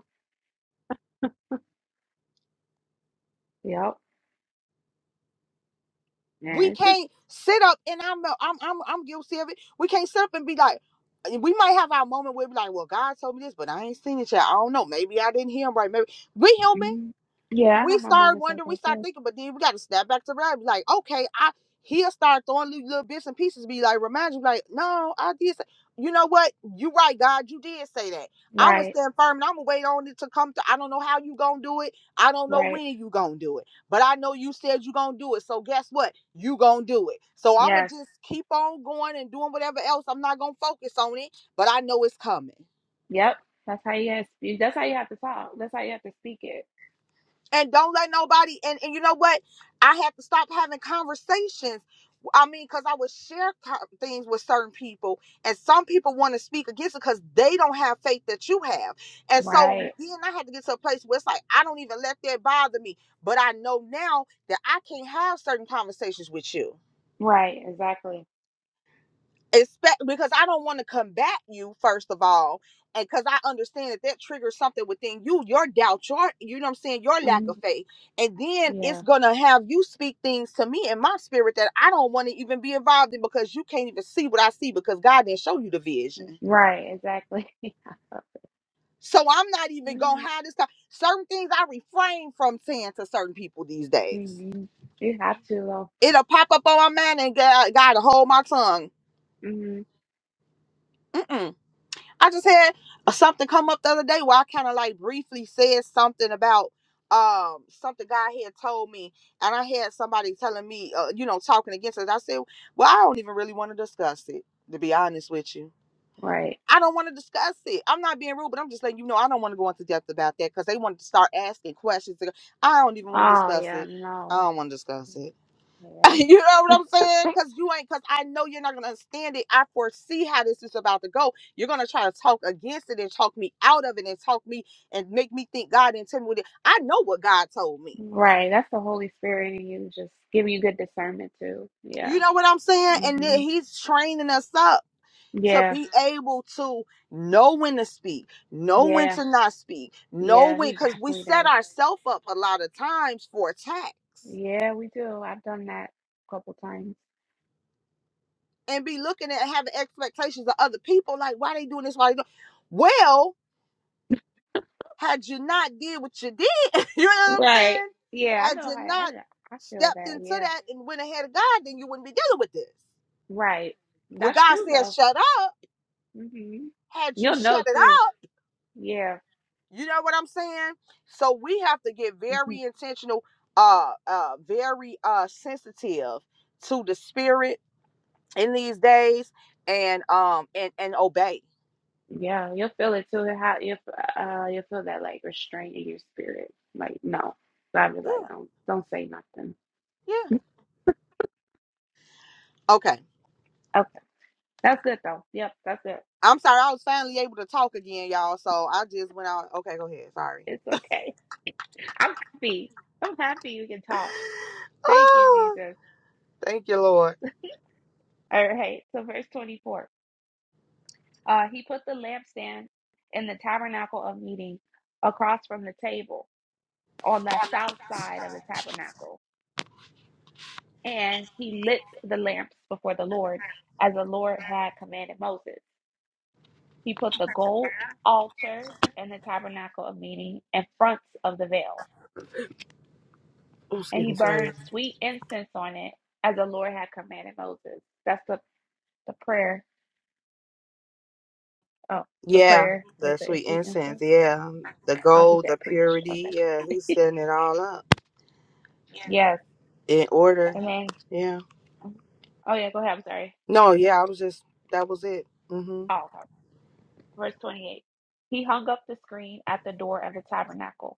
Speaker 1: yep.
Speaker 3: We
Speaker 1: Man, it's just,
Speaker 3: can't sit up and I'm I'm I'm I'm guilty of it. We can't sit up and be like we might have our moment where we're like, well, God told me this, but I ain't seen it yet. I don't know. Maybe I didn't hear him right. Maybe we human.
Speaker 1: mhm. yeah, I
Speaker 3: we
Speaker 1: have my
Speaker 3: start
Speaker 1: moments like
Speaker 3: wondering, we
Speaker 1: that
Speaker 3: start
Speaker 1: too.
Speaker 3: thinking, but then we got to snap back to reality. Like, okay, I he'll start throwing little, little bits and pieces, be like, remind you, like, no, I did say, you know what? You right, God, you did say that. I'm gonna
Speaker 1: Right,
Speaker 3: stand firm and I'm gonna wait on it to come to. I don't know how you gonna do it. I don't know
Speaker 1: right,
Speaker 3: when you gonna do it, but I know you said you gonna do it. So guess what? You gonna do it. So I'm gonna
Speaker 1: yes,
Speaker 3: just keep on going and doing whatever else. I'm not gonna focus on it, but I know it's coming.
Speaker 1: yep. That's how you have, that's how you have to talk. That's how you have to speak it.
Speaker 3: and don't let nobody and, and you know what i had to stop having conversations i mean because i would share co- things with certain people and some people want to speak against it because they don't have faith that you have and so
Speaker 1: Right,
Speaker 3: then i had to get to a place where it's like i don't even let that bother me but i know now that i can't have certain conversations with you
Speaker 1: right, exactly.
Speaker 3: expect because I don't want to combat you first of all, and because I understand that that triggers something within you, your doubt, your you know what I'm saying, your lack of
Speaker 1: Mhm.
Speaker 3: faith, and then it's
Speaker 1: Yeah,
Speaker 3: gonna have you speak things to me in my spirit that I don't want to even be involved in because you can't even see what I see because God didn't show you the vision.
Speaker 1: right, exactly.
Speaker 3: So I'm not even gonna
Speaker 1: hmm
Speaker 3: have this. Time. Certain things I refrain from saying to certain people these days.
Speaker 1: You have to though.
Speaker 3: It'll pop up on my mind and God, God will hold my tongue.
Speaker 1: hmm
Speaker 3: Mm-mm I just had something come up the other day where I kind of like briefly said something about um something God had told me, and I had somebody telling me, uh, you know, talking against it. I said, well, I don't even really want to discuss it, to be honest with you.
Speaker 1: Right.
Speaker 3: I don't want to discuss it. I'm not being rude, but I'm just letting you know I don't want to go into depth about that because they wanted to start asking questions. I don't even want to
Speaker 1: Oh
Speaker 3: discuss
Speaker 1: yeah,
Speaker 3: it. I
Speaker 1: no.
Speaker 3: don't want to discuss it.
Speaker 1: Yeah.
Speaker 3: you know what I'm saying? Because you ain't, because I know you're not going to understand it. I foresee how this is about to go. You're going to try to talk against it and talk me out of it and talk me and make me think God didn't tell intimidated. I know what God told me.
Speaker 1: Right. That's the Holy Spirit in you, just giving you good discernment too.
Speaker 3: You
Speaker 1: Yeah.
Speaker 3: know what I'm saying? And then
Speaker 1: hmm
Speaker 3: He's training us up to
Speaker 1: Yeah.
Speaker 3: be able to know when to speak, know when
Speaker 1: Yeah.
Speaker 3: to not speak, know
Speaker 1: Yeah.
Speaker 3: when,
Speaker 1: He
Speaker 3: because we
Speaker 1: definitely
Speaker 3: set
Speaker 1: does.
Speaker 3: ourselves up a lot of times for attacks
Speaker 1: Yeah, we do. I've done that a couple times.
Speaker 3: and be looking at having expectations of other people like, why they doing this? Why they doing well? Had you not did what you did, you know what I'm
Speaker 1: Right.
Speaker 3: saying?
Speaker 1: Yeah. I
Speaker 3: Had
Speaker 1: know how
Speaker 3: you not
Speaker 1: I, I feel
Speaker 3: stepped
Speaker 1: that.
Speaker 3: into
Speaker 1: Yeah.
Speaker 3: that and went ahead of God, then you wouldn't be dealing with this.
Speaker 1: Right.
Speaker 3: When
Speaker 1: That's
Speaker 3: God
Speaker 1: true
Speaker 3: says
Speaker 1: though.
Speaker 3: shut up,
Speaker 1: hmm
Speaker 3: had you
Speaker 1: You'll
Speaker 3: shut
Speaker 1: know
Speaker 3: it
Speaker 1: too.
Speaker 3: out,
Speaker 1: Yeah.
Speaker 3: you know what I'm saying? So we have to get
Speaker 1: hmm
Speaker 3: very intentional, uh uh very uh sensitive to the spirit in these days and um and and obey.
Speaker 1: Yeah. You'll feel it too. How you uh you'll feel that like restraint in your spirit. Like no. I'll be like
Speaker 3: Yeah,
Speaker 1: don't don't say nothing.
Speaker 3: yeah. Okay.
Speaker 1: Okay. That's good though. Yep, that's it.
Speaker 3: I'm sorry, I was finally able to talk again, y'all. So I just went out. Okay, go ahead. Sorry.
Speaker 1: It's okay. I'm happy. I'm happy you can talk. Thank you,
Speaker 3: Oh,
Speaker 1: Jesus.
Speaker 3: thank you, Lord.
Speaker 1: All right. So verse 24. Uh he put the lampstand in the tabernacle of meeting across from the table on the south side of the tabernacle. And he lit the lamps before the Lord as the Lord had commanded Moses. He put the gold altar in the tabernacle of meeting in front of the veil
Speaker 3: Oh,
Speaker 1: and
Speaker 3: excuse
Speaker 1: he
Speaker 3: me, sorry.
Speaker 1: burned sweet incense on it as the Lord had commanded Moses. That's the, the prayer. Oh, the
Speaker 3: Yeah,
Speaker 1: prayer.
Speaker 3: the
Speaker 1: Wait, the
Speaker 3: sweet
Speaker 1: sweet
Speaker 3: incense.
Speaker 1: incense?
Speaker 3: Yeah, the
Speaker 1: Oh, he
Speaker 3: gold,
Speaker 1: said
Speaker 3: the
Speaker 1: preach.
Speaker 3: purity.
Speaker 1: Okay.
Speaker 3: Yeah, he's setting it all up
Speaker 1: yes.
Speaker 3: in order.
Speaker 1: And then,
Speaker 3: Yeah.
Speaker 1: mm-hmm. oh, yeah, go ahead. I'm sorry.
Speaker 3: No, yeah, I was just, that was it. Mm-hmm.
Speaker 1: Oh, okay. verse 28. He hung up the screen at the door of the tabernacle,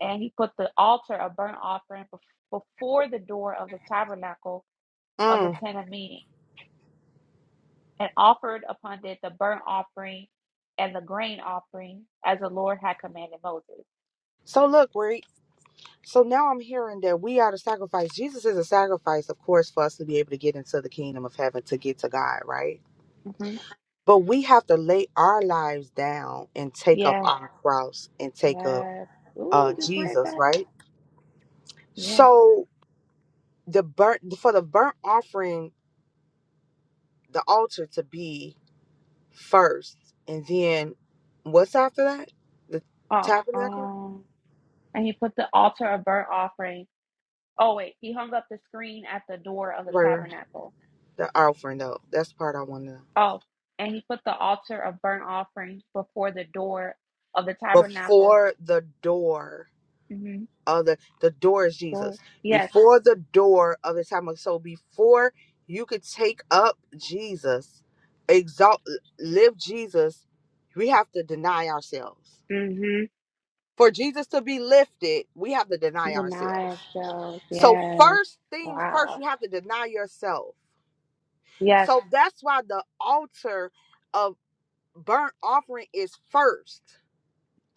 Speaker 1: and he put the altar of burnt offering bef- before the door of the tabernacle of the
Speaker 3: Mm.
Speaker 1: tent of meeting, and offered upon it the burnt offering and the grain offering as the Lord had commanded Moses.
Speaker 3: So look, Reek. So now I'm hearing that we are the sacrifice. Jesus is a sacrifice, of course, for us to be able to get into the kingdom of heaven, to get to God, right?
Speaker 1: hmm
Speaker 3: But we have to lay our lives down and take up
Speaker 1: Yeah.
Speaker 3: our cross and take up
Speaker 1: Yes.
Speaker 3: uh,
Speaker 1: Ooh, just read
Speaker 3: Jesus,
Speaker 1: that.
Speaker 3: right?
Speaker 1: Yeah.
Speaker 3: So the burnt for the burnt offering, the altar to be first, and then what's after that? The
Speaker 1: Oh,
Speaker 3: tabernacle,
Speaker 1: um, and he put the altar of burnt offering. Oh, wait. He hung up the screen at the door of the
Speaker 3: right? right.
Speaker 1: tabernacle.
Speaker 3: The offering, though. That's the part I want to know.
Speaker 1: Oh, and he put the altar of burnt offering before the door of the tabernacle.
Speaker 3: Before the door
Speaker 1: Mm-hmm.
Speaker 3: of the the door is
Speaker 1: Door.
Speaker 3: Jesus.
Speaker 1: Yes.
Speaker 3: Before the door of the tabernacle. So before you could take up Jesus, exalt, live Jesus, we have to deny ourselves.
Speaker 1: Mm-hmm.
Speaker 3: for Jesus to be lifted, we have to deny ourselves.
Speaker 1: Deny ourselves.
Speaker 3: So,
Speaker 1: Yes.
Speaker 3: first things first,
Speaker 1: Wow.
Speaker 3: you have to deny yourself.
Speaker 1: Yes.
Speaker 3: So, that's why the altar of burnt offering is first,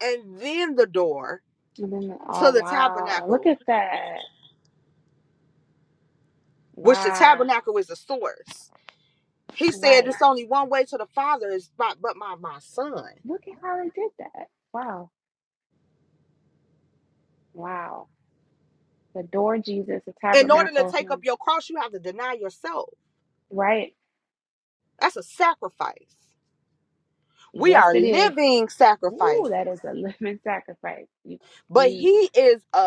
Speaker 3: and then the door
Speaker 1: And then,
Speaker 3: to
Speaker 1: oh,
Speaker 3: the
Speaker 1: wow. Look
Speaker 3: tabernacle,
Speaker 1: at that.
Speaker 3: which the
Speaker 1: Wow.
Speaker 3: tabernacle is the source. He said,
Speaker 1: Right.
Speaker 3: It's only one way to the Father, is by, but my, my son.
Speaker 1: Look at how they did that. Wow. Wow. The door, Jesus, the
Speaker 3: In order to
Speaker 1: tabernacle,
Speaker 3: take
Speaker 1: hmm,
Speaker 3: up your cross, you have to deny yourself.
Speaker 1: right?
Speaker 3: That's a sacrifice. We
Speaker 1: Yes,
Speaker 3: are
Speaker 1: it is.
Speaker 3: living
Speaker 1: Ooh, that
Speaker 3: sacrifices.
Speaker 1: is a living sacrifice. You,
Speaker 3: but
Speaker 1: you,
Speaker 3: he is a,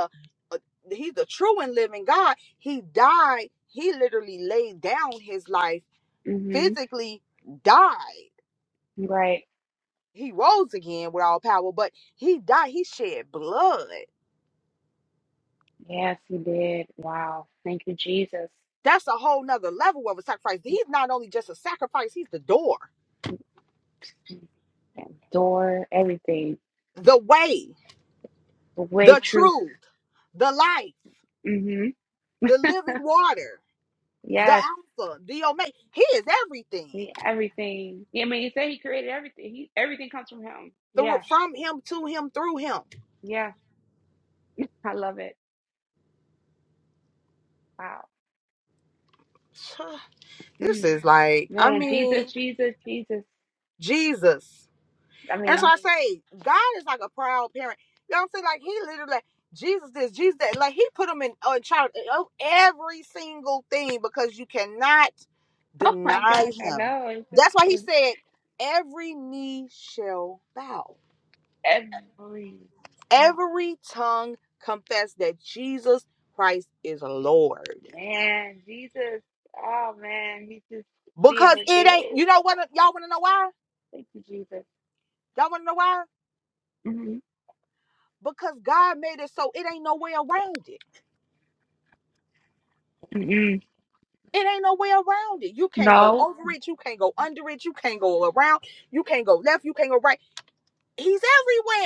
Speaker 3: a- he's the true and living god he died he literally laid down his life
Speaker 1: hmm
Speaker 3: physically died
Speaker 1: Right.
Speaker 3: he rose again with all power but he died he shed blood
Speaker 1: Yes, he did. Wow. Thank you, Jesus.
Speaker 3: that's a whole nother level of a sacrifice he's not only just a sacrifice he's the door
Speaker 1: Mhm. That door, everything.
Speaker 3: the way
Speaker 1: The way,
Speaker 3: the
Speaker 1: truth.
Speaker 3: truth the life
Speaker 1: hmm
Speaker 3: the living water the
Speaker 1: Yes.
Speaker 3: alpha the omega he is everything
Speaker 1: The everything. Yeah, I mean, you say he created everything. He, everything comes from him.
Speaker 3: through
Speaker 1: Yeah.
Speaker 3: from him to him through him
Speaker 1: Yeah. I love it. Wow.
Speaker 3: This
Speaker 1: Mm.
Speaker 3: is like, I
Speaker 1: Man,
Speaker 3: mean,
Speaker 1: Jesus, Jesus, Jesus.
Speaker 3: Jesus.
Speaker 1: I
Speaker 3: And so
Speaker 1: mean,
Speaker 3: I say, God is like a proud parent. You know what I'm saying? Like he literally, like, Jesus this, Jesus that. Like he put him in on charge of every single thing because you cannot
Speaker 1: oh my
Speaker 3: deny
Speaker 1: gosh, I
Speaker 3: him.
Speaker 1: know. It's just
Speaker 3: That's why he
Speaker 1: for
Speaker 3: said, every knee shall bow,
Speaker 1: every time.
Speaker 3: every tongue confess that Jesus Christ is Lord.
Speaker 1: Man, Jesus. Oh man, he's just being
Speaker 3: Because it ain't,
Speaker 1: revealed.
Speaker 3: you know what? Y'all want to know why?
Speaker 1: Thank you, Jesus.
Speaker 3: Y'all want to know why?
Speaker 1: mm
Speaker 3: because God made it so it ain't no way around it.
Speaker 1: mm
Speaker 3: It ain't no way around it. You can't go
Speaker 1: No,
Speaker 3: over it. You can't go under it. You can't go around. You can't go left. You can't go right. He's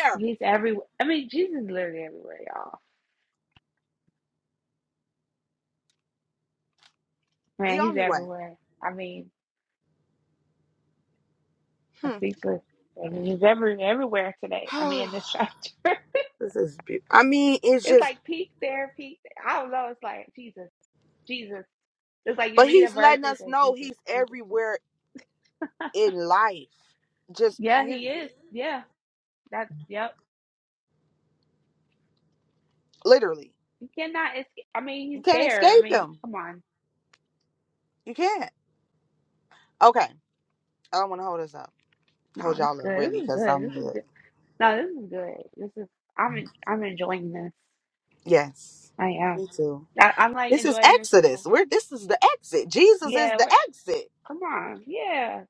Speaker 3: everywhere.
Speaker 1: he's everywhere. I mean, Jesus is literally everywhere, y'all.
Speaker 3: The
Speaker 1: Man, he's
Speaker 3: only way.
Speaker 1: everywhere. I mean, I'm speechless. I mean, he's every everywhere today. I mean,
Speaker 3: Hmm.
Speaker 1: in this chapter,
Speaker 3: this is beautiful. I mean, it's
Speaker 1: it's
Speaker 3: just,
Speaker 1: like peak there, peak. There. I don't know. It's like Jesus, Jesus. It's like you
Speaker 3: but
Speaker 1: read a
Speaker 3: he's
Speaker 1: verse,
Speaker 3: letting
Speaker 1: and it's
Speaker 3: us
Speaker 1: like
Speaker 3: know
Speaker 1: Jesus,
Speaker 3: he's
Speaker 1: Jesus,
Speaker 3: everywhere
Speaker 1: Jesus.
Speaker 3: in life. Just
Speaker 1: Yeah,
Speaker 3: period.
Speaker 1: he is. Yeah, that's yep.
Speaker 3: Literally.
Speaker 1: You cannot. It's. I mean,
Speaker 3: You
Speaker 1: he's
Speaker 3: can't
Speaker 1: there. I
Speaker 3: escape
Speaker 1: mean,
Speaker 3: him.
Speaker 1: come on.
Speaker 3: You can't. Okay. I don't want to hold us up.
Speaker 1: No,
Speaker 3: Hold
Speaker 1: it's
Speaker 3: y'all up,
Speaker 1: good.
Speaker 3: really,
Speaker 1: This is
Speaker 3: because
Speaker 1: good.
Speaker 3: I'm
Speaker 1: This is
Speaker 3: good.
Speaker 1: good. No, this is good. This is. I'm. en- I'm enjoying this.
Speaker 3: Yes.
Speaker 1: I am.
Speaker 3: Me too.
Speaker 1: I, I'm like
Speaker 3: This is
Speaker 1: enjoying this
Speaker 3: Exodus.
Speaker 1: myself.
Speaker 3: We're this is the exit. Jesus is
Speaker 1: Yeah.
Speaker 3: the
Speaker 1: We're,
Speaker 3: exit.
Speaker 1: come on. Yeah.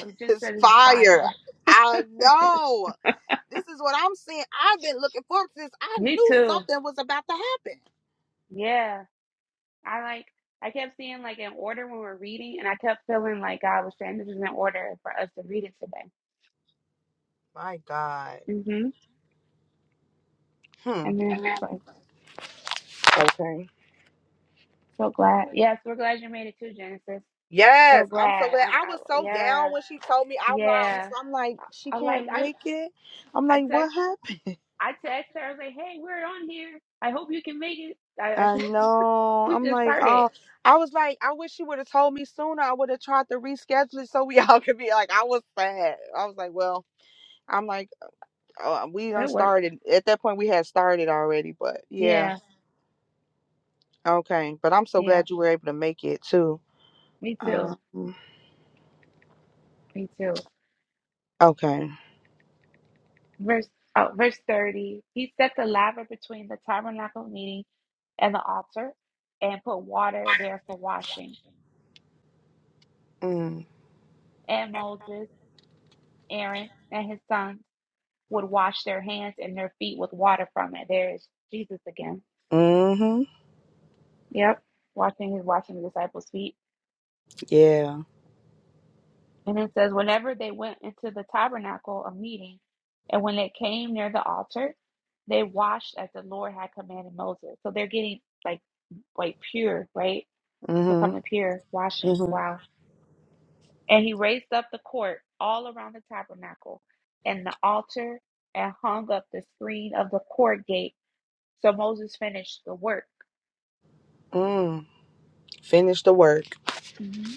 Speaker 1: I just
Speaker 3: It's
Speaker 1: said this is
Speaker 3: fire.
Speaker 1: fire.
Speaker 3: I know. This is what I'm saying. I've been looking forward to this. I
Speaker 1: Me
Speaker 3: knew
Speaker 1: too.
Speaker 3: something was about to happen.
Speaker 1: Yeah. I like. I kept seeing like an order when we're reading, and I kept feeling like God was saying this is an order for us to read it today.
Speaker 3: My God.
Speaker 1: Mm-hmm.
Speaker 3: Hmm.
Speaker 1: Amen.
Speaker 3: Okay.
Speaker 1: So glad. Yes, we're glad you made it too, Genesis.
Speaker 3: Yes,
Speaker 1: So
Speaker 3: I'm so
Speaker 1: glad.
Speaker 3: glad.
Speaker 1: I,
Speaker 3: I
Speaker 1: I
Speaker 3: was so down
Speaker 1: yeah,
Speaker 3: when she told me. I'm like,
Speaker 1: yeah.
Speaker 3: I'm like, she
Speaker 1: I, am like
Speaker 3: can't
Speaker 1: I
Speaker 3: make it. I'm
Speaker 1: I
Speaker 3: like, what
Speaker 1: text
Speaker 3: happened?
Speaker 1: I text her. I was like, hey, we're on here. I hope you can make it. I, I
Speaker 3: I know.
Speaker 1: we
Speaker 3: I'm
Speaker 1: just
Speaker 3: like,
Speaker 1: started.
Speaker 3: oh, I was like, I wish she would have told me sooner. I would have tried to reschedule it so we all could be like, I was sad. I was like, well. I'm like, uh, we done
Speaker 1: That worked.
Speaker 3: started. At that point, we had started already, but yeah,
Speaker 1: Yeah,
Speaker 3: okay. But I'm so
Speaker 1: yeah.
Speaker 3: glad you were able to make it too.
Speaker 1: Me too.
Speaker 3: Um,
Speaker 1: Me too.
Speaker 3: okay.
Speaker 1: Verse oh, verse thirty. He set the laver between the tabernacle meeting and the altar, and put water there for washing.
Speaker 3: Mm.
Speaker 1: And Moses, Aaron, and his sons. would wash their hands and their feet with water from it. There's Jesus again.
Speaker 3: Mm-hmm.
Speaker 1: Yep. Washing his washing the disciples' feet.
Speaker 3: Yeah.
Speaker 1: And it says, Whenever they went into the tabernacle of meeting, and when they came near the altar, they washed as the Lord had commanded Moses. So they're getting like like pure, right? Becoming
Speaker 3: Mm-hmm.
Speaker 1: pure, washing.
Speaker 3: Mm-hmm.
Speaker 1: Wow. And he raised up the court all around the tabernacle and the altar and hung up the screen of the court gate. So Moses finished the work.
Speaker 3: Mm. Finish the work.
Speaker 1: hmm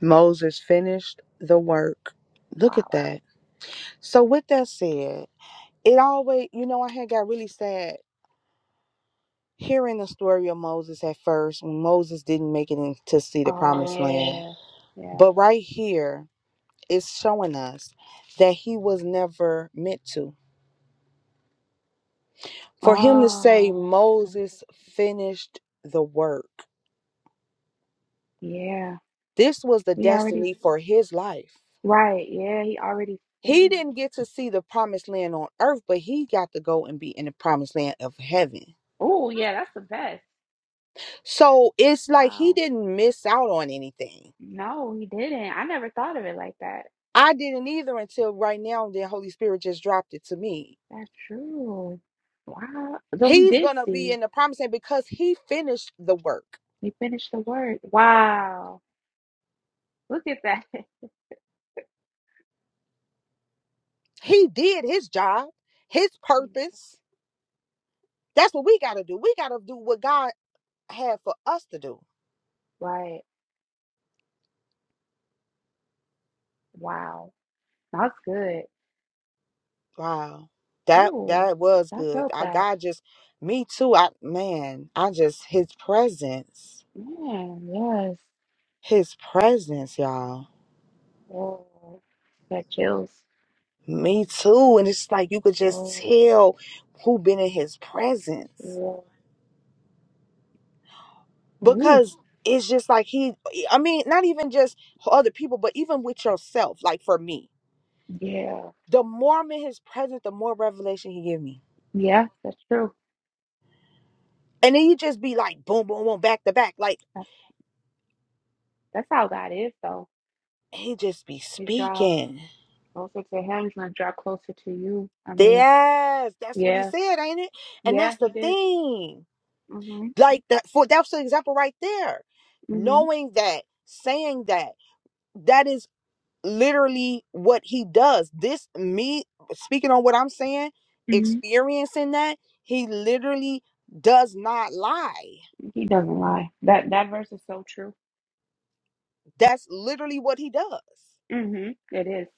Speaker 3: Moses finished the work. Look at
Speaker 1: Wow.
Speaker 3: that. So with that said, it always, you know, I had got really sad hearing the story of Moses at first when Moses didn't make it in to see the
Speaker 1: Oh
Speaker 3: promised land.
Speaker 1: yeah, yeah.
Speaker 3: But right here. is showing us that he was never meant to. For him to say
Speaker 1: Oh yeah,
Speaker 3: Moses finished the work,
Speaker 1: yeah.
Speaker 3: this was the
Speaker 1: He already
Speaker 3: destiny for his life.
Speaker 1: right. Yeah, he already
Speaker 3: He
Speaker 1: finished.
Speaker 3: didn't get to see the promised land on earth, but he got to go and be in the promised land of heaven.
Speaker 1: Oh yeah, that's the best.
Speaker 3: So it's like he
Speaker 1: Wow.
Speaker 3: didn't miss out on anything.
Speaker 1: No, he didn't. I never thought of it like that.
Speaker 3: I didn't either until right now, then Holy Spirit just dropped it to me.
Speaker 1: That's true. Wow. Though he
Speaker 3: He's
Speaker 1: did
Speaker 3: going to be
Speaker 1: see.
Speaker 3: in the promised land because he finished the work.
Speaker 1: He finished the word. Wow. Look at that.
Speaker 3: He did his job, his purpose. That's what we gotta do. We gotta do what God had for us to do.
Speaker 1: Right. Wow. That's good.
Speaker 3: Wow. That
Speaker 1: Ooh,
Speaker 3: that was
Speaker 1: I
Speaker 3: good.
Speaker 1: felt
Speaker 3: I
Speaker 1: that.
Speaker 3: God just me too. I man, I just his presence.
Speaker 1: Man, yes.
Speaker 3: His presence, y'all.
Speaker 1: Oh, that chills.
Speaker 3: Me too. And it's like you could just
Speaker 1: Oh.
Speaker 3: tell who been in his presence.
Speaker 1: Yeah. Ooh,
Speaker 3: Because it's just like he e, I mean, not even just other people, but even with yourself, like for me.
Speaker 1: yeah.
Speaker 3: The more I'm in his presence, the more revelation he give me.
Speaker 1: Yeah, that's true.
Speaker 3: And then you just be like boom, boom, boom, back to back. Like
Speaker 1: That's, that's how God is, though.
Speaker 3: He just be
Speaker 1: You draw
Speaker 3: speaking.
Speaker 1: closer to Him, He's gonna draw closer to you. I mean,
Speaker 3: Yes, that's what he
Speaker 1: yeah,
Speaker 3: said, ain't it? And
Speaker 1: yeah,
Speaker 3: that's the
Speaker 1: He did.
Speaker 3: thing.
Speaker 1: Mhm,
Speaker 3: Like that for that's the example right there.
Speaker 1: mhm,
Speaker 3: Knowing that, saying that, that is literally what he does. This me speaking on what I'm saying,
Speaker 1: mhm.
Speaker 3: experiencing that, he literally does not lie.
Speaker 1: He doesn't lie. That that verse is so true.
Speaker 3: That's literally what he does.
Speaker 1: Mhm, it is.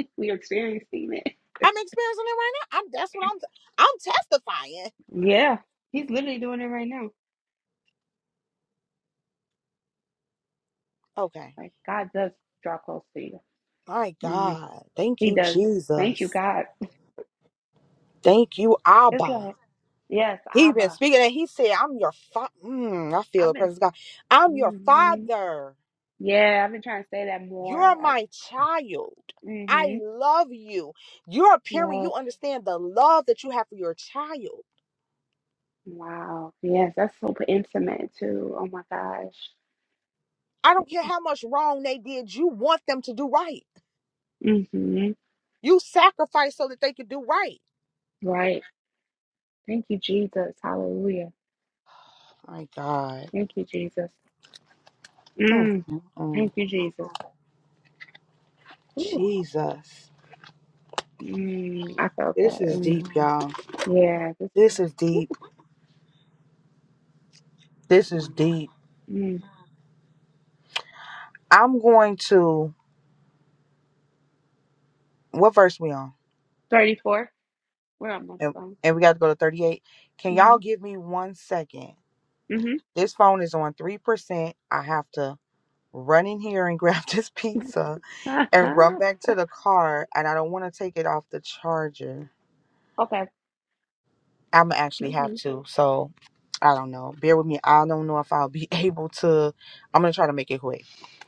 Speaker 1: We are experiencing it.
Speaker 3: I'm experiencing it right now. I'm that's what I'm I'm testifying.
Speaker 1: Yeah, He's literally doing it right now.
Speaker 3: Okay.
Speaker 1: Like God does draw close to you.
Speaker 3: My
Speaker 1: Mhm,
Speaker 3: God. Thank
Speaker 1: He
Speaker 3: you,
Speaker 1: does. Thank you,
Speaker 3: Jesus.
Speaker 1: God.
Speaker 3: Thank you,
Speaker 1: It's
Speaker 3: Abba.
Speaker 1: like yes,
Speaker 3: He been
Speaker 1: Abba.
Speaker 3: speaking and he said, I'm your father. Mm, I feel
Speaker 1: I've
Speaker 3: the
Speaker 1: been.
Speaker 3: presence of God. I'm your
Speaker 1: mm-hmm,
Speaker 3: father.
Speaker 1: Yeah, I've been trying to say that more.
Speaker 3: You're
Speaker 1: Like,
Speaker 3: my child. I
Speaker 1: mm-hmm.
Speaker 3: love you. You're a parent.
Speaker 1: Yes.
Speaker 3: You understand the love that you have for your child.
Speaker 1: Wow. Yes, that's so intimate too. Oh my gosh.
Speaker 3: I don't care how much wrong they did. You want them to do right.
Speaker 1: Mm-hmm.
Speaker 3: You sacrifice so that they could do right.
Speaker 1: Right. Thank you, Jesus. Hallelujah.
Speaker 3: My God.
Speaker 1: Thank you, Jesus.
Speaker 3: Mm,
Speaker 1: Mm.
Speaker 3: mm, mm.
Speaker 1: Thank you, Jesus. Ooh.
Speaker 3: Jesus.
Speaker 1: Mm. I felt
Speaker 3: This
Speaker 1: that.
Speaker 3: is
Speaker 1: Mm.
Speaker 3: deep, y'all.
Speaker 1: Yeah. This,
Speaker 3: This is
Speaker 1: ooh.
Speaker 3: deep. This is
Speaker 1: Wow.
Speaker 3: deep.
Speaker 1: Mm.
Speaker 3: I'm going to what verse we on?
Speaker 1: 34. We're on my
Speaker 3: And,
Speaker 1: phone.
Speaker 3: and we got to go to 38. Can y'all
Speaker 1: Mm-hmm.
Speaker 3: give me one second?
Speaker 1: Mm-hmm.
Speaker 3: This phone is on 3%. I have to run in here and grab this pizza and run back to the car and I don't want to take it off the charger.
Speaker 1: okay.
Speaker 3: I'm going to actually
Speaker 1: mm-hmm,
Speaker 3: have to. So, I don't know. Bear with me. I don't know if I'll be able to I'm going to try to make it quick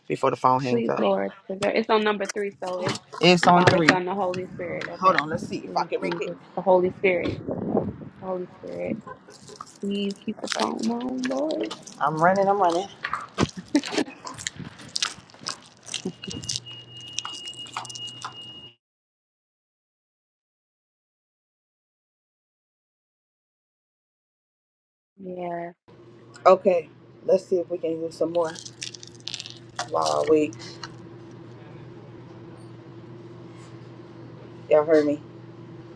Speaker 3: before the phone hangs
Speaker 1: Please,
Speaker 3: up.
Speaker 1: Lord, preserve. It's on number three, so it's
Speaker 3: It's
Speaker 1: the
Speaker 3: on
Speaker 1: Father,
Speaker 3: 3.
Speaker 1: Son, the Holy Spirit.
Speaker 3: Hold
Speaker 1: Okay.
Speaker 3: on, let's see if I
Speaker 1: Please,
Speaker 3: can make it.
Speaker 1: Jesus, the Holy Spirit, the Holy Spirit. Please keep the phone on, Lord.
Speaker 3: I'm running, I'm running.
Speaker 1: Yeah.
Speaker 3: Okay, let's see if we can read some more while I wait. Y'all heard me.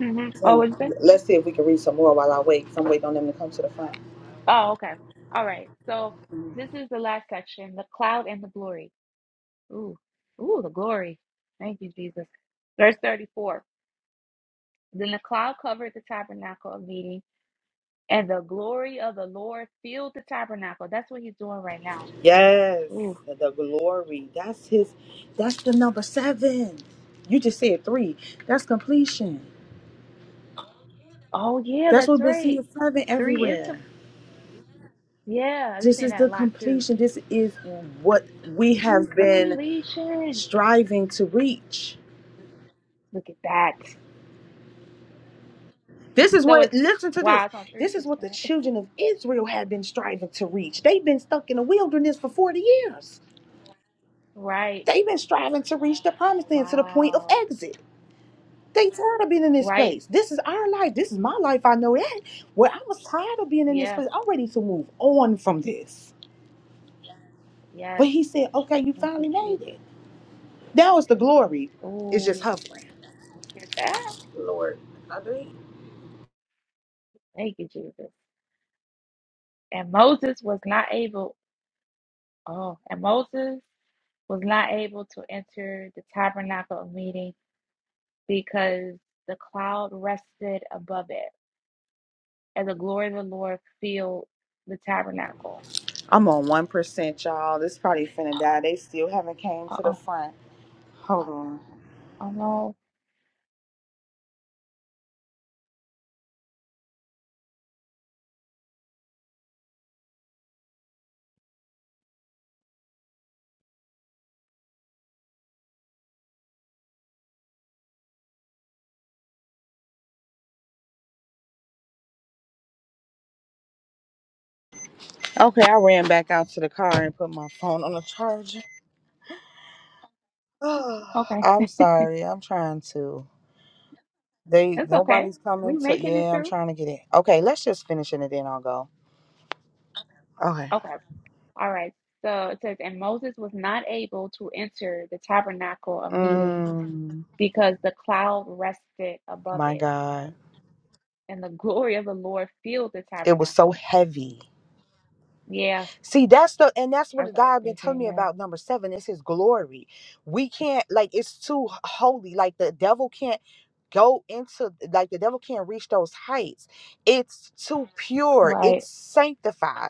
Speaker 1: hmm Oh, what did you say?
Speaker 3: Let's see if we can read some more while I wait. 'cause I'm waiting on them to come to the front.
Speaker 1: Oh, okay. All right. So this is the last section: the cloud and the glory. Ooh, ooh, the glory. Thank you, Jesus. Verse thirty-four. Then the cloud covered the tabernacle of meeting, and the glory of the Lord filled the tabernacle. That's what He's doing right now.
Speaker 3: Yes,
Speaker 1: Ooh.
Speaker 3: the the glory. That's his. That's the number seven. You just said three. That's completion.
Speaker 1: Oh yeah,
Speaker 3: That's what
Speaker 1: that's
Speaker 3: we've been
Speaker 1: right.
Speaker 3: seeing seven
Speaker 1: Three is com-
Speaker 3: everywhere.
Speaker 1: yeah, I've been
Speaker 3: This
Speaker 1: seeing
Speaker 3: is
Speaker 1: that
Speaker 3: the
Speaker 1: a lot too.
Speaker 3: completion. This is what we have
Speaker 1: The
Speaker 3: been
Speaker 1: completion.
Speaker 3: striving to reach.
Speaker 1: Look at that.
Speaker 3: This is
Speaker 1: So
Speaker 3: what,
Speaker 1: it's
Speaker 3: listen to
Speaker 1: wow,
Speaker 3: this.
Speaker 1: it's on three
Speaker 3: This is what the
Speaker 1: percent.
Speaker 3: children of Israel had been striving to reach. They've been stuck in the wilderness for 40 years.
Speaker 1: Right.
Speaker 3: They've been striving to reach the promised land to the point of
Speaker 1: Wow.
Speaker 3: exit. They tired of being in this
Speaker 1: Right.
Speaker 3: place. This is our life. This is my life. I know that. Well, I was tired of being in this
Speaker 1: Yeah.
Speaker 3: place. I'm ready to move on from this.
Speaker 1: Yes.
Speaker 3: But he said, okay, you
Speaker 1: Thank you,
Speaker 3: finally made it.
Speaker 1: Jesus.
Speaker 3: Now it's the glory. It's just
Speaker 1: Ooh,
Speaker 3: hovering.
Speaker 1: look at that.
Speaker 3: Lord, I do.
Speaker 1: Thank you, Jesus. And Moses was not able oh, and Moses was not able to enter the tabernacle of meeting because the cloud rested above it. and the glory of the Lord filled the tabernacle.
Speaker 3: I'm on 1%, y'all. This probably finna die. They still haven't came
Speaker 1: Uh
Speaker 3: to the
Speaker 1: oh.
Speaker 3: front. Hold on.
Speaker 1: Oh no.
Speaker 3: Okay, I ran back out to the car and put my phone on the charger.
Speaker 1: Okay.
Speaker 3: I'm sorry. I'm trying to. They
Speaker 1: It's okay.
Speaker 3: nobody's
Speaker 1: We
Speaker 3: coming to.
Speaker 1: making it
Speaker 3: Yeah, I'm
Speaker 1: through.
Speaker 3: trying to get it. Okay, let's just finish it and then I'll go. Okay.
Speaker 1: Okay. All right. So it says, and Moses was not able to enter the tabernacle of meeting
Speaker 3: Mm,
Speaker 1: because the cloud rested above
Speaker 3: my
Speaker 1: it,
Speaker 3: God,
Speaker 1: and the glory of the Lord filled the
Speaker 3: it was so
Speaker 1: tabernacle.
Speaker 3: heavy.
Speaker 1: Yeah,
Speaker 3: See, that's the and that's what the
Speaker 1: that's what I was
Speaker 3: guy been telling me
Speaker 1: thinking. Yeah,
Speaker 3: about number seven. It's His glory. We can't like it's too holy. Like the devil can't go into like the devil can't reach those heights. It's too pure.
Speaker 1: right.
Speaker 3: It's sanctified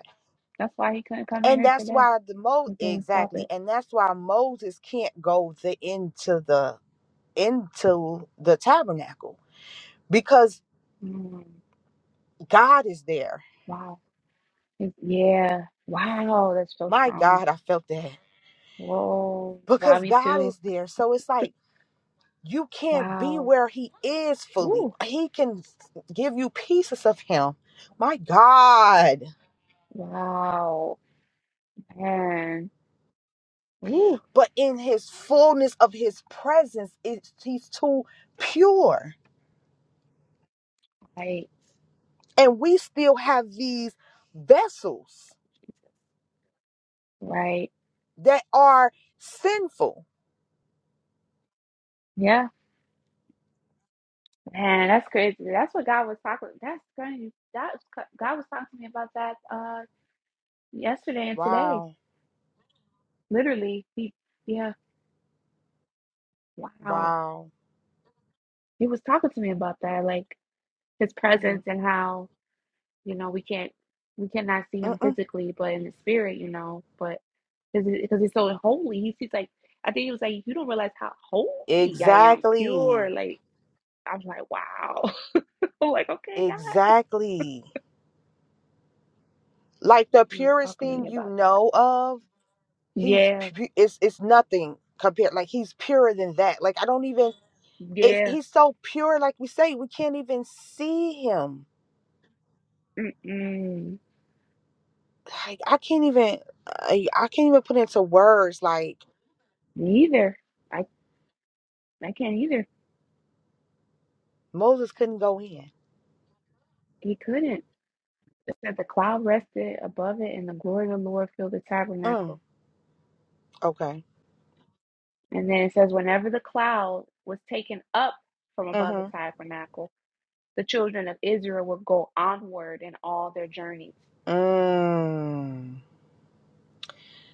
Speaker 1: That's why he couldn't come in
Speaker 3: And
Speaker 1: here
Speaker 3: that's
Speaker 1: today.
Speaker 3: why the Mo
Speaker 1: He couldn't stop
Speaker 3: exactly,
Speaker 1: it.
Speaker 3: and that's why Moses can't go the into the into the tabernacle because
Speaker 1: Mm,
Speaker 3: God is there.
Speaker 1: wow. It's- yeah. Wow. That's so
Speaker 3: My
Speaker 1: strong.
Speaker 3: God, I felt that.
Speaker 1: Whoa. Wow,
Speaker 3: Because
Speaker 1: me
Speaker 3: God
Speaker 1: too.
Speaker 3: is there. So it's like you can't be
Speaker 1: Wow.
Speaker 3: where he is fully.
Speaker 1: Ooh.
Speaker 3: He can give you pieces of him. My God.
Speaker 1: Wow. Man. Ooh.
Speaker 3: But in his fullness of his presence, it's, he's too pure.
Speaker 1: Right.
Speaker 3: And we still have these vessels
Speaker 1: Jesus. Right.
Speaker 3: that are sinful.
Speaker 1: Yeah. Man, that's crazy. That's what God was talking. That's crazy. That was, God was talking to me about that uh yesterday and today.
Speaker 3: Wow.
Speaker 1: Literally. He, yeah. Wow.
Speaker 3: Wow.
Speaker 1: He was talking to me about that, like his
Speaker 3: hmm
Speaker 1: presence and how, you know, we can't we cannot see him
Speaker 3: Mm-mm.
Speaker 1: physically, but in the spirit, you know, but because because it's so holy. He's, he's like, I think he was like, you don't realize how holy I am, pure.
Speaker 3: Exactly.
Speaker 1: Like I'm like, wow. I'm like, okay, God.
Speaker 3: Exactly. Like the
Speaker 1: He was
Speaker 3: purest
Speaker 1: talking to
Speaker 3: thing
Speaker 1: me
Speaker 3: you
Speaker 1: about that.
Speaker 3: know of, he's
Speaker 1: Yeah,
Speaker 3: pu- it's it's nothing compared. Like he's purer than that. Like I don't even. It's
Speaker 1: yeah.
Speaker 3: he's so pure. Like we say, we can't even see him.
Speaker 1: Mm-mm.
Speaker 3: Like I can't even. I, I can't even put into words. Like
Speaker 1: Neither. I I can't either.
Speaker 3: Moses couldn't go in.
Speaker 1: He couldn't. It said the cloud rested above it, and the glory of the Lord filled the
Speaker 3: Mm.
Speaker 1: tabernacle.
Speaker 3: Okay.
Speaker 1: And then it says, whenever the cloud was taken up from above the
Speaker 3: Mm-hmm.
Speaker 1: tabernacle, the children of Israel would go onward in all their journeys.
Speaker 3: Mm.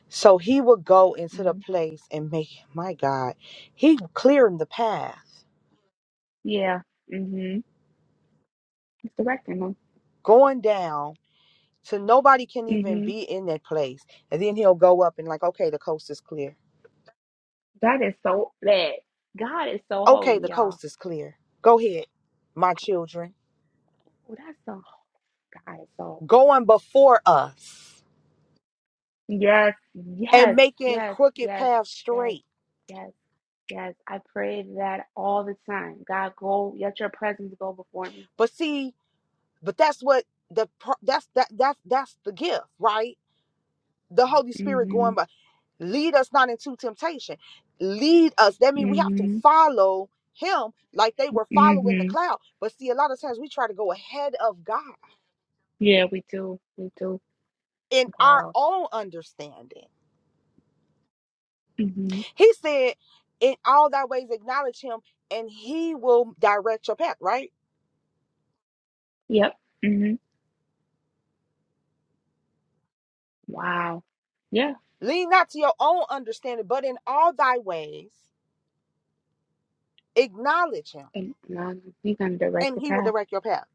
Speaker 3: So he would go into the place and make, my God, he clearing the path,
Speaker 1: Yeah. hmm It's directing them.
Speaker 3: going down to nobody can even
Speaker 1: Mhm.
Speaker 3: be in that place. And then he'll go up and, like, okay, the coast is clear.
Speaker 1: That is so bad. God is so
Speaker 3: Okay,
Speaker 1: holy,
Speaker 3: the
Speaker 1: y'all.
Speaker 3: coast is clear. Go ahead, my children.
Speaker 1: Oh, that's so God is so
Speaker 3: Going before us
Speaker 1: yes,
Speaker 3: and
Speaker 1: yes,
Speaker 3: making
Speaker 1: yes,
Speaker 3: crooked
Speaker 1: yes,
Speaker 3: paths
Speaker 1: yes,
Speaker 3: straight.
Speaker 1: yes, yes. I pray that all the time. God go, let your presence go before me.
Speaker 3: But see, but that's what the pro- that's that that's that's the gift, right? The Holy Spirit
Speaker 1: hmm
Speaker 3: going by. Lead us not into temptation. Lead us. That means we have to
Speaker 1: hmm
Speaker 3: follow him like they were following the
Speaker 1: hmm
Speaker 3: cloud. But see, a lot of times we try to go ahead of God
Speaker 1: Yeah, we do. We do.
Speaker 3: in our
Speaker 1: Wow.
Speaker 3: own understanding.
Speaker 1: hmm
Speaker 3: He said, In all thy ways acknowledge him, and he will direct your path, right?
Speaker 1: Yep. hmm Wow. Yeah.
Speaker 3: Lean not to your own understanding, but in all thy ways acknowledge him,
Speaker 1: And um, he's gonna direct
Speaker 3: and
Speaker 1: your
Speaker 3: he will
Speaker 1: path.
Speaker 3: direct your path.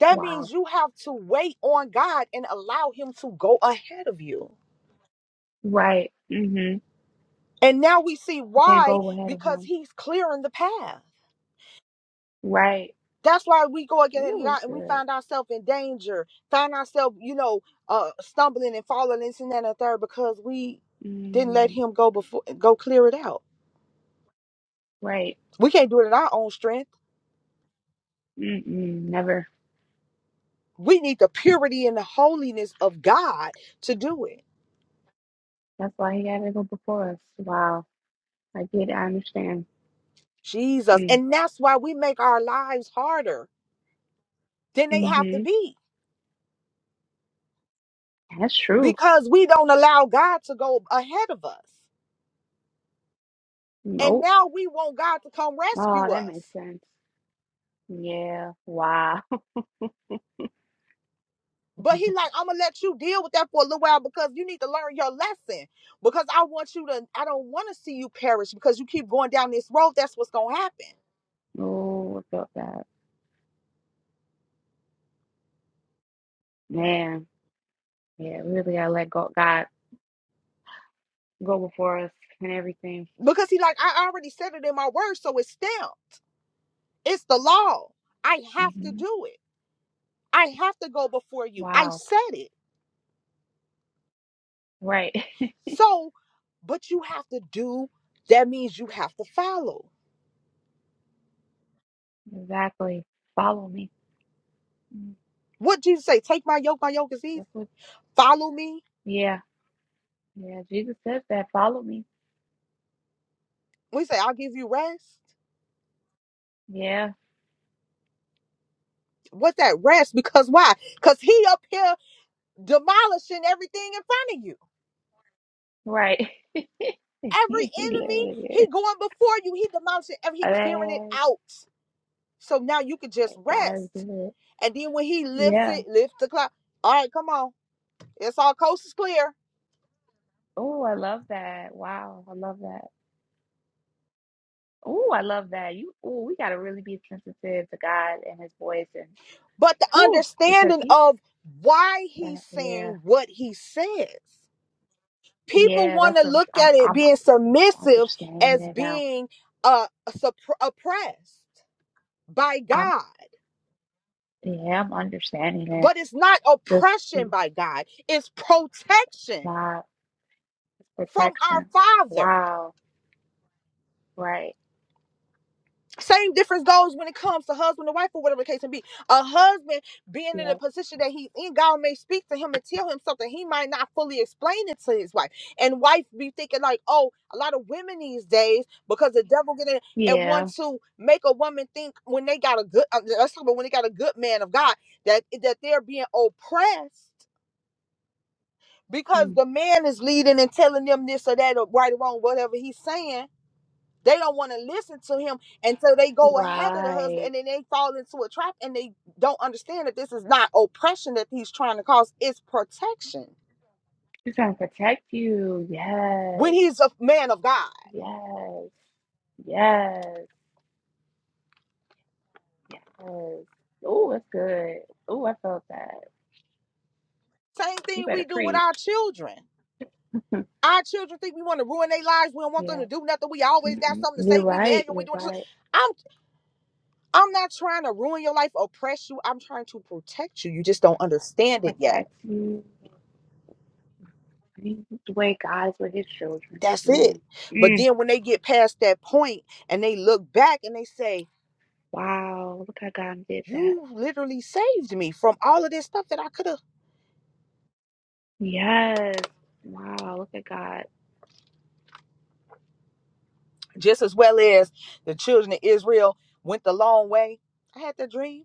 Speaker 3: That means
Speaker 1: Wow.
Speaker 3: you have to wait on God and allow him to go ahead of you.
Speaker 1: Right. Mm-hmm.
Speaker 3: And now we see
Speaker 1: Can't
Speaker 3: why,
Speaker 1: go ahead of
Speaker 3: because
Speaker 1: him.
Speaker 3: he's clearing the path.
Speaker 1: Right.
Speaker 3: That's why we go against
Speaker 1: Ooh,
Speaker 3: God and we
Speaker 1: good.
Speaker 3: find ourselves in danger, find ourselves, you know, uh, stumbling and falling this and that and the third because we didn't let
Speaker 1: Mm,
Speaker 3: him go before go clear it out.
Speaker 1: right.
Speaker 3: We can't do it in our own strength.
Speaker 1: Mm-mm, never.
Speaker 3: We need the purity and the holiness of God to do it.
Speaker 1: That's why he had to go before us. Wow. I get. I understand.
Speaker 3: Jesus.
Speaker 1: Mm,
Speaker 3: And that's why we make our lives harder than they have to
Speaker 1: hmm
Speaker 3: be
Speaker 1: That's true.
Speaker 3: because we don't allow God to go ahead of us. And
Speaker 1: Nope.
Speaker 3: now we want God to come
Speaker 1: Oh,
Speaker 3: rescue
Speaker 1: that makes
Speaker 3: us.
Speaker 1: sense. Yeah. Wow.
Speaker 3: But he like, I'm gonna let you deal with that for a little while because you need to learn your lesson. Because I want you to, I don't want to see you perish because you keep going down this road. That's what's gonna happen.
Speaker 1: oh, I felt that. Man. Yeah. Really, I let go. God go before us and everything.
Speaker 3: Because he like, I already said it in my word, so it's stamped. It's the law. I have to
Speaker 1: hmm
Speaker 3: do it. I have to go before you. I
Speaker 1: Wow.
Speaker 3: said it.
Speaker 1: Right.
Speaker 3: So, but you have to do. That means you have to follow.
Speaker 1: exactly. Follow me. Mm,
Speaker 3: What Jesus say? Take my yoke. My yoke is easy.
Speaker 1: That's what.
Speaker 3: Follow me.
Speaker 1: Yeah. Yeah, Jesus says that. Follow me.
Speaker 3: We say, I'll give you rest.
Speaker 1: Yeah,
Speaker 3: What's that rest? Because why? Because he up here demolishing everything in front of you.
Speaker 1: right.
Speaker 3: Every
Speaker 1: He
Speaker 3: enemy,
Speaker 1: literally
Speaker 3: he
Speaker 1: is.
Speaker 3: going before you. He demolishing every he clearing it
Speaker 1: Okay,
Speaker 3: out. So now you can just
Speaker 1: God is
Speaker 3: rest.
Speaker 1: good.
Speaker 3: And then when he lifts
Speaker 1: Yeah.
Speaker 3: it, lift the cloud. All right, come on. It's all coast is clear.
Speaker 1: Oh, I love that. Wow, I love that. Oh, I love that. You. Oh, we gotta really be sensitive to God and His voice, and
Speaker 3: But the
Speaker 1: oh, because
Speaker 3: understanding
Speaker 1: He.
Speaker 3: of why
Speaker 1: Uh,
Speaker 3: he's
Speaker 1: yeah,
Speaker 3: saying what he says. People
Speaker 1: yeah.
Speaker 3: want
Speaker 1: That's
Speaker 3: to
Speaker 1: what
Speaker 3: look
Speaker 1: I'm,
Speaker 3: at it
Speaker 1: I'm.
Speaker 3: being
Speaker 1: I'm
Speaker 3: submissive
Speaker 1: understanding
Speaker 3: as
Speaker 1: it now.
Speaker 3: being uh, supp- oppressed by
Speaker 1: I'm.
Speaker 3: God.
Speaker 1: Yeah, I'm understanding it.
Speaker 3: But it's not
Speaker 1: Just His
Speaker 3: oppression by God, it's protection
Speaker 1: love,
Speaker 3: from our
Speaker 1: protection.
Speaker 3: Father.
Speaker 1: Wow. Right.
Speaker 3: Same difference goes when it comes to husband and wife, or whatever the case may be. A husband being in a
Speaker 1: Yeah.
Speaker 3: position that he's in, God may speak to him and tell him something. He might not fully explain it to his wife. And wife be thinking, like, oh, a lot of women these days, because the devil get in and want
Speaker 1: Yeah.
Speaker 3: to make a woman think when they got a good, uh, let's talk about when they got a good man of God, that, that they're being oppressed because the man is leading and telling them this or that or right or wrong, whatever he's saying. They don't want to listen to him, and so they go ahead of the husband,
Speaker 1: Right.
Speaker 3: and then they fall into a trap, and they don't understand that this is not oppression that he's trying to cause; it's protection.
Speaker 1: He's trying to protect you.
Speaker 3: When
Speaker 1: Yes.
Speaker 3: he's a man of God,
Speaker 1: Yes. Yes. Yes. Oh, that's good. Oh, I felt that.
Speaker 3: same
Speaker 1: You
Speaker 3: thing we
Speaker 1: better
Speaker 3: do with
Speaker 1: preach.
Speaker 3: our children. Our children think we want to ruin their lives. We don't want them
Speaker 1: Yeah.
Speaker 3: to do nothing. We always got
Speaker 1: Mm-mm.
Speaker 3: something to
Speaker 1: You're
Speaker 3: say. We
Speaker 1: right.
Speaker 3: nagging. We
Speaker 1: You're
Speaker 3: doing this.
Speaker 1: right.
Speaker 3: I'm I'm not trying to ruin your life, oppress you. I'm trying to protect you. You just don't understand it yet
Speaker 1: Protect you. I mean, the way God is with his children.
Speaker 3: That's it.
Speaker 1: Man.
Speaker 3: But
Speaker 1: Mm.
Speaker 3: then when they get past that point and they look back and they say,
Speaker 1: Wow. Look how God did that.
Speaker 3: You literally saved me from all of this stuff that I could have.
Speaker 1: Yes. Wow. Look at God.
Speaker 3: Just as well as the children of Israel went the long way. I had that dream.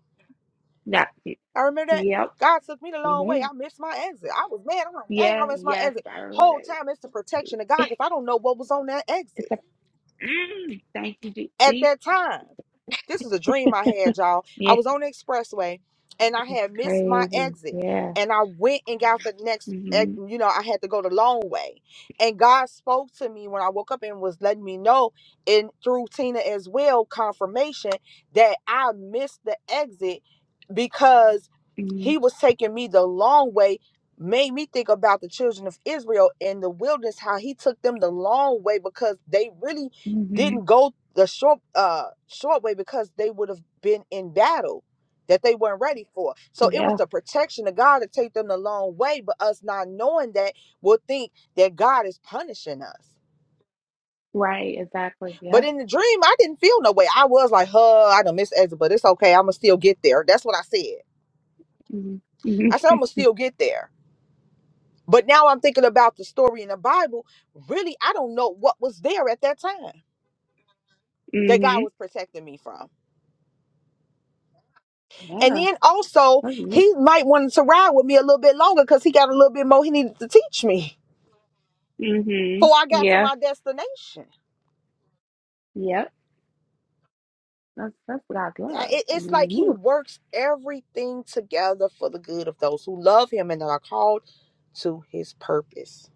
Speaker 1: Yeah. y-
Speaker 3: I remember that.
Speaker 1: Yep.
Speaker 3: God took me the
Speaker 1: You
Speaker 3: long
Speaker 1: made
Speaker 3: way.
Speaker 1: him.
Speaker 3: I missed my exit. I was mad. I'm like, dang,
Speaker 1: Yeah.
Speaker 3: I missed my
Speaker 1: Yes.
Speaker 3: exit.
Speaker 1: I remember
Speaker 3: Whole time
Speaker 1: that.
Speaker 3: it's the protection of God because I don't know what was on that exit
Speaker 1: Mm, thank you, G-
Speaker 3: at
Speaker 1: see?
Speaker 3: that time. This is a dream I had, y'all. I
Speaker 1: Yeah,
Speaker 3: was on the expressway and I
Speaker 1: it's
Speaker 3: had missed my
Speaker 1: crazy.
Speaker 3: exit.
Speaker 1: Yeah.
Speaker 3: And I went and got the next, ex-
Speaker 1: Mm-hmm.
Speaker 3: you know, I had to go the long way. And God spoke to me when I woke up and was letting me know, and through Tina as well, confirmation that I missed the exit because
Speaker 1: Mm-hmm.
Speaker 3: He was taking me the long way. Made me think about the children of Israel in the wilderness, how He took them the long way because they really
Speaker 1: hmm
Speaker 3: didn't go the short uh short way because they would have been in battle that they weren't ready for. So it was
Speaker 1: Yeah.
Speaker 3: the protection of God to take them the long way, but us not knowing that will think that God is punishing us.
Speaker 1: Right. Exactly.
Speaker 3: But
Speaker 1: Yeah.
Speaker 3: in the dream, I didn't feel no way. I was like, huh, I done miss exit, but it's okay. I'ma still get there. That's what I said.
Speaker 1: Mm-hmm.
Speaker 3: I
Speaker 1: Mm-hmm.
Speaker 3: said I'ma still get there. But now I'm thinking about the story in the Bible. Really, I don't know what was there at that time that God was protecting me from.
Speaker 1: Mm-hmm.
Speaker 3: And
Speaker 1: Yeah.
Speaker 3: then also,
Speaker 1: That's it.
Speaker 3: he might want to ride with me a little bit longer because he got a little bit more he needed to teach me before I
Speaker 1: Mm-hmm.
Speaker 3: got to
Speaker 1: Yeah.
Speaker 3: my destination.
Speaker 1: Yep. That's that's what I
Speaker 3: I-
Speaker 1: love.
Speaker 3: it-
Speaker 1: I
Speaker 3: it's
Speaker 1: mean,
Speaker 3: like he
Speaker 1: whew.
Speaker 3: works everything together for the good of those who love him and are called to his purpose.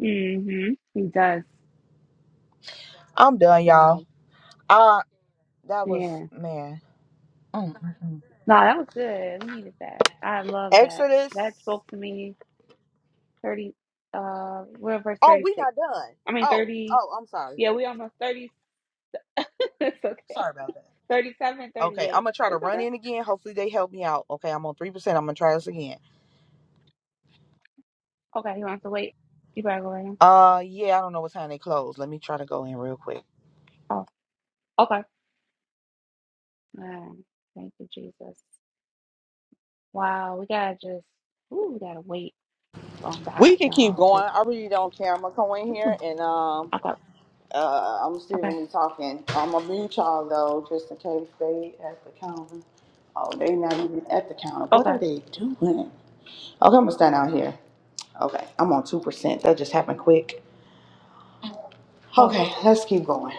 Speaker 1: Mm-hmm. He does.
Speaker 3: I'm done, y'all.
Speaker 1: Wow.
Speaker 3: I that was
Speaker 1: Yeah.
Speaker 3: man. Mm, mm, mm.
Speaker 1: No, that was good. We needed that. I love that.
Speaker 3: Exodus.
Speaker 1: That spoke to me. Thirty. Uh, we're on verse
Speaker 3: Oh, we
Speaker 1: thirty-six.
Speaker 3: not done.
Speaker 1: I mean
Speaker 3: Oh,
Speaker 1: thirty.
Speaker 3: oh, I'm sorry.
Speaker 1: Yeah, we almost 36 That's okay.
Speaker 3: Sorry about that.
Speaker 1: 37, thirty
Speaker 3: Okay, I'm
Speaker 1: eight.
Speaker 3: gonna try to
Speaker 1: It's
Speaker 3: run
Speaker 1: okay.
Speaker 3: in again. Hopefully they help me out. Okay, I'm on three percent. I'm gonna try this again.
Speaker 1: Okay, he wants to wait. You better go right now.
Speaker 3: Uh, yeah, I don't know what time they close. Let me try to go in real quick.
Speaker 1: Oh, okay. Man, thank you, Jesus. Wow, we gotta just, ooh, we gotta wait on God,
Speaker 3: We can keep
Speaker 1: y'all,
Speaker 3: going.
Speaker 1: because,
Speaker 3: I really don't care. I'm gonna come in here
Speaker 1: Ooh,
Speaker 3: and um
Speaker 1: okay,
Speaker 3: uh I'm still
Speaker 1: okay,
Speaker 3: gonna be talking. I'm gonna mute y'all though, just in case they at the counter. Oh, they not even at the counter. What
Speaker 1: okay,
Speaker 3: are they doing? Okay, I'm gonna stand out here. Okay, I'm on two percent. That just happened quick.
Speaker 1: oh,
Speaker 3: Okay, let's keep going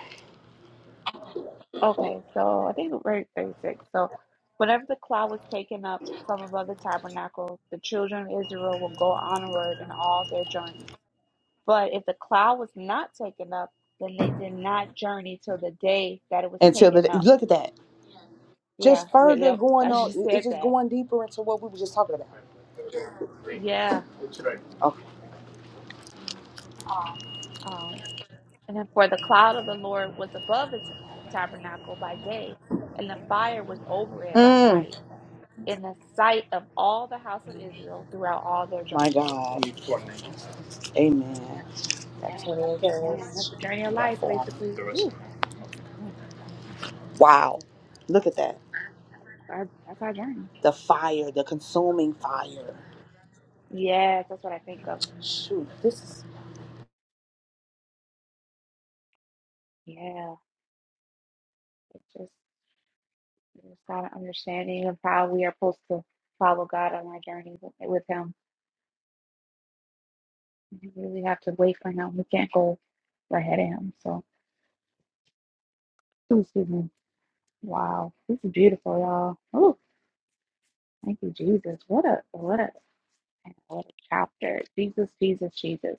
Speaker 1: okay. So I think we're at 36. So whenever the cloud was taken up from above the tabernacle, the children of Israel will go onward in all their journeys. But if the cloud was not taken up, then they did not journey till the day that it was
Speaker 3: until
Speaker 1: taken
Speaker 3: the
Speaker 1: up.
Speaker 3: look at that.
Speaker 1: Yeah,
Speaker 3: Just
Speaker 1: th-
Speaker 3: further
Speaker 1: yep,
Speaker 3: going
Speaker 1: I
Speaker 3: on.
Speaker 1: just
Speaker 3: it-
Speaker 1: said
Speaker 3: It's just
Speaker 1: that.
Speaker 3: going deeper into what we were just talking about.
Speaker 1: Yeah. Um, and then for the cloud of the Lord was above the t- tabernacle by day, and the fire was over it by
Speaker 3: Okay.
Speaker 1: night, in the sight of all the house of Israel throughout all their
Speaker 3: My
Speaker 1: journey.
Speaker 3: God. Need four names. Amen.
Speaker 1: Yeah,
Speaker 3: Got 28.
Speaker 1: man, that's the journey of
Speaker 3: I got
Speaker 1: life,
Speaker 3: four.
Speaker 1: basically. Ooh, mm,
Speaker 3: Wow. Look at that.
Speaker 1: our, that's our journey.
Speaker 3: The fire, the consuming fire.
Speaker 1: Yes, that's what I think of.
Speaker 3: Shoot, this is
Speaker 1: Yeah, it just. Just got an understanding of how we are supposed to follow God on our journey with, with Him. We really have to wait for Him. We can't go right ahead of Him. So, ooh, excuse me. Wow, this is beautiful, y'all. Oh, thank you, Jesus. What a what a what a chapter. Jesus, Jesus, Jesus,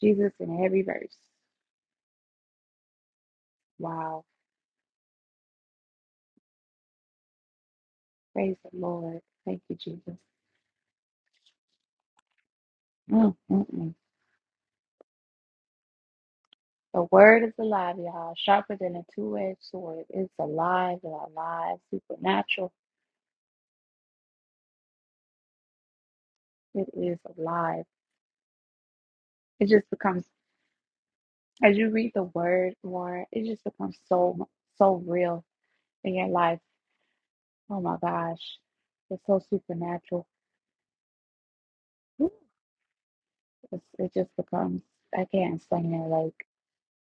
Speaker 1: Jesus in every verse. Wow, praise the Lord. Thank you, Jesus. Mm, mm, mm. The word is alive, y'all. Sharper than a two-edged sword. It's alive in our lives, supernatural. It is alive. It just becomes, as you read the word more, it just becomes so, so real in your life. Oh my gosh. It's so supernatural. Ooh, It's, it just becomes, I can't explain it. Like,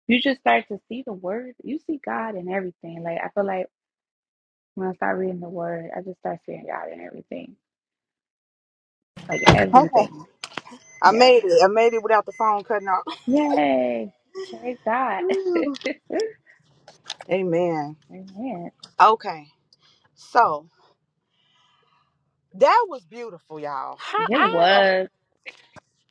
Speaker 1: you just start to see the word. You see God in everything. Like, I feel like when I start reading the word, I just start seeing God in everything. Like,
Speaker 3: okay.
Speaker 1: everything.
Speaker 3: I
Speaker 1: Yeah.
Speaker 3: made it. I made it without the phone cutting off.
Speaker 1: Yay. Praise God.
Speaker 3: Amen.
Speaker 1: Amen.
Speaker 3: Okay. So that was beautiful, y'all.
Speaker 1: It was.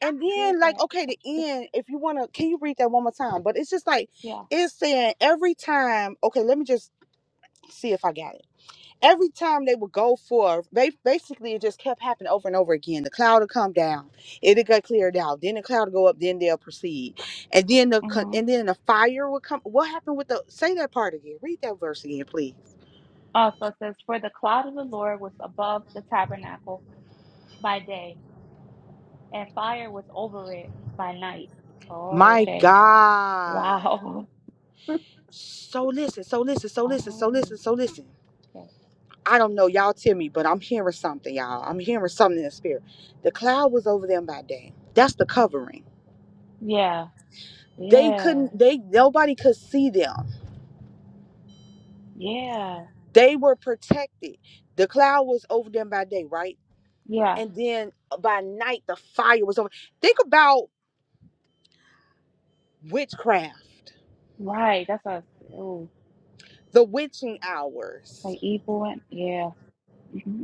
Speaker 3: And
Speaker 1: God did
Speaker 3: then, like,
Speaker 1: that.
Speaker 3: okay, the end, if you want to, can you read that one more time? But it's just like,
Speaker 1: Yeah.
Speaker 3: it's saying every time, okay, let me just see if I got it every time they would go for they basically it just kept happening over and over again the cloud would come down it'll get cleared out then the cloud would go up then they'll proceed and then the co-
Speaker 1: Mm-hmm.
Speaker 3: and then the fire would come what happened with the say that part again read that verse again please
Speaker 1: Also it says, For the cloud of the Lord was above the tabernacle by day, and fire was over it by night. Oh,
Speaker 3: my
Speaker 1: okay.
Speaker 3: god
Speaker 1: Wow.
Speaker 3: so listen so listen so listen so
Speaker 1: Oh,
Speaker 3: listen so listen
Speaker 1: okay.
Speaker 3: I don't know, y'all tell me, but I'm hearing something, y'all. I'm hearing something in the spirit. The cloud was over them by day. That's the covering.
Speaker 1: Yeah.
Speaker 3: They
Speaker 1: Yeah.
Speaker 3: couldn't, they nobody could see them
Speaker 1: Yeah.
Speaker 3: They were protected. The cloud was over them by day, right?
Speaker 1: Yeah.
Speaker 3: And then uh, by night, the fire was over. Think about witchcraft,
Speaker 1: Right. That's us. Ooh.
Speaker 3: the witching
Speaker 1: Like
Speaker 3: hours,
Speaker 1: evil and yeah. Mm-hmm.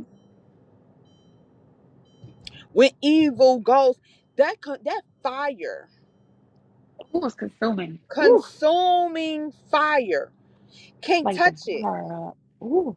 Speaker 3: when evil goes. That co- that fire,
Speaker 1: Ooh, it's consuming. Ooh.
Speaker 3: consuming fire, can't
Speaker 1: Like
Speaker 3: touch it
Speaker 1: devour. Ooh.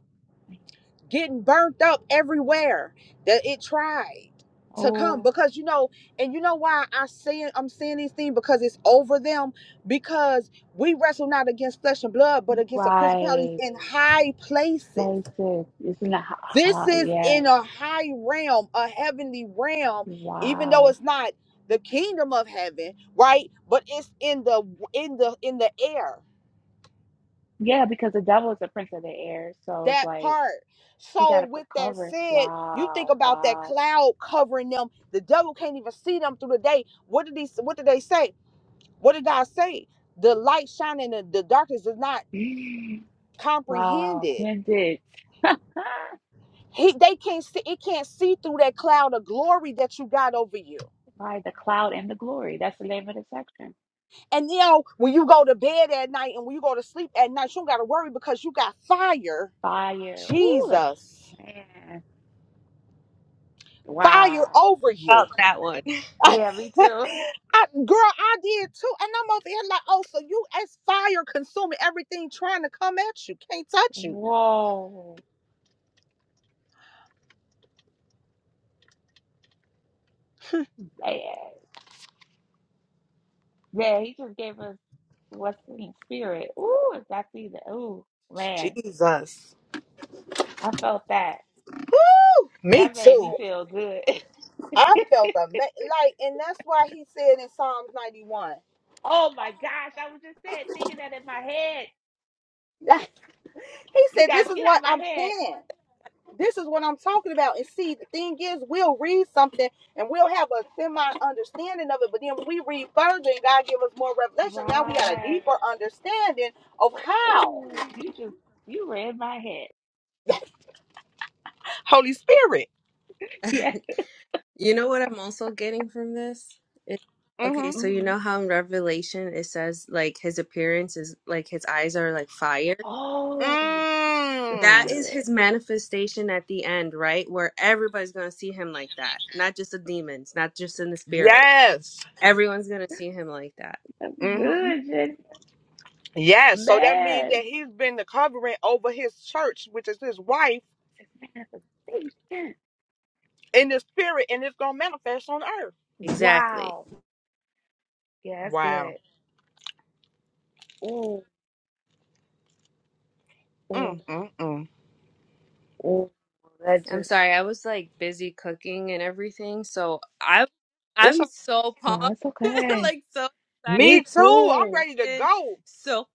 Speaker 3: getting burnt up everywhere that it tried to come
Speaker 1: Oh,
Speaker 3: because you know and you know why i saying i'm saying these things because it's over them because we wrestle not against flesh and blood but against the principalities
Speaker 1: right.
Speaker 3: in high places
Speaker 1: Places. It's not the
Speaker 3: this is
Speaker 1: Yeah.
Speaker 3: in a high realm a heavenly realm even though
Speaker 1: Wow.
Speaker 3: it's not the kingdom of heaven right but it's in the in the in the air
Speaker 1: Yeah, because the devil is the prince of the air, so it's
Speaker 3: that
Speaker 1: like
Speaker 3: part.
Speaker 1: he got
Speaker 3: So,
Speaker 1: to put
Speaker 3: with that
Speaker 1: cover.
Speaker 3: said, you think
Speaker 1: Wow,
Speaker 3: about that
Speaker 1: wow,
Speaker 3: cloud covering them. The devil can't even see them through the day. What did he? What did they say? What did God say? The light shining, in the darkness is not
Speaker 1: wow!
Speaker 3: comprehended.
Speaker 1: And it ah,
Speaker 3: He, they can't see. It can't see through that cloud of glory that you got over you.
Speaker 1: by the cloud and the glory. That's the name of the section.
Speaker 3: And you know when you go to bed at night and when you go to sleep at night, you don't got to worry because you got fire,
Speaker 1: Fire. Ooh, look,
Speaker 3: Jesus,
Speaker 1: man.
Speaker 3: fire
Speaker 1: Wow.
Speaker 3: over you.
Speaker 4: about that one.
Speaker 3: I,
Speaker 1: Yeah, me
Speaker 3: girl,
Speaker 1: too.
Speaker 3: I did too. And I'm over here like, oh, so you as fire consuming everything trying to come at you. Can't touch you.
Speaker 1: Whoa. Man. Yeah, he just gave us what's in spirit. Ooh, if I see the ooh, man,
Speaker 3: Jesus.
Speaker 1: I felt that.
Speaker 3: Woo! Me
Speaker 1: That made me
Speaker 3: too.
Speaker 1: feel good.
Speaker 3: I felt ama- like, and that's why he said in Psalms 91.
Speaker 1: Oh my gosh, I was just saying, thinking that in my head.
Speaker 3: Like, he
Speaker 1: You
Speaker 3: said,
Speaker 1: guys,
Speaker 3: This is
Speaker 1: get
Speaker 3: what
Speaker 1: out my
Speaker 3: I'm
Speaker 1: head.
Speaker 3: saying. This is what I'm talking about. And see, the thing is, we'll read something and we'll have a semi understanding of it. But then when we read further and God give us more revelation, now we got a deeper
Speaker 1: Right.
Speaker 3: understanding of
Speaker 1: Oh,
Speaker 3: how.
Speaker 1: ooh, you just, you read my head.
Speaker 3: Holy Spirit.
Speaker 1: Yeah.
Speaker 4: You know what I'm also getting from this? It,
Speaker 3: mm hmm
Speaker 4: okay, so you
Speaker 1: Mhm.
Speaker 4: know how in Revelation it says like his appearance is like his eyes are like fire?
Speaker 1: Oh, yeah, that's
Speaker 4: That
Speaker 3: Mm.
Speaker 4: is
Speaker 1: good.
Speaker 4: his manifestation at the end, right? Where everybody's going to see him like that. Not just the demons, not just in the spirit.
Speaker 3: Yes.
Speaker 4: Everyone's going to see him like that.
Speaker 1: That's
Speaker 3: hmm
Speaker 1: good, Jen.
Speaker 3: Yes. So that means
Speaker 1: Man.
Speaker 3: that he's been the covering over his church, which is his wife,
Speaker 1: It's manifestation.
Speaker 3: in the spirit, and it's gonna manifest on earth.
Speaker 4: Exactly.
Speaker 1: Wow. Yeah, that's
Speaker 3: Wow.
Speaker 1: good. Ooh, ooh,
Speaker 3: Mm, mm, mm.
Speaker 1: ooh. That
Speaker 4: I'm
Speaker 1: just,
Speaker 4: sorry. I was like busy cooking and everything, so I
Speaker 3: It's
Speaker 4: I'm
Speaker 3: a-
Speaker 4: so
Speaker 1: no,
Speaker 4: pumped,
Speaker 1: it's okay.
Speaker 4: like so
Speaker 3: me
Speaker 1: Me
Speaker 3: too. I'm
Speaker 1: too.
Speaker 3: ready to
Speaker 4: excited,
Speaker 3: go.
Speaker 4: so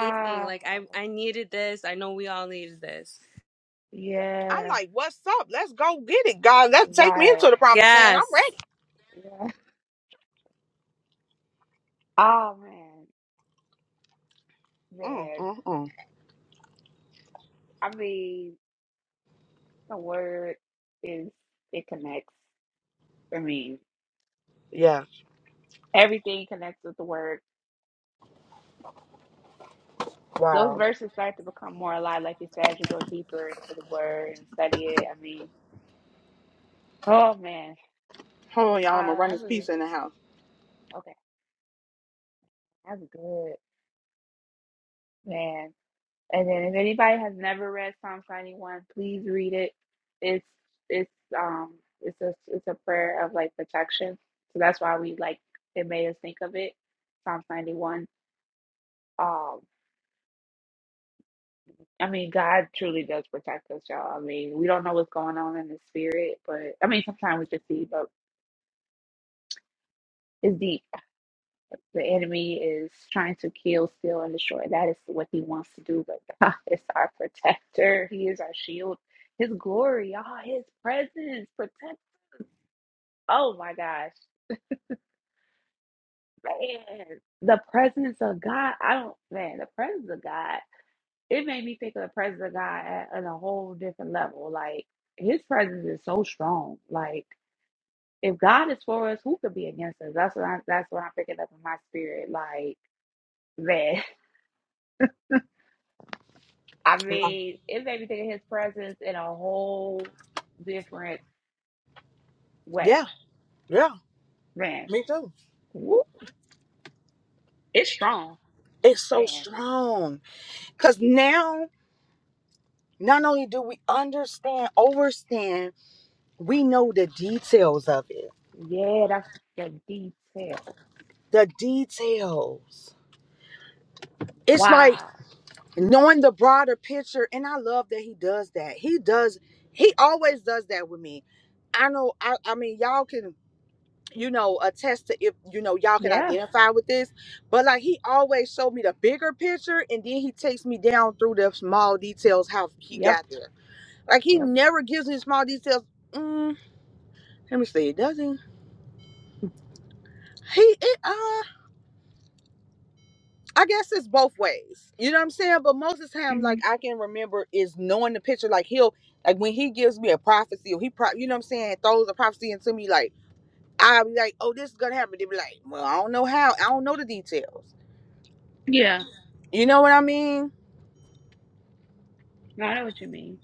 Speaker 4: amazing. Like I I needed this. I know we all needed this.
Speaker 3: I'm
Speaker 1: Yeah.
Speaker 3: like, what's up? Let's go get it, God. Let's take me
Speaker 1: Right.
Speaker 3: into the promised land. I'm
Speaker 4: Yes.
Speaker 3: ready.
Speaker 1: Oh man,
Speaker 3: Mm,
Speaker 1: that
Speaker 3: mm, mm.
Speaker 1: I mean, the word is it connects. I mean,
Speaker 3: Yeah.
Speaker 1: everything connects with the word. Those
Speaker 3: Wow.
Speaker 1: verses start to become more alive, like you said, as you go deeper into the word and study it. I mean, oh man,
Speaker 3: Hold on, y'all. I'm gonna
Speaker 1: I
Speaker 3: run
Speaker 1: I
Speaker 3: this
Speaker 1: really
Speaker 3: piece in the house.
Speaker 1: okay. That's good, man. And then if anybody has never read Psalm 91, please read it. It's it's um it's a it's a prayer of like protection. So that's why we like it made us think of it. Psalm 91. Um I mean God truly does protect us, y'all. I mean, we don't know what's going on in the spirit, but I mean sometimes we can see, but it's deep. The enemy is trying to kill, steal, and destroy. That is what he wants to do. But God is our protector. He is our shield. His glory, all his presence, protects. Oh my gosh, man, the presence of God. I don't, man, the presence of God. It made me think of the presence of God at, on a whole different level. Like His presence is so strong. Like if God is for us, who could be against us? That's what I, that's what I'm picking up in my spirit. Like man. I mean, it made me think of his presence in a whole different
Speaker 3: Yeah.
Speaker 1: way.
Speaker 3: Yeah.
Speaker 1: Man,
Speaker 3: Me too.
Speaker 1: woo, it's strong.
Speaker 3: It's so
Speaker 1: Man,
Speaker 3: strong. Because now, not only do we understand, overstand,
Speaker 1: wow.
Speaker 3: we know the details of it.
Speaker 1: yeah, that's the detail.
Speaker 3: The details. It's like
Speaker 1: Wow.
Speaker 3: knowing the broader picture. And I love that he does that. He does, he always does that with me. I know, I, I mean, y'all can, you know, attest to if, you know, y'all can
Speaker 1: Yeah.
Speaker 3: identify with this. But like he always showed me the bigger picture and then he takes me down through the small details how he
Speaker 1: Yep.
Speaker 3: got there. Like he
Speaker 1: Yep.
Speaker 3: never gives me small details. Mm, Let me see. Does he? He. It, uh, I guess it's both ways. You know what I'm saying? But most of the time, like
Speaker 1: Mhm.
Speaker 3: I can remember, is knowing the picture. Like he'll, like when he gives me a prophecy, or he, pro, you know what I'm saying, throws a prophecy into me. Like I'll be like, oh, this is gonna happen. They be like, well, I don't know how. I don't know the details.
Speaker 1: Yeah.
Speaker 3: You know what I mean?
Speaker 1: No, I know what you mean.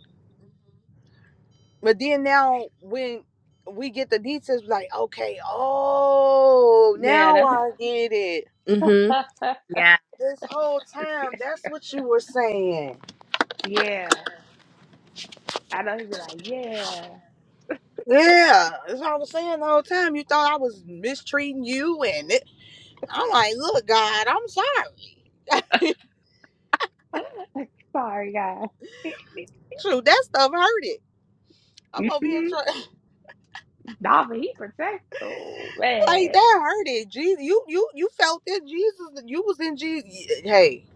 Speaker 3: But then now when we get the details, like okay, oh,
Speaker 1: Yeah,
Speaker 3: now
Speaker 1: that's
Speaker 3: I get it.
Speaker 4: Mhm. Yeah.
Speaker 3: This whole time, that's what you were saying.
Speaker 1: yeah. I know he'd be like, yeah.
Speaker 3: Yeah, that's what I was saying the whole time. You thought I was mistreating you, and it, I'm like, look, God, I'm sorry.
Speaker 1: Sorry, guys.
Speaker 3: Shoot, that stuff hurted. I'm over here
Speaker 1: Mm-hmm.
Speaker 3: trying,
Speaker 1: Nah, but he protects. Oh
Speaker 3: like
Speaker 1: man.
Speaker 3: that hurted. Jesus, you you you felt it. Jesus, you was in Jesus. Hey,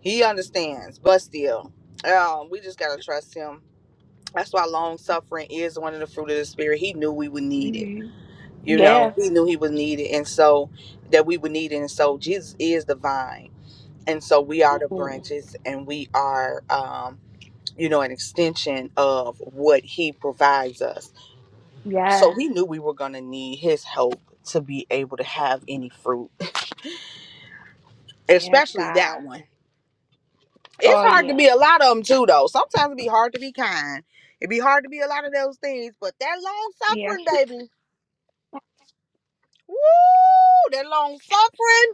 Speaker 3: He understands, but still, um, we just gotta trust Him. That's why long suffering is one of the fruit of the spirit. He knew we would need it.
Speaker 1: hmm
Speaker 3: You know,
Speaker 1: Yeah.
Speaker 3: He knew He would need it, and so that we would need it, and so Jesus is divine and so we are the
Speaker 1: Ooh.
Speaker 3: branches and we are um you know an extension of what he provides us so
Speaker 1: Yes.
Speaker 3: he knew we were going to need his help to be able to have any fruit
Speaker 1: Yes,
Speaker 3: especially that
Speaker 1: God.
Speaker 3: one it's
Speaker 1: Oh,
Speaker 3: hard to
Speaker 1: yeah.
Speaker 3: be a lot of them too though sometimes it be hard to be kind it be hard to be a lot of those things but that long
Speaker 1: Yeah.
Speaker 3: suffering baby woo that long suffering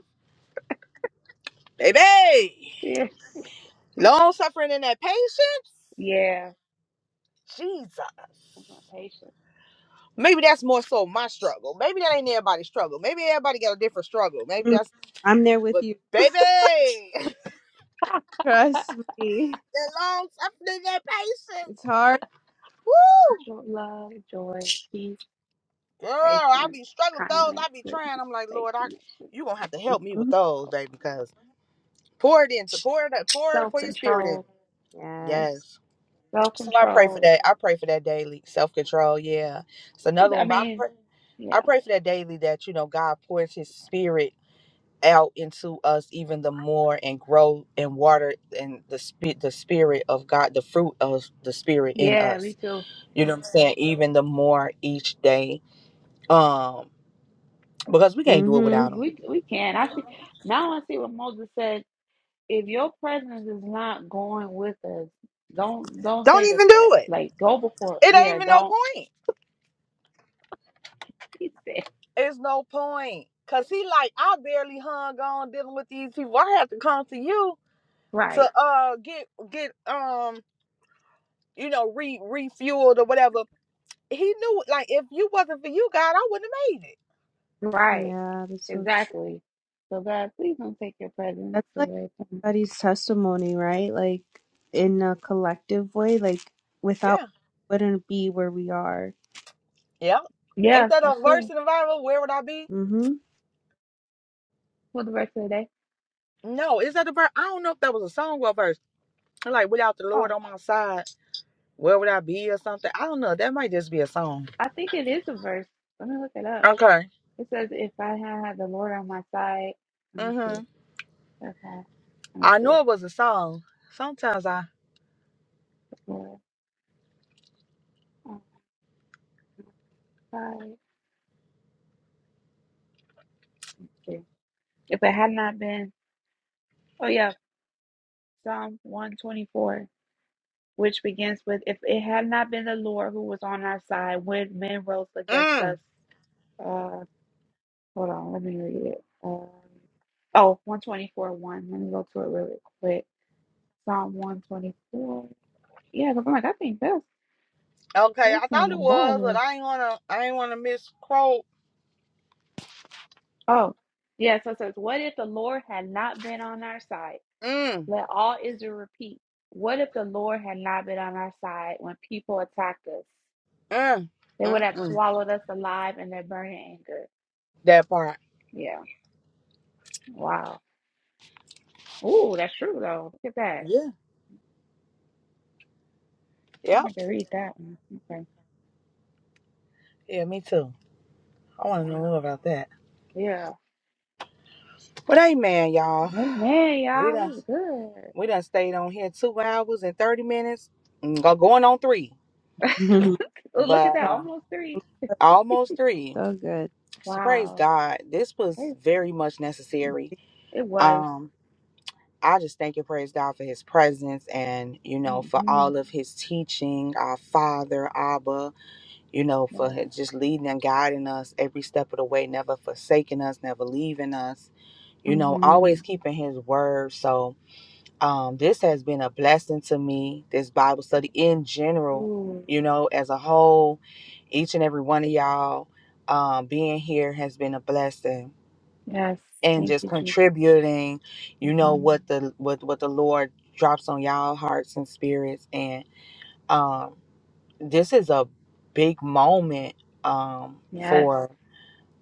Speaker 3: baby
Speaker 1: Yeah.
Speaker 3: long suffering and that patience
Speaker 1: Yeah.
Speaker 3: jesus
Speaker 1: Patience,
Speaker 3: Maybe that's more so my struggle. Maybe that ain't everybody's struggle. Maybe everybody got a different struggle. Maybe
Speaker 4: Mm,
Speaker 3: that's
Speaker 4: I'm there with
Speaker 3: but
Speaker 4: you.
Speaker 3: baby, that
Speaker 4: Trust me.
Speaker 3: long suffering, that patience.
Speaker 4: It's hard.
Speaker 3: Woo,
Speaker 1: joy, love, joy, peace,
Speaker 3: girl, I
Speaker 1: patience,
Speaker 3: be struggling with those.
Speaker 1: kindness,
Speaker 3: I be
Speaker 1: goodness,
Speaker 3: trying. I'm like, Lord, I,
Speaker 1: faithfulness,
Speaker 3: you gonna have to help me with
Speaker 4: Mhm.
Speaker 3: those, baby, because pour it in, support pour it, pour it,
Speaker 1: self
Speaker 3: pour your spirit in.
Speaker 1: control.
Speaker 4: Yes.
Speaker 3: Yes.
Speaker 1: Self
Speaker 3: So I pray for
Speaker 1: control.
Speaker 3: that. I pray for that daily self control. Yeah, it's another
Speaker 1: I
Speaker 3: one, but I
Speaker 1: mean,
Speaker 3: pray, I
Speaker 1: yeah.
Speaker 3: pray for that daily that you know God pours His spirit out into us even the more and grow and water and the spirit the spirit of God the fruit of the spirit in
Speaker 1: Yeah,
Speaker 3: us
Speaker 1: me too.
Speaker 3: you know what I'm saying even the more each day um because we can't do it
Speaker 4: Mm-hmm.
Speaker 3: without him
Speaker 1: We we can. I see now I see what Moses said. If your presence is not going with us, don't don't
Speaker 3: don't
Speaker 1: take us
Speaker 3: even
Speaker 1: there.
Speaker 3: do it
Speaker 1: Like go before
Speaker 3: it ain't
Speaker 1: yeah,
Speaker 3: even no
Speaker 1: don't
Speaker 3: point
Speaker 1: he said.
Speaker 3: it's no point cuz he like I barely hung on dealing with these people I have to come to you to
Speaker 1: right.
Speaker 3: uh get get um you know re refueled or whatever he knew like if you wasn't for you God I wouldn't have made it
Speaker 1: Right.
Speaker 4: Yeah, that's so true.
Speaker 1: Exactly. So God, please don't take your presence
Speaker 4: That's like
Speaker 1: away from me.
Speaker 4: everybody's testimony, right? Like in a collective way, like without
Speaker 3: Yeah.
Speaker 4: wouldn't be where we are.
Speaker 3: Yeah.
Speaker 1: Yeah,
Speaker 3: Ain't that a
Speaker 1: that's
Speaker 3: verse
Speaker 1: true.
Speaker 3: in the Bible? Where would I be?
Speaker 4: Mm-hmm.
Speaker 1: What the verse of the day?
Speaker 3: No, is that a verse? I don't know if that was a song or a verse. Like without the Lord
Speaker 1: Oh,
Speaker 3: on my side, where would I be or something? I don't know. That might just be a song.
Speaker 1: I think it is a verse. Let me look it up.
Speaker 3: Okay.
Speaker 1: It says, "If I had had the Lord on my side, let me see.
Speaker 3: Mhm.
Speaker 1: If I let me
Speaker 3: I
Speaker 1: see,
Speaker 3: know it was a song. Sometimes I.
Speaker 1: Lord on my side. Let's see. If it had not been, oh yeah, Psalm one twenty four, which begins with, "If it had not been the Lord who was on our side when men rose against
Speaker 3: Mm.
Speaker 1: us." uh, Hold on, let me read it. Um, oh, 1. twenty-four one. Let me go to it really quick. Psalm 124. Yeah, because I'm like, I think that's,
Speaker 3: Okay.
Speaker 1: that's
Speaker 3: I
Speaker 1: in
Speaker 3: thought
Speaker 1: the
Speaker 3: it was, but
Speaker 1: Bible.
Speaker 3: I ain't wanna. I ain't wanna misquote.
Speaker 1: Oh, yeah, so it says, What if the Lord had not been on our side?
Speaker 3: Mm.
Speaker 1: Let all Israel repeat. What if the Lord had not been on our side when people attacked us?
Speaker 3: Mm.
Speaker 1: They would
Speaker 3: Mm.
Speaker 1: have
Speaker 3: Mm.
Speaker 1: swallowed us alive in their burning anger.
Speaker 3: That part.
Speaker 1: Yeah, wow. Ooh, that's true, though. Look at that.
Speaker 3: Yeah.
Speaker 1: I'm
Speaker 3: Yep.
Speaker 1: going to read that one. Okay,
Speaker 3: Yeah. Me too. I want to know more
Speaker 1: wow.
Speaker 3: about that.
Speaker 1: Yeah.
Speaker 3: But hey, man, y'all.
Speaker 1: Amen,
Speaker 3: We
Speaker 1: y'all.
Speaker 3: done.
Speaker 1: This is
Speaker 3: We done stayed on here two hours and 30 minutes, Mm, go- going on three,
Speaker 1: good.
Speaker 4: Mhm.
Speaker 1: Oh, Look at
Speaker 3: but
Speaker 1: that,
Speaker 3: uh,
Speaker 4: Okay.
Speaker 1: almost three.
Speaker 3: almost three.
Speaker 4: So good.
Speaker 3: So praise
Speaker 1: Wow.
Speaker 3: God. This was
Speaker 1: It,
Speaker 3: very much necessary.
Speaker 1: it was.
Speaker 3: Um, I just thank and praise God for his presence and, you know, for
Speaker 1: hmm
Speaker 3: all of his teaching, our Father, Abba, you know, for
Speaker 1: Yes.
Speaker 3: hi- just leading and guiding us every step of the way, never forsaking us, never leaving us, you know,
Speaker 1: hmm
Speaker 3: always keeping his word. So, um, this has been a blessing to me, this Bible study in general,
Speaker 1: Ooh.
Speaker 3: you know, as a whole, each and every one of y'all um, being here has been a blessing
Speaker 1: Yes.
Speaker 3: and
Speaker 1: Thank
Speaker 3: just
Speaker 1: you, Jesus.
Speaker 3: contributing, you know,
Speaker 1: hmm
Speaker 3: what the what what the Lord drops on y'all hearts and spirits. And um, this is a big moment um,
Speaker 1: Yes.
Speaker 3: for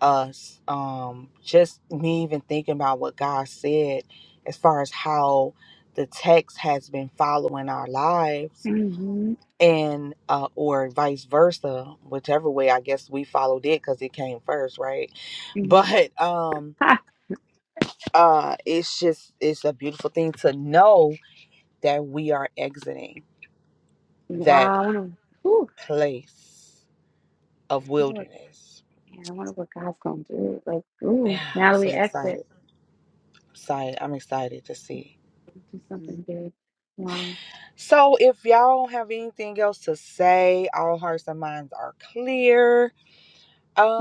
Speaker 3: us um just me even thinking about what god said as far as how the text has been following our lives
Speaker 1: hmm
Speaker 3: and uh or vice versa whichever way i guess we followed it because it came first right
Speaker 1: hmm
Speaker 3: but um
Speaker 1: Ha.
Speaker 3: uh it's just it's a beautiful thing to know that we are exiting that
Speaker 1: Wow. I want to.
Speaker 3: place of
Speaker 1: Lord,
Speaker 3: wilderness
Speaker 1: man, I wonder what God's gonna do. Like,
Speaker 3: yeah
Speaker 1: ooh, now
Speaker 3: i'm
Speaker 1: that we
Speaker 3: so
Speaker 1: exit,
Speaker 3: excited excited i'm excited to see
Speaker 1: do something
Speaker 4: Mhm.
Speaker 1: big. Wow.
Speaker 3: So, if y'all don't have anything else to say, all hearts and minds are clear.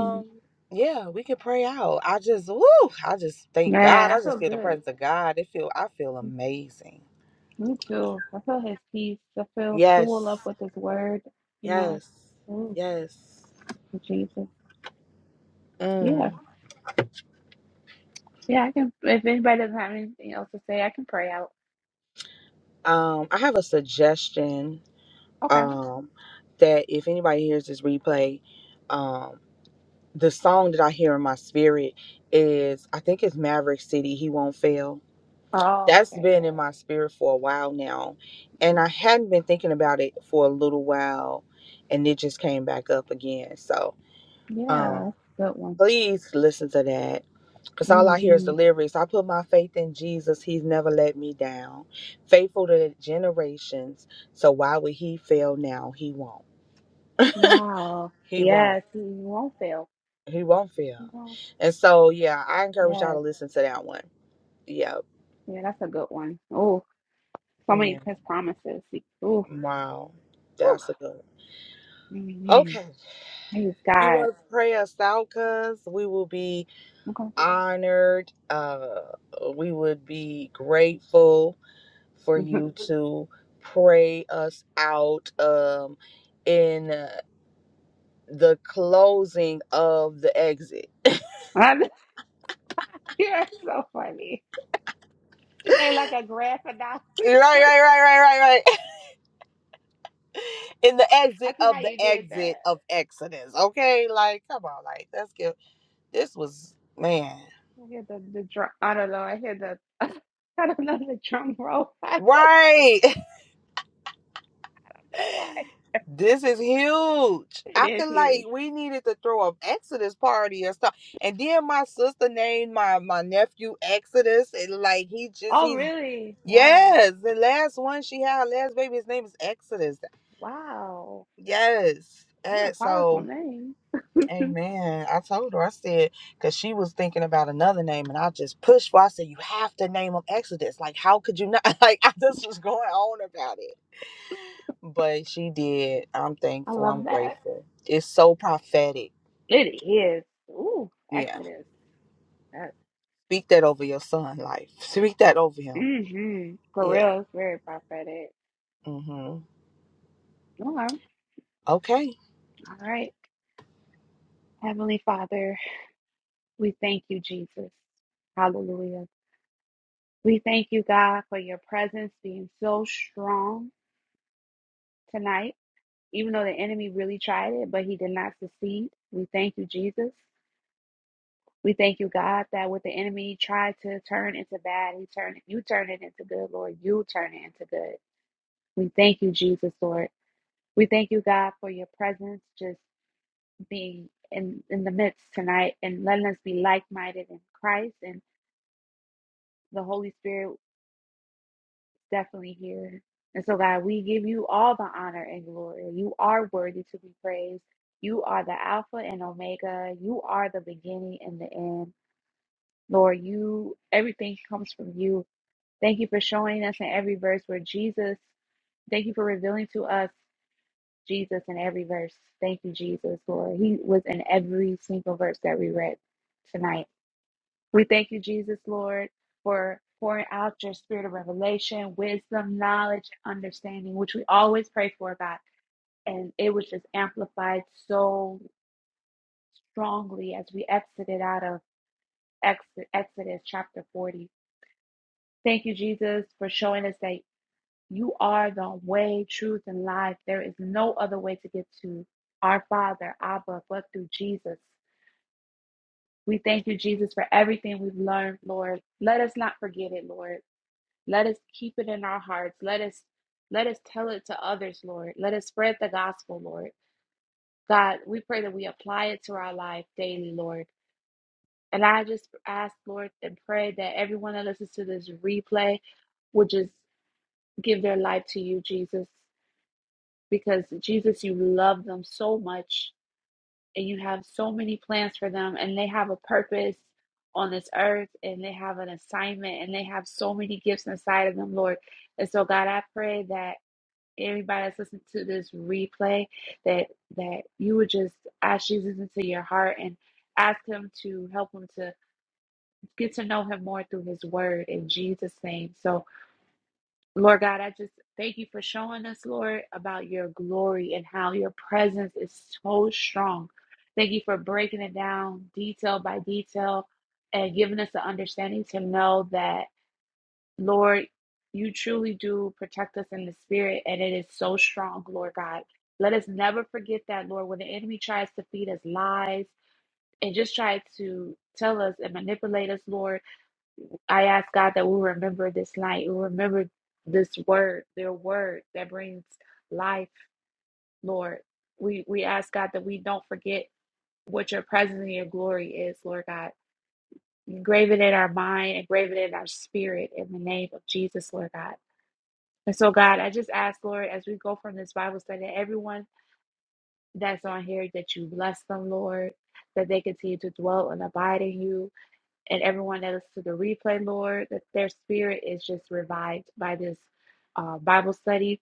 Speaker 1: Mhm.
Speaker 3: yeah, we can pray out. I just, woo, I just thank
Speaker 1: Man,
Speaker 3: God.
Speaker 1: I
Speaker 3: I
Speaker 1: feel
Speaker 3: just feel the
Speaker 1: good.
Speaker 3: presence of God. It feel, I feel amazing.
Speaker 1: Me too. I feel his peace. I feel full
Speaker 3: Yes,
Speaker 1: up with his word, you know.
Speaker 3: yes,
Speaker 1: Ooh,
Speaker 3: yes.
Speaker 1: Jesus. Yeah.
Speaker 3: Mm.
Speaker 1: Yeah, I can if anybody doesn't have anything else to say, I can pray out.
Speaker 3: Um, I have a suggestion.
Speaker 1: Okay.
Speaker 3: Um, that if anybody hears this replay, um, the song that I hear in my spirit is, I think it's Maverick City. He won't fail
Speaker 1: Oh,
Speaker 3: that's
Speaker 1: okay,
Speaker 3: been in
Speaker 1: yeah.
Speaker 3: my spirit for a while now and
Speaker 1: Mhm.
Speaker 3: i hadn't been thinking about it for a little while and it just came back up again so
Speaker 1: Yeah,
Speaker 3: um
Speaker 1: that's a good one.
Speaker 3: please listen to that because all i hear is the
Speaker 1: Mm-hmm.
Speaker 3: lyrics i put my faith in jesus he's never let me down faithful to the generations so why would he fail now he won't
Speaker 1: Wow.
Speaker 3: he won't
Speaker 1: Yes, he won't fail.
Speaker 3: he won't
Speaker 1: He
Speaker 3: fail
Speaker 1: won't.
Speaker 3: and so yeah i encourage y'all to
Speaker 1: Yes.
Speaker 3: listen to that one yeah
Speaker 1: Yeah, that's a good one. Oh, so many
Speaker 3: yeah
Speaker 1: of his promises. Oh,
Speaker 3: wow that's a good one.
Speaker 1: mm-hmm.
Speaker 3: okay
Speaker 1: he's
Speaker 3: If you
Speaker 1: God.
Speaker 3: want to pray us out, cuz we will be
Speaker 1: Okay.
Speaker 3: honored. Uh, we would be grateful for you to pray us out um, in uh, the closing of the exit.
Speaker 1: yeah, it's so funny. She
Speaker 3: right,
Speaker 1: made like a graphic novel.
Speaker 3: right, right, right, right, right. In the
Speaker 1: I
Speaker 3: exit
Speaker 1: see
Speaker 3: of
Speaker 1: how
Speaker 3: the
Speaker 1: you did that.
Speaker 3: exit of Exodus. Okay, like, come on, like, let's get this was man.
Speaker 1: I hear the, the drum. I don't know. I hear the, I don't know the drum roll. I don't
Speaker 3: Right.
Speaker 1: know why.
Speaker 3: This is huge.
Speaker 1: It
Speaker 3: I
Speaker 1: is
Speaker 3: feel like
Speaker 1: huge.
Speaker 3: we needed to throw an Exodus party or stuff. And then my sister named my my nephew Exodus, and like he just
Speaker 1: Oh,
Speaker 3: he's
Speaker 1: really? Wow.
Speaker 3: yes. The last one she had, her last baby, his name is Exodus.
Speaker 1: Wow.
Speaker 3: Yes.
Speaker 1: What a
Speaker 3: And
Speaker 1: powerful
Speaker 3: so,
Speaker 1: name.
Speaker 3: Amen. I told her I said because she was thinking about another name, and I just pushed. For, I said you have to name him Exodus. Like how could you not? Like I just was going on about it but she did. I'm
Speaker 1: I
Speaker 3: thankful. I'm
Speaker 1: love that.
Speaker 3: grateful. It's so prophetic.
Speaker 1: It is. Ooh,
Speaker 3: Yeah.
Speaker 1: Exodus. That's,
Speaker 3: Speak that over your son' life. Speak that over him.
Speaker 1: mm-hmm. For
Speaker 3: Yeah.
Speaker 1: real, it's very prophetic.
Speaker 3: Mm-hmm.
Speaker 1: Okay. All
Speaker 3: Okay.
Speaker 1: right. Heavenly Father, we thank you, Jesus. Hallelujah. We thank you, God, for your presence being so strong tonight. Even though the enemy really tried it, but he did not succeed. We thank you, Jesus. We thank you, God, that what the enemy tried to turn into bad, he turned it, you turn it into good, Lord. You turn it into good. We thank you, Jesus, Lord. We thank you, God, for your presence just being in, in the midst tonight and letting us be like minded in Christ and the Holy Spirit definitely here. And so, God, we give you all the honor and glory. You are worthy to be praised. You are the Alpha and Omega. You are the beginning and the end. Lord, you everything comes from you. Thank you for showing us in every verse where Jesus, thank you for revealing to us Jesus in every verse. Thank you, Jesus, Lord. He was in every single verse that we read tonight. We thank you, Jesus, Lord, for pouring out your spirit of revelation, wisdom, knowledge, and understanding, which we always pray for, God. And it was just amplified so strongly as we exited out of Ex- Exodus chapter 40. Thank you, Jesus, for showing us that you are the way, truth, and life. There is no other way to get to our Father, Abba, but through Jesus. We thank you, Jesus, for everything we've learned, Lord. Let us not forget it, Lord. Let us keep it in our hearts. Let us let us tell it to others, Lord. Let us spread the gospel, Lord. God, we pray that we apply it to our life daily, Lord. And I just ask, Lord, and pray that everyone that listens to this replay would just give their life to you, Jesus, because Jesus, you love them so much and you have so many plans for them, and they have a purpose on this earth and they have an assignment and they have so many gifts inside of them, Lord. And so, God, I pray that. anybody that's listening to this replay that that you would just ask Jesus into your heart and ask him to help him to get to know him more through his word in Jesus name. So Lord God, I just thank you for showing us Lord about your glory and how your presence is so strong. Thank you for breaking it down detail by detail and giving us the understanding to know that Lord, you truly do protect us in the spirit, and it is so strong, Lord God. Let us never forget that, Lord, when the enemy tries to feed us lies and just try to tell us and manipulate us, Lord, I ask God that we remember this night. We remember this word, their word that brings life, Lord. We we ask God that we don't forget what your presence and your glory is, Lord God. Engrave it in our mind, engrave it in our spirit in the name of Jesus, Lord God. And so, God, I just ask, Lord, as we go from this Bible study, everyone that's on here, that you bless them, Lord, that they continue to dwell and abide in you. And everyone that listens to the replay, Lord, that their spirit is just revived by this uh, Bible study.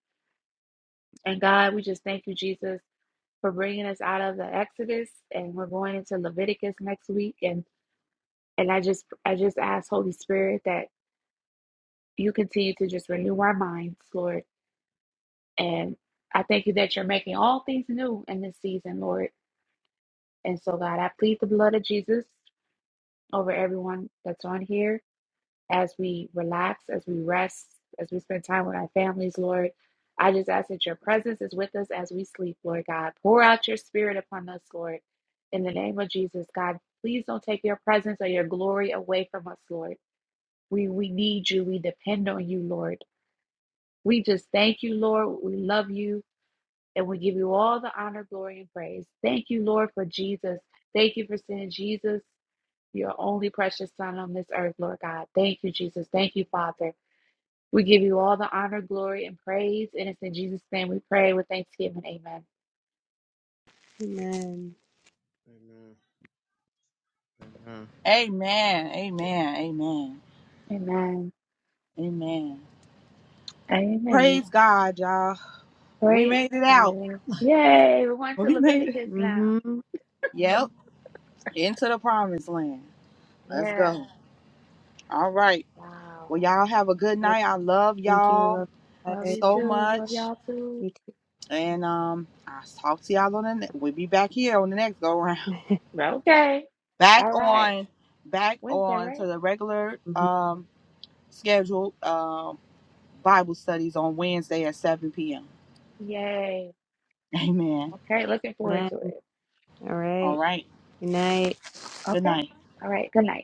Speaker 1: And God, we just thank you, Jesus, for bringing us out of the Exodus, and we're going into Leviticus next week. And and I just I just ask, Holy Spirit, that you continue to just renew our minds, Lord And I thank you that you're making all things new in this season, Lord. And so, God, I plead the blood of Jesus over everyone that's on here as we relax, as we rest, as we spend time with our families, Lord. I just ask that your presence is with us as we sleep, Lord God. Pour out your spirit upon us, Lord. In the name of Jesus, God, please don't take your presence or your glory away from us, Lord. We we need you. We depend on you, Lord. We just thank you, Lord. We love you. And we give you all the honor, glory, and praise. Thank you, Lord, for Jesus. Thank you for sending Jesus, your only precious Son on this earth, Lord God. Thank you, Jesus. Thank you, Father. We give you all the honor, glory, and praise. And it's in Jesus' name we pray with thanksgiving. Amen.
Speaker 4: Amen.
Speaker 2: Amen. Amen.
Speaker 3: Amen. Amen. Amen.
Speaker 1: Amen.
Speaker 3: Amen.
Speaker 1: Amen.
Speaker 3: Praise God, y'all. We
Speaker 1: Praise
Speaker 3: made it
Speaker 1: the
Speaker 3: out.
Speaker 1: Lord. Yay. We're going to
Speaker 3: We made it.
Speaker 1: Leviticus now.
Speaker 4: Mm-hmm.
Speaker 3: Yep. Into the promised land. Let's
Speaker 1: Yeah.
Speaker 3: go. All right.
Speaker 1: Wow.
Speaker 3: Well, y'all have a good night. I love
Speaker 4: Thank you.
Speaker 3: y'all
Speaker 4: Love you
Speaker 1: Love
Speaker 4: guys.
Speaker 1: you
Speaker 3: so
Speaker 1: too. Love
Speaker 3: much.
Speaker 1: y'all too.
Speaker 4: Me too.
Speaker 3: And um, I'll talk to y'all on the ne- we'll be back here on the next go round.
Speaker 1: Okay.
Speaker 3: back
Speaker 1: All right.
Speaker 3: on back
Speaker 1: Wednesday,
Speaker 3: on
Speaker 1: right?
Speaker 3: to the regular
Speaker 4: Mhm.
Speaker 3: um scheduled um Bible studies on Wednesday at 7 p.m.
Speaker 1: Yay.
Speaker 3: Amen.
Speaker 1: Okay. Looking forward
Speaker 4: Amen.
Speaker 1: to it.
Speaker 4: All
Speaker 3: All
Speaker 4: right.
Speaker 3: right.
Speaker 4: Good night.
Speaker 3: Good
Speaker 1: Okay.
Speaker 3: night.
Speaker 1: All right. Good night.